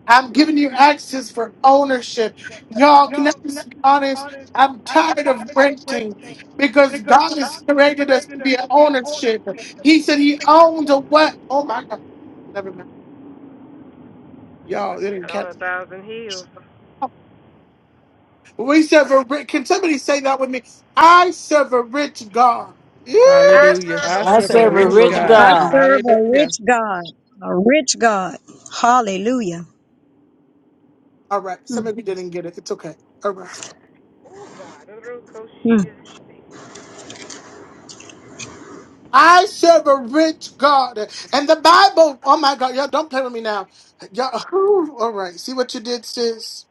[SPEAKER 1] I'm giving you access for ownership. Y'all, can I just be honest? I'm tired of renting because God has created us to be an ownership. He said he owns a what? Oh my God. Never mind. Y'all, it didn't
[SPEAKER 2] Got
[SPEAKER 1] catch.
[SPEAKER 2] all a thousand heels.
[SPEAKER 1] We serve a rich. Can somebody say that with me? I serve a rich God. Yeah.
[SPEAKER 2] I
[SPEAKER 6] Hallelujah.
[SPEAKER 2] serve
[SPEAKER 6] I
[SPEAKER 2] a
[SPEAKER 10] I
[SPEAKER 2] rich
[SPEAKER 3] That's
[SPEAKER 6] serve
[SPEAKER 3] a
[SPEAKER 6] a
[SPEAKER 10] serve a
[SPEAKER 6] rich
[SPEAKER 8] You
[SPEAKER 3] rich
[SPEAKER 2] God.
[SPEAKER 8] are
[SPEAKER 10] rich
[SPEAKER 6] God.
[SPEAKER 7] I
[SPEAKER 3] God.
[SPEAKER 8] rich
[SPEAKER 10] God.
[SPEAKER 7] serve a
[SPEAKER 6] Hallelujah.
[SPEAKER 7] rich God, a rich God. Hallelujah.
[SPEAKER 1] All right. Some of you didn't get it. It's okay. All right.
[SPEAKER 2] Oh, God.
[SPEAKER 1] I serve a rich God. And the Bible, oh my God, y'all don't play with me now. Y'all, whew, all right, see what you did, sis.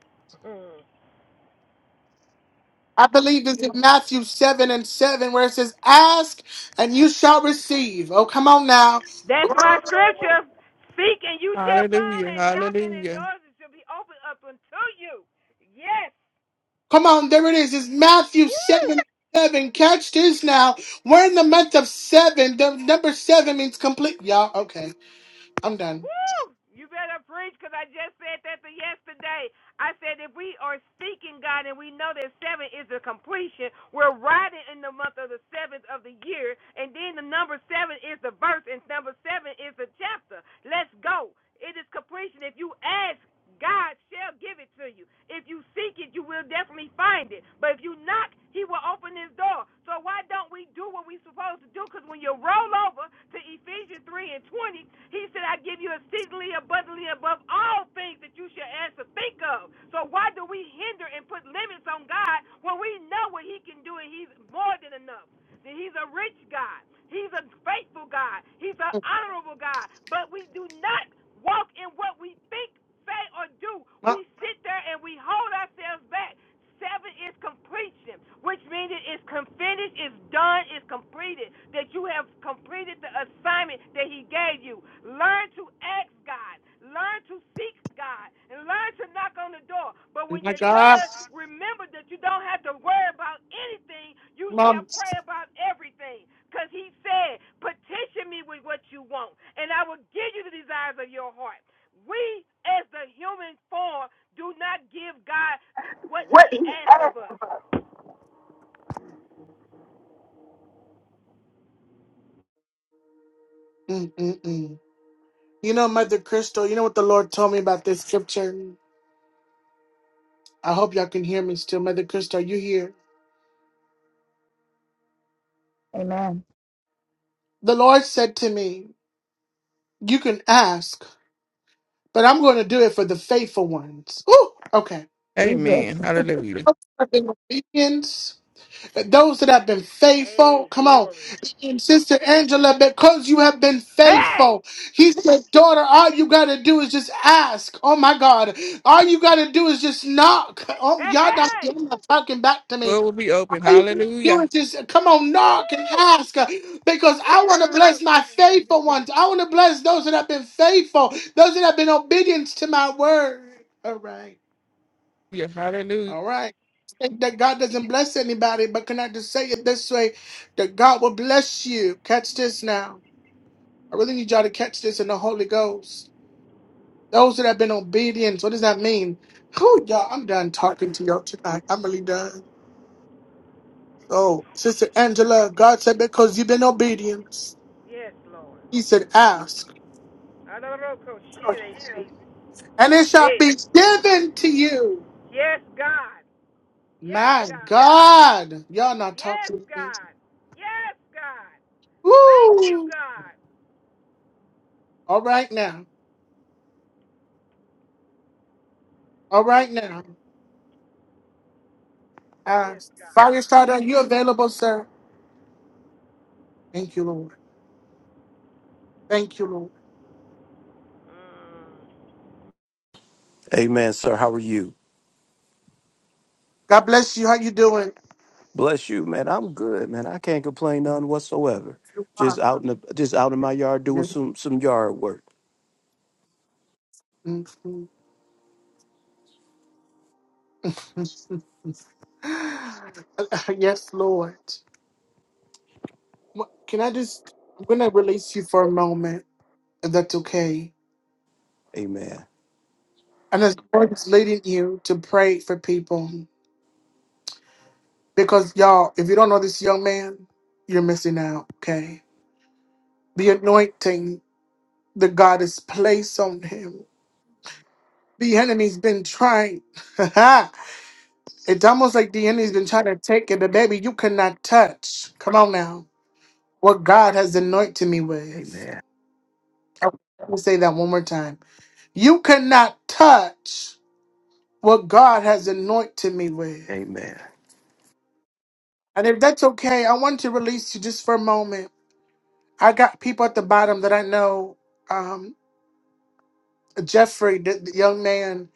[SPEAKER 1] I believe it's in Matthew 7 and 7 where it says, Ask and you shall receive. Oh, come on now.
[SPEAKER 2] That's my scripture. Seek and you shall find,
[SPEAKER 6] Hallelujah.
[SPEAKER 2] and knock and the
[SPEAKER 6] Hallelujah.
[SPEAKER 2] doors shall be opened up unto you. Yes.
[SPEAKER 1] Come on, there it is. It's Matthew
[SPEAKER 2] Woo!
[SPEAKER 1] 7 7. Catch this now. We're in the month of 7. The number 7 means complete. Y'all, okay, I'm done.
[SPEAKER 2] Woo! You better preach because I just said that the yesterday. I said if we are seeking God and we know that seven is the completion, we're riding in the month of the seventh of the year, and then the number seven is the verse, and number seven is the chapter. Let's go. It is completion. If you ask, God shall give it to you. If you seek it, you will definitely find it. But if you knock, he will open his door. So why don't we do what we're supposed to do? Because when you roll over to Ephesians 3 and 20, he said, I give you exceedingly abundantly above all things that you shall ask or think of. So why do we hinder and put limits on God when we know what he can do and he's more than enough? He's a rich God. He's a faithful God. He's an honorable God. But we do not walk in what we think, say, or do.
[SPEAKER 1] Oh
[SPEAKER 2] We sit there and we hold ourselves back. Seven is completion, which means it is finished, it's done, it's completed. That you have completed the assignment that He gave you. Learn to ask God, learn to seek God, and learn to knock on the door. But when
[SPEAKER 1] my
[SPEAKER 2] you're
[SPEAKER 1] God.
[SPEAKER 2] done, remember that you don't have to worry about anything. You shall
[SPEAKER 1] Mom.
[SPEAKER 2] pray about everything. Because He said, Petition me with what you want, and I will give you the desires of your heart. We, as the human form, do not give God what he asked of us.
[SPEAKER 1] Mm-mm-mm. You know, Mother Crystal, you know what the Lord told me about this scripture? I hope y'all can hear me still. Mother Krista, are you here?
[SPEAKER 11] Amen.
[SPEAKER 1] The Lord said to me, You can ask, but I'm going to do it for the faithful ones. Ooh, okay.
[SPEAKER 11] We good.
[SPEAKER 6] Amen. Hallelujah.
[SPEAKER 1] I've been obedience. Those that have been faithful,
[SPEAKER 2] Hey,
[SPEAKER 1] come on.
[SPEAKER 2] glory.
[SPEAKER 1] And Sister Angela, because you have been
[SPEAKER 2] Hey!
[SPEAKER 1] faithful, he said, Daughter, all you got to do is just ask. Oh my God. All you got to do is just knock. Oh,
[SPEAKER 2] Hey,
[SPEAKER 1] y'all not,
[SPEAKER 2] hey!
[SPEAKER 1] y'all not talking back to me.
[SPEAKER 6] Door will be open.
[SPEAKER 1] I do
[SPEAKER 6] Hallelujah.
[SPEAKER 1] it just come on, knock and
[SPEAKER 2] Woo!
[SPEAKER 1] ask uh, because
[SPEAKER 2] Yeah,
[SPEAKER 1] I
[SPEAKER 2] yeah,
[SPEAKER 1] want to
[SPEAKER 2] little
[SPEAKER 1] bless
[SPEAKER 2] roco
[SPEAKER 1] my faithful ones. I want to bless those that have been faithful, those that have been obedient to my word. All right,
[SPEAKER 6] Yeah. Hallelujah.
[SPEAKER 1] all right. Think That God doesn't bless anybody, but can I just say it this way? That God will bless you. Catch this now. I really need y'all to catch this in the Holy Ghost. Those that have been obedient, what does that mean? Oh, y'all, I'm done talking to y'all tonight. I'm really done. So, Sister Angela, God said, because you've been obedient.
[SPEAKER 2] Yes, Lord.
[SPEAKER 1] He said, Ask, and it shall
[SPEAKER 2] Hey.
[SPEAKER 1] be given to you.
[SPEAKER 2] Yes, God. Yes,
[SPEAKER 1] My
[SPEAKER 2] God.
[SPEAKER 1] God. Y'all not
[SPEAKER 2] Yes,
[SPEAKER 1] talking to me.
[SPEAKER 2] God. Yes, God. Thank you,
[SPEAKER 1] Woo.
[SPEAKER 2] God.
[SPEAKER 1] All right now. All
[SPEAKER 2] Whew.
[SPEAKER 1] right now. Uh,
[SPEAKER 2] Yes, God.
[SPEAKER 1] Firestarter, are you available, sir? Thank you, Lord. Thank you, Lord.
[SPEAKER 2] Mm.
[SPEAKER 12] Amen, sir. How are you?
[SPEAKER 1] God bless you. How you doing?
[SPEAKER 12] Bless you, man. I'm good, man. I can't complain none whatsoever.
[SPEAKER 1] You
[SPEAKER 12] Just
[SPEAKER 1] are.
[SPEAKER 12] out in the just out in my yard doing some some yard work.
[SPEAKER 1] yes, Lord. What- Can I just, I'm going to release you for a moment, if that's okay.
[SPEAKER 12] Amen.
[SPEAKER 1] And as the Lord is leading you to pray for people. Because y'all, if you don't know this young man, you're missing out, okay? The anointing that God has placed on him. The enemy's been trying. it's almost like the enemy's been trying to take it, but baby, you cannot touch. Come on now. What God has anointed me with.
[SPEAKER 12] Amen.
[SPEAKER 1] Oh, Let me say that one more time. You cannot touch what God has anointed me with.
[SPEAKER 12] Amen.
[SPEAKER 1] And if that's okay, I want to release you just for a moment. I got people at the bottom that I know. um, Jeffrey, the, the young man,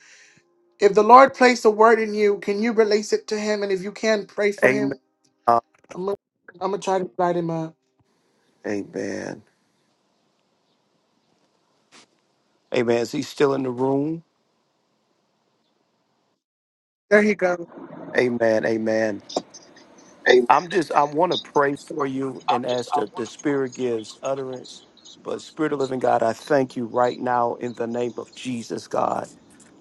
[SPEAKER 1] if the Lord placed a word in you, can you release it to him? And if you can, pray for
[SPEAKER 12] Amen.
[SPEAKER 1] him.
[SPEAKER 12] Uh,
[SPEAKER 1] I'm gonna, I'm gonna try to light him up.
[SPEAKER 12] amen. Amen. Is he still in the room?
[SPEAKER 1] There you go.
[SPEAKER 12] Amen. Amen.
[SPEAKER 13] Amen.
[SPEAKER 12] I'm just I want to pray for you
[SPEAKER 13] I'm
[SPEAKER 12] and
[SPEAKER 13] just,
[SPEAKER 12] ask
[SPEAKER 13] I
[SPEAKER 12] that the
[SPEAKER 13] want to
[SPEAKER 12] Spirit
[SPEAKER 13] praise.
[SPEAKER 12] gives utterance. But Spirit of Living God, I thank you right now in the name of Jesus, God.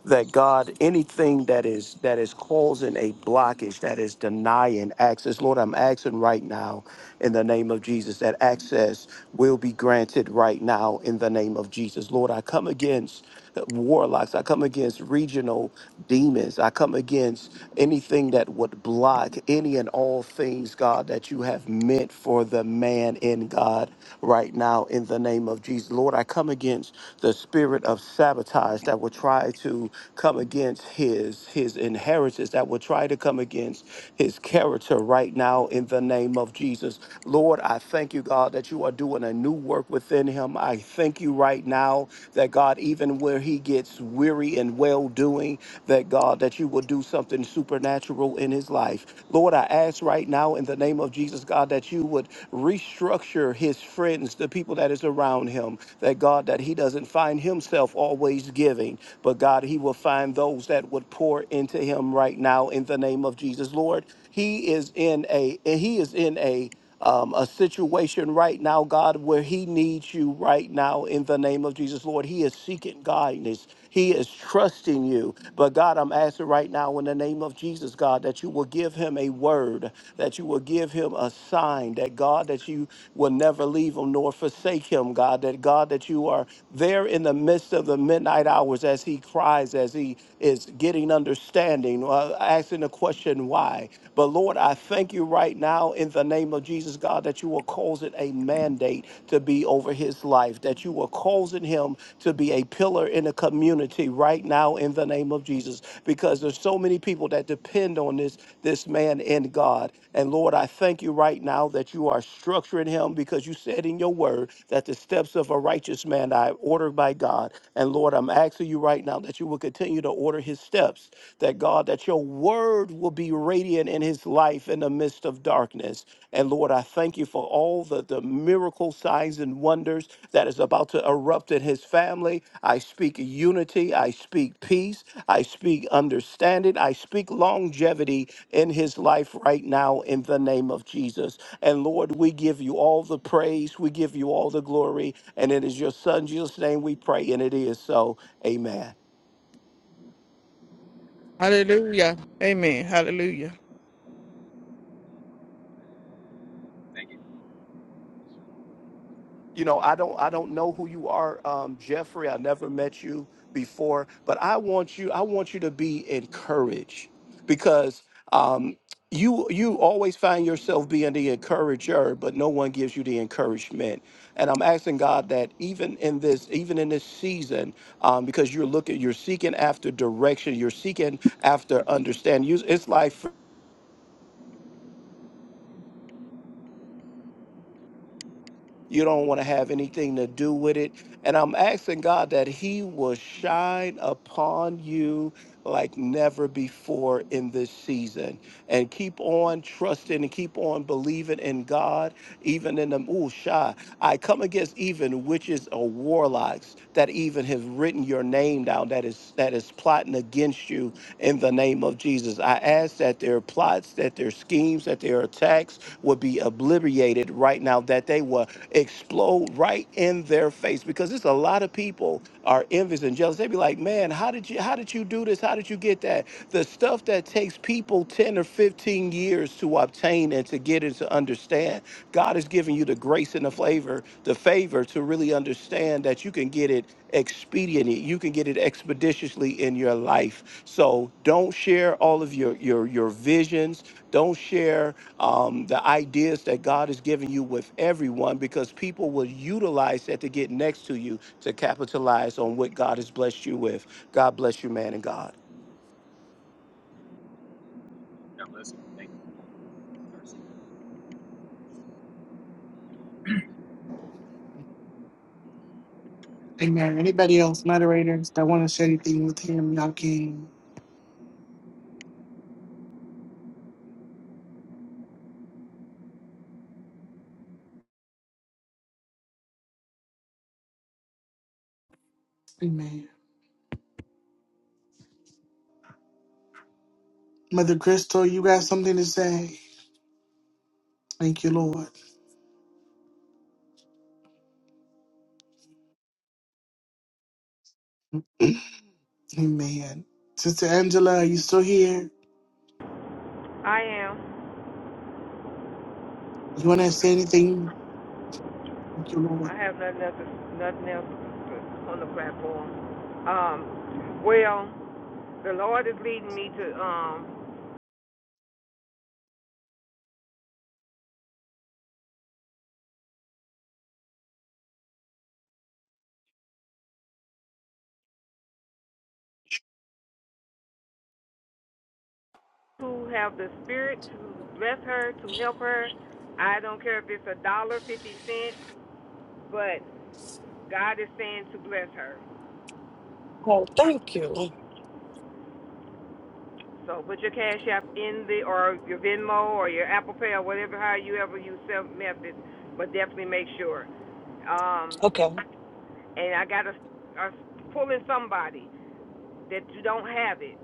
[SPEAKER 12] that God, anything that is that is causing a blockage, that is denying access, Lord, I'm asking right now in the name of Jesus that access will be granted right now in the name of Jesus. Lord, I come against warlocks, I come against regional demons, I come against anything that would block any and all things, God, that you have meant for the man in God right now in the name of Jesus. Lord, I come against the spirit of sabotage that will try to come against his his inheritance that will try to come against his character right now in the name of Jesus. Lord, I thank you, God, that you are doing a new work within him. I thank you right now that God, even where he gets weary and well doing, that God, that you will do something supernatural in his life. Lord, I ask right now in the name of Jesus, God, that you would restructure his friends, the people that is around him, that God, that he doesn't find himself always giving, but God, He will find those that would pour into Him right now in the name of Jesus. Lord, He is in a He is in a um, a situation right now, God, where he needs you right now in the name of Jesus, Lord. He is seeking guidance. He is trusting you. But God, I'm asking right now in the name of Jesus, God, that you will give him a word, that you will give him a sign, that God, that you will never leave him nor forsake him, God, that God, that you are there in the midst of the the midnight hours as he cries, as he is getting understanding, uh, asking the question why. But Lord, I thank you right now in the name of Jesus, God, that you are causing a mandate to be over his life, that you are causing him to be a pillar in the community right now in the name of Jesus, because there's so many people that depend on this this man man in God. And Lord, I thank you right now that you are structuring him because you said in your word that the steps of a righteous man are ordered by God. And Lord, I'm asking you right now that you will continue to order his steps, that God, that your word will be radiant in his life in the midst of darkness. And Lord, I thank you for all the, the miracle signs and wonders that is about to erupt in his family. I speak unity. I speak peace. I speak understanding. I speak longevity in his life right now in the name of Jesus. And Lord, we give you all the praise, we give you all the glory, and it is your son Jesus' name we pray, and it is so. Amen.
[SPEAKER 6] Hallelujah. Amen. Hallelujah.
[SPEAKER 12] you know i don't i don't know who you are um jeffrey i never met you before but i want you i want you to be encouraged because um you you always find yourself being the encourager but no one gives you the encouragement and i'm asking god that even in this even in this season um because you're looking you're seeking after direction you're seeking after understanding you it's like You don't want to have anything to do with it. And I'm asking God that He will shine upon you like never before in this season. And keep on trusting and keep on believing in God, even in the ooh, shy. I come against even witches or warlocks that even have written your name down that is that is plotting against you in the name of Jesus. I ask that their plots, that their schemes, that their attacks would be obliterated right now, that they will explode right in their face because there's a lot of people are envious and jealous. They be like, man, how did you how did you do this? How did you get that? The stuff that takes people 10 or 15 years to obtain and to get and to understand God has given you the grace and the flavor, the favor to really understand that you can get it expediently, you can get it expeditiously in your life. So don't share all of your your your visions. Don't share um, the ideas that God has given you with everyone because people will utilize that to get next to you to capitalize on what God has blessed you with. God bless you, man and God.
[SPEAKER 13] God bless you. Thank you.
[SPEAKER 1] Amen. Anybody else, moderators that want to share anything with him, y'all can. Amen. Mother Crystal, you got something to say? Thank you, Lord. Amen. Sister Angela, are you still here?
[SPEAKER 2] I am.
[SPEAKER 1] You want to say anything? Thank you, Lord.
[SPEAKER 2] I have nothing else, nothing else on the platform. Um, well, the Lord is leading me to um who have the spirit to bless her, to help her. I don't care if it's a dollar, fifty cents, but God is saying to bless her.
[SPEAKER 5] Oh, thank you.
[SPEAKER 2] So put your cash app in the or your Venmo or your Apple Pay or whatever how you ever use self method, but definitely make sure. Um,
[SPEAKER 5] Okay.
[SPEAKER 2] and I gotta pull in somebody that you don't have it.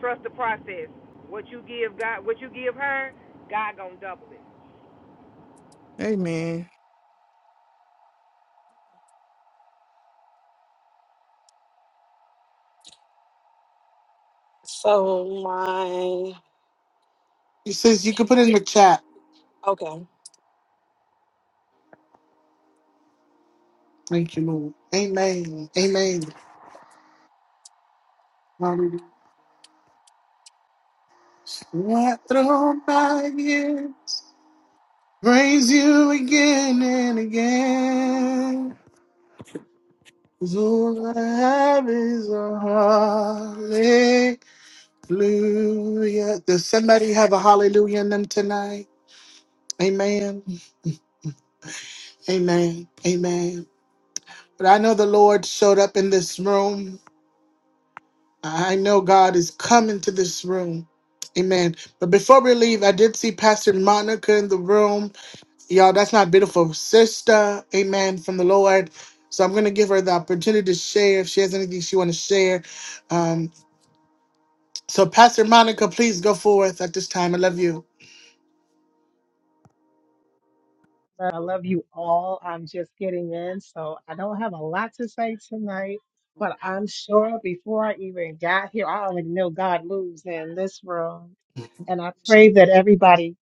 [SPEAKER 2] Trust the process. What you give God, what you give her, God gonna double it.
[SPEAKER 6] Amen.
[SPEAKER 5] So my
[SPEAKER 1] He says you can put it in the chat.
[SPEAKER 5] okay.
[SPEAKER 1] Thank you, Lord. Amen. Amen. Hallelujah. What through my years, praise you again and again. 'Cause All I have is a hallelujah. Does somebody have a hallelujah in them tonight? Amen. Amen. Amen. But I know the Lord showed up in this room. I know God is coming to this room. Amen. But before we leave, I did see Pastor Monica in the room. Y'all, that's my beautiful sister. Amen. From the Lord. So I'm going to give her the opportunity to share if she has anything she want to share. Um, so Pastor Monica, please go forth at this time. I love you.
[SPEAKER 14] I love you all. I'm just getting in, so I don't have a lot to say tonight, but I'm sure before I even got here, I already know God moves in this room. And I pray that everybody,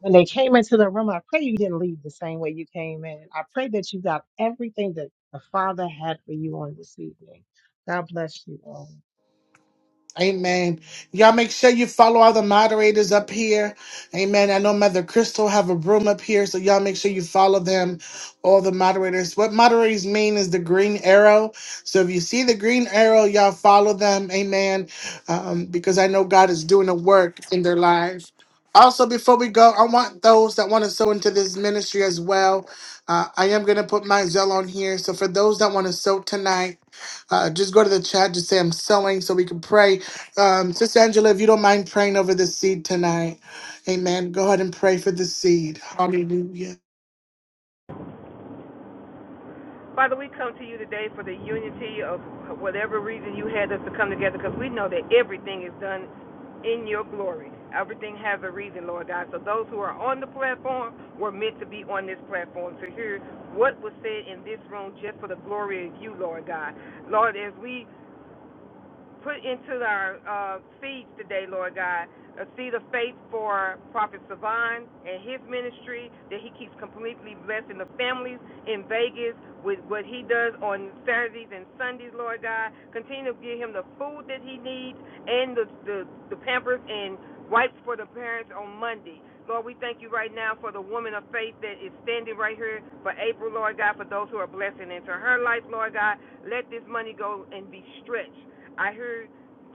[SPEAKER 14] when they came into the room, I pray you didn't leave the same way you came in. I pray that you got everything that the Father had for you on this evening. God bless you all.
[SPEAKER 1] Amen. Y'all make sure you follow all the moderators up here. Amen. I know Mother Crystal have a room up here, so y'all make sure you follow them, all the moderators. What moderators mean is the green arrow. So if you see the green arrow, y'all follow them. Amen. Um, because I know God is doing a work in their lives. Also, before we go, I want those that want to sow into this ministry as well. Uh, I am going to put my Zell on here. So for those that want to sow tonight, uh, just go to the chat, just say I'm sewing so we can pray. Um, Sister Angela, if you don't mind praying over the seed tonight, amen. Go ahead and pray for the seed. Hallelujah.
[SPEAKER 2] Father, we come to you today for the unity of whatever reason you had us to come together because we know that everything is done in your glory. Everything has a reason, Lord God. So those who are on the platform were meant to be on this platform to hear what was said in this room just for the glory of you, Lord God. Lord, as we put into our uh, feeds today, Lord God, a seed of faith for Prophet Savan and his ministry that he keeps completely blessing the families in Vegas with what he does on Saturdays and Sundays, Lord God. Continue to give him the food that he needs and the, the, the pampers and wipes for the parents on Monday. Lord, we thank you right now for the woman of faith that is standing right here for April, Lord God, for those who are blessing into her life, Lord God. Let this money go and be stretched I heard,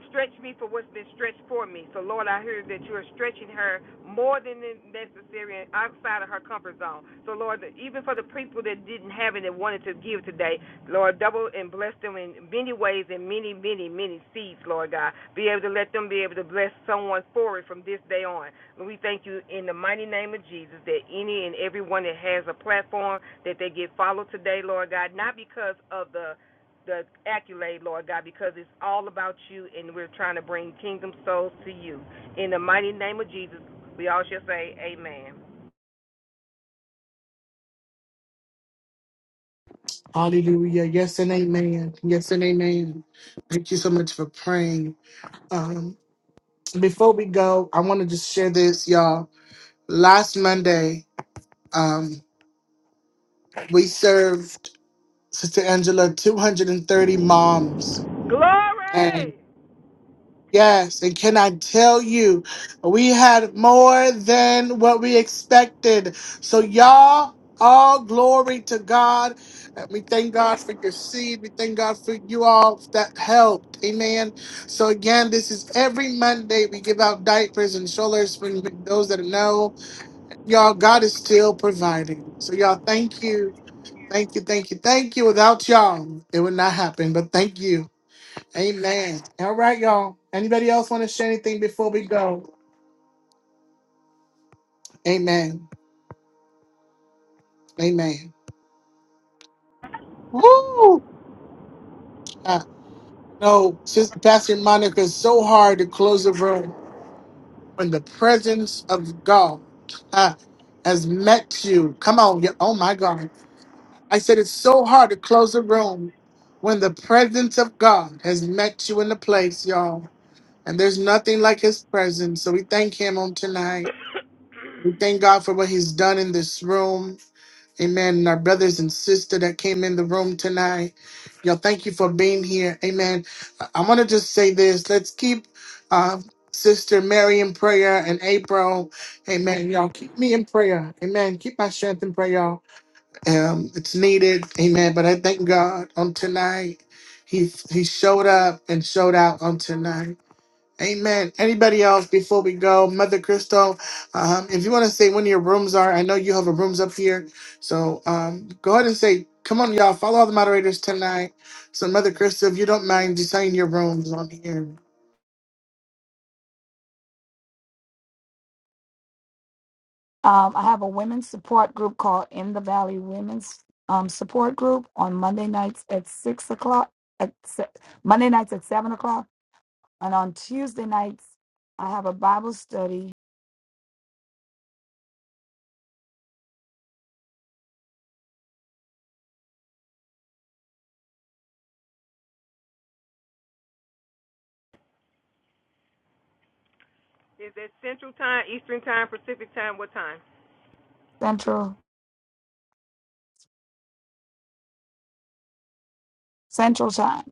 [SPEAKER 2] stretch me for what's been stretched for me. So, Lord, I heard that you are stretching her more than necessary and outside of her comfort zone. So, Lord, even for the people that didn't have it and wanted to give today, Lord, double and bless them in many ways and many, many, many seeds, Lord God. Be able to let them be able to bless someone for it from this day on. And we thank you in the mighty name of Jesus that any and everyone that has a platform that they get followed today, Lord God, not because of the the accolade, Lord God, because it's all about you, and we're trying to bring kingdom souls to you. In the mighty name of Jesus, we all shall say, Amen.
[SPEAKER 1] Hallelujah. Yes and amen. Yes and amen. Thank you so much for praying. Um, before we go, I want to just share this, y'all. Last Monday, um, we served Sister Angela 230 moms
[SPEAKER 2] Glory!
[SPEAKER 1] Yes, and can I tell you, we had more than what we expected. So, y'all, all glory to God. Uh, We thank God for your seed. We thank God for you all that helped. Amen. So, again, this is every Monday we give out diapers and strollers for those that know. Y'all, God is still providing. So, y'all, thank you. Thank you. Thank you. Thank you. Without y'all, it would not happen. But thank you. Amen. All right, y'all. Anybody else want to share anything before we go? Amen. Amen. Woo! Uh, no, Sister Pastor Monica, it's so hard to close the room when the presence of God uh, has met you. Come on. yeah, Oh, my God. I said it's so hard to close the room when the presence of God has met you in the place, y'all. And there's nothing like his presence. So we thank him on tonight. Thank God for what He's done in this room. Amen. And our brothers and sister that came in the room tonight. Y'all, thank you for being here. Amen. I want to just say this. Let's keep uh, Sister Mary in prayer and April. Amen. Y'all, keep me in prayer. Amen. Keep my strength in prayer, y'all. Um, it's needed. Amen. But I thank God on tonight. He, he showed up and showed out on tonight. Amen. Anybody else before we go? Mother Crystal, um, if you want to say when your rooms are, I know you have a rooms up here. So um, go ahead and say, come on, y'all, follow all the moderators tonight. So, Mother Crystal, if you don't mind, just saying your rooms on here.
[SPEAKER 11] Um, I have a women's support group called In the Valley Women's um, Support Group on Monday nights at six o'clock. At se- Monday nights at seven o'clock, and on Tuesday nights I have a Bible study
[SPEAKER 2] Is that Central Time, Eastern Time, Pacific Time? What time?
[SPEAKER 11] central central time.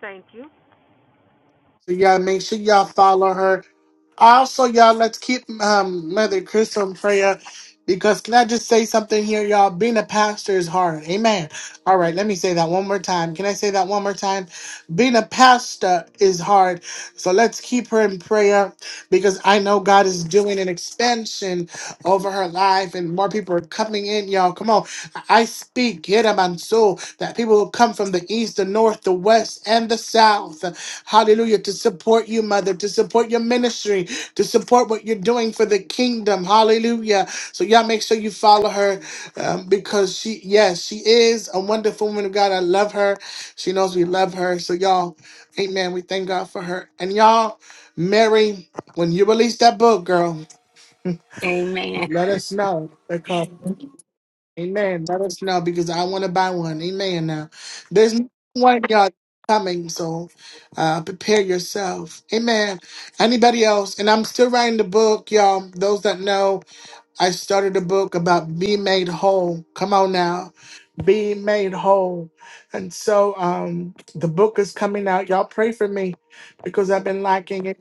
[SPEAKER 2] Thank you.
[SPEAKER 1] So, y'all make sure y'all follow her. Also, y'all, let's keep um, Mother Crystal in prayer because can I just say something here, y'all? Being a pastor is hard. Amen. All right, let me say that one more time. Can I say that one more time? Being a pastor is hard. So let's keep her in prayer because I know God is doing an expansion over her life and more people are coming in, y'all. Come on. I I speak, get them and so that people will come from the east, the north, the west, and the south. Hallelujah. To support you, Mother, to support your ministry to support what you're doing for the kingdom. Hallelujah. So y'all make sure you follow her um, because she, yes, she is a wonderful woman of God. I love her. She knows we love her. So y'all, amen. We thank God for her. And y'all, Mary, when you release that book, girl,
[SPEAKER 3] Amen.
[SPEAKER 1] let us know. Amen. Let us know because I want to buy one. Amen. Now, there's no one y'all coming, so uh, prepare yourself. Amen. Anybody else? And I'm still writing the book, y'all. Those that know, I started a book about being made whole. Come on now, being made whole. And so, um, the book is coming out. Y'all pray for me because I've been lacking it,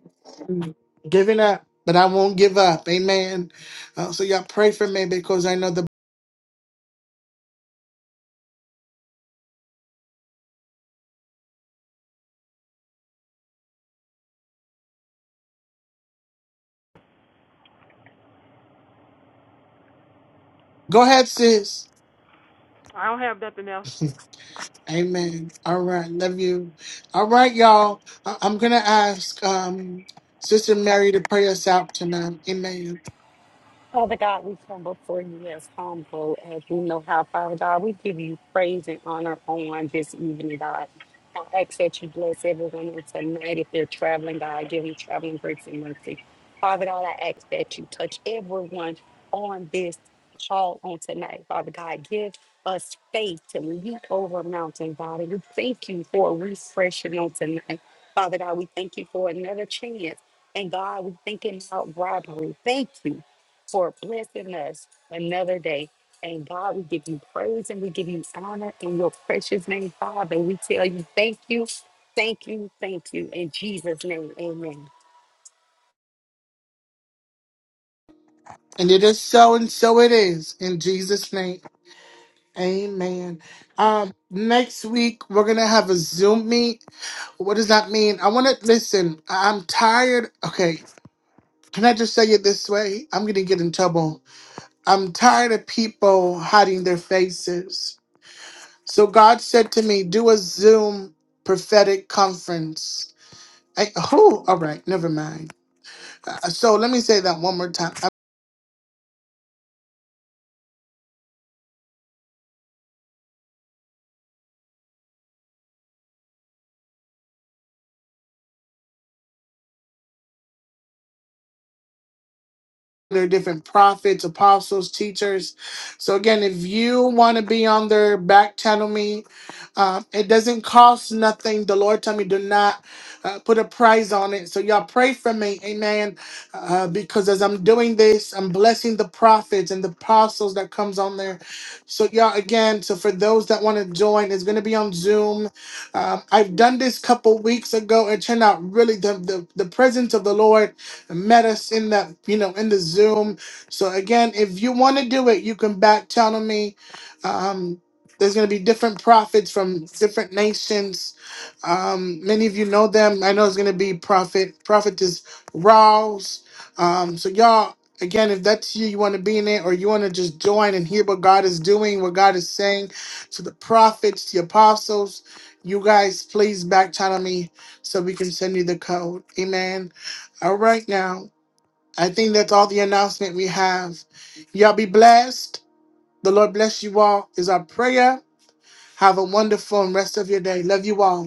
[SPEAKER 1] and giving up, but I won't give up. Amen. Uh, so y'all pray for me because I know the Go ahead, sis.
[SPEAKER 2] I don't have nothing else.
[SPEAKER 1] Amen. All right. Love you. All right, y'all. I- I'm going to ask um, Sister Mary to pray us out tonight. Amen.
[SPEAKER 3] Father God, we come before you as humble as we know how, Father God. We give you praise and honor on this evening, God. I ask that you bless everyone on tonight. If they're traveling, God, give them traveling grace and mercy. Father God, I ask that you touch everyone on this call on tonight. Father God, give us faith to leap over a mountain, God. And we thank you for refreshing on tonight. Father God, we thank you for another chance. And God, we thank you about robbery. Thank you for blessing us another day. And God, we give you praise and we give you honor in your precious name, Father. We tell you thank you, thank you, thank you. In Jesus' name, amen.
[SPEAKER 1] And it is so, and so it is. In Jesus' name. Amen. Um, next week, we're going to have a Zoom meet. What does that mean? I want to listen. I- I'm tired. Okay. Can I just say it this way? I'm going to get in trouble. I'm tired of people hiding their faces. So God said to me, do a Zoom prophetic conference. I, oh, all right, never mind. Uh, so let me say that one more time. There are different prophets, apostles, teachers. So again, if you want to be on there, back channel me. Uh, it doesn't cost nothing. The Lord told me do not uh, put a price on it. So y'all pray for me, Amen. Uh, because as I'm doing this, I'm blessing the prophets and the apostles that comes on there. So y'all again. So for those that want to join, it's going to be on Zoom. Um, I've done this couple weeks ago. It turned out really the, the the presence of the Lord met us in that, you know, in the Zoom. So again, if you want to do it, you can back channel me. Um, there's going to be different prophets from different nations. Um, many of you know them. I know it's going to be prophet, prophetess Rouse. Um, so y'all, again, if that's you, you want to be in it, or you want to just join and hear what God is doing, what God is saying to the prophets, the apostles, you guys, please back channel me so we can send you the code. Amen. All right, now. I think that's all the announcement we have. Y'all be blessed. The Lord bless you all, is our prayer. Have a wonderful rest of your day. Love you all.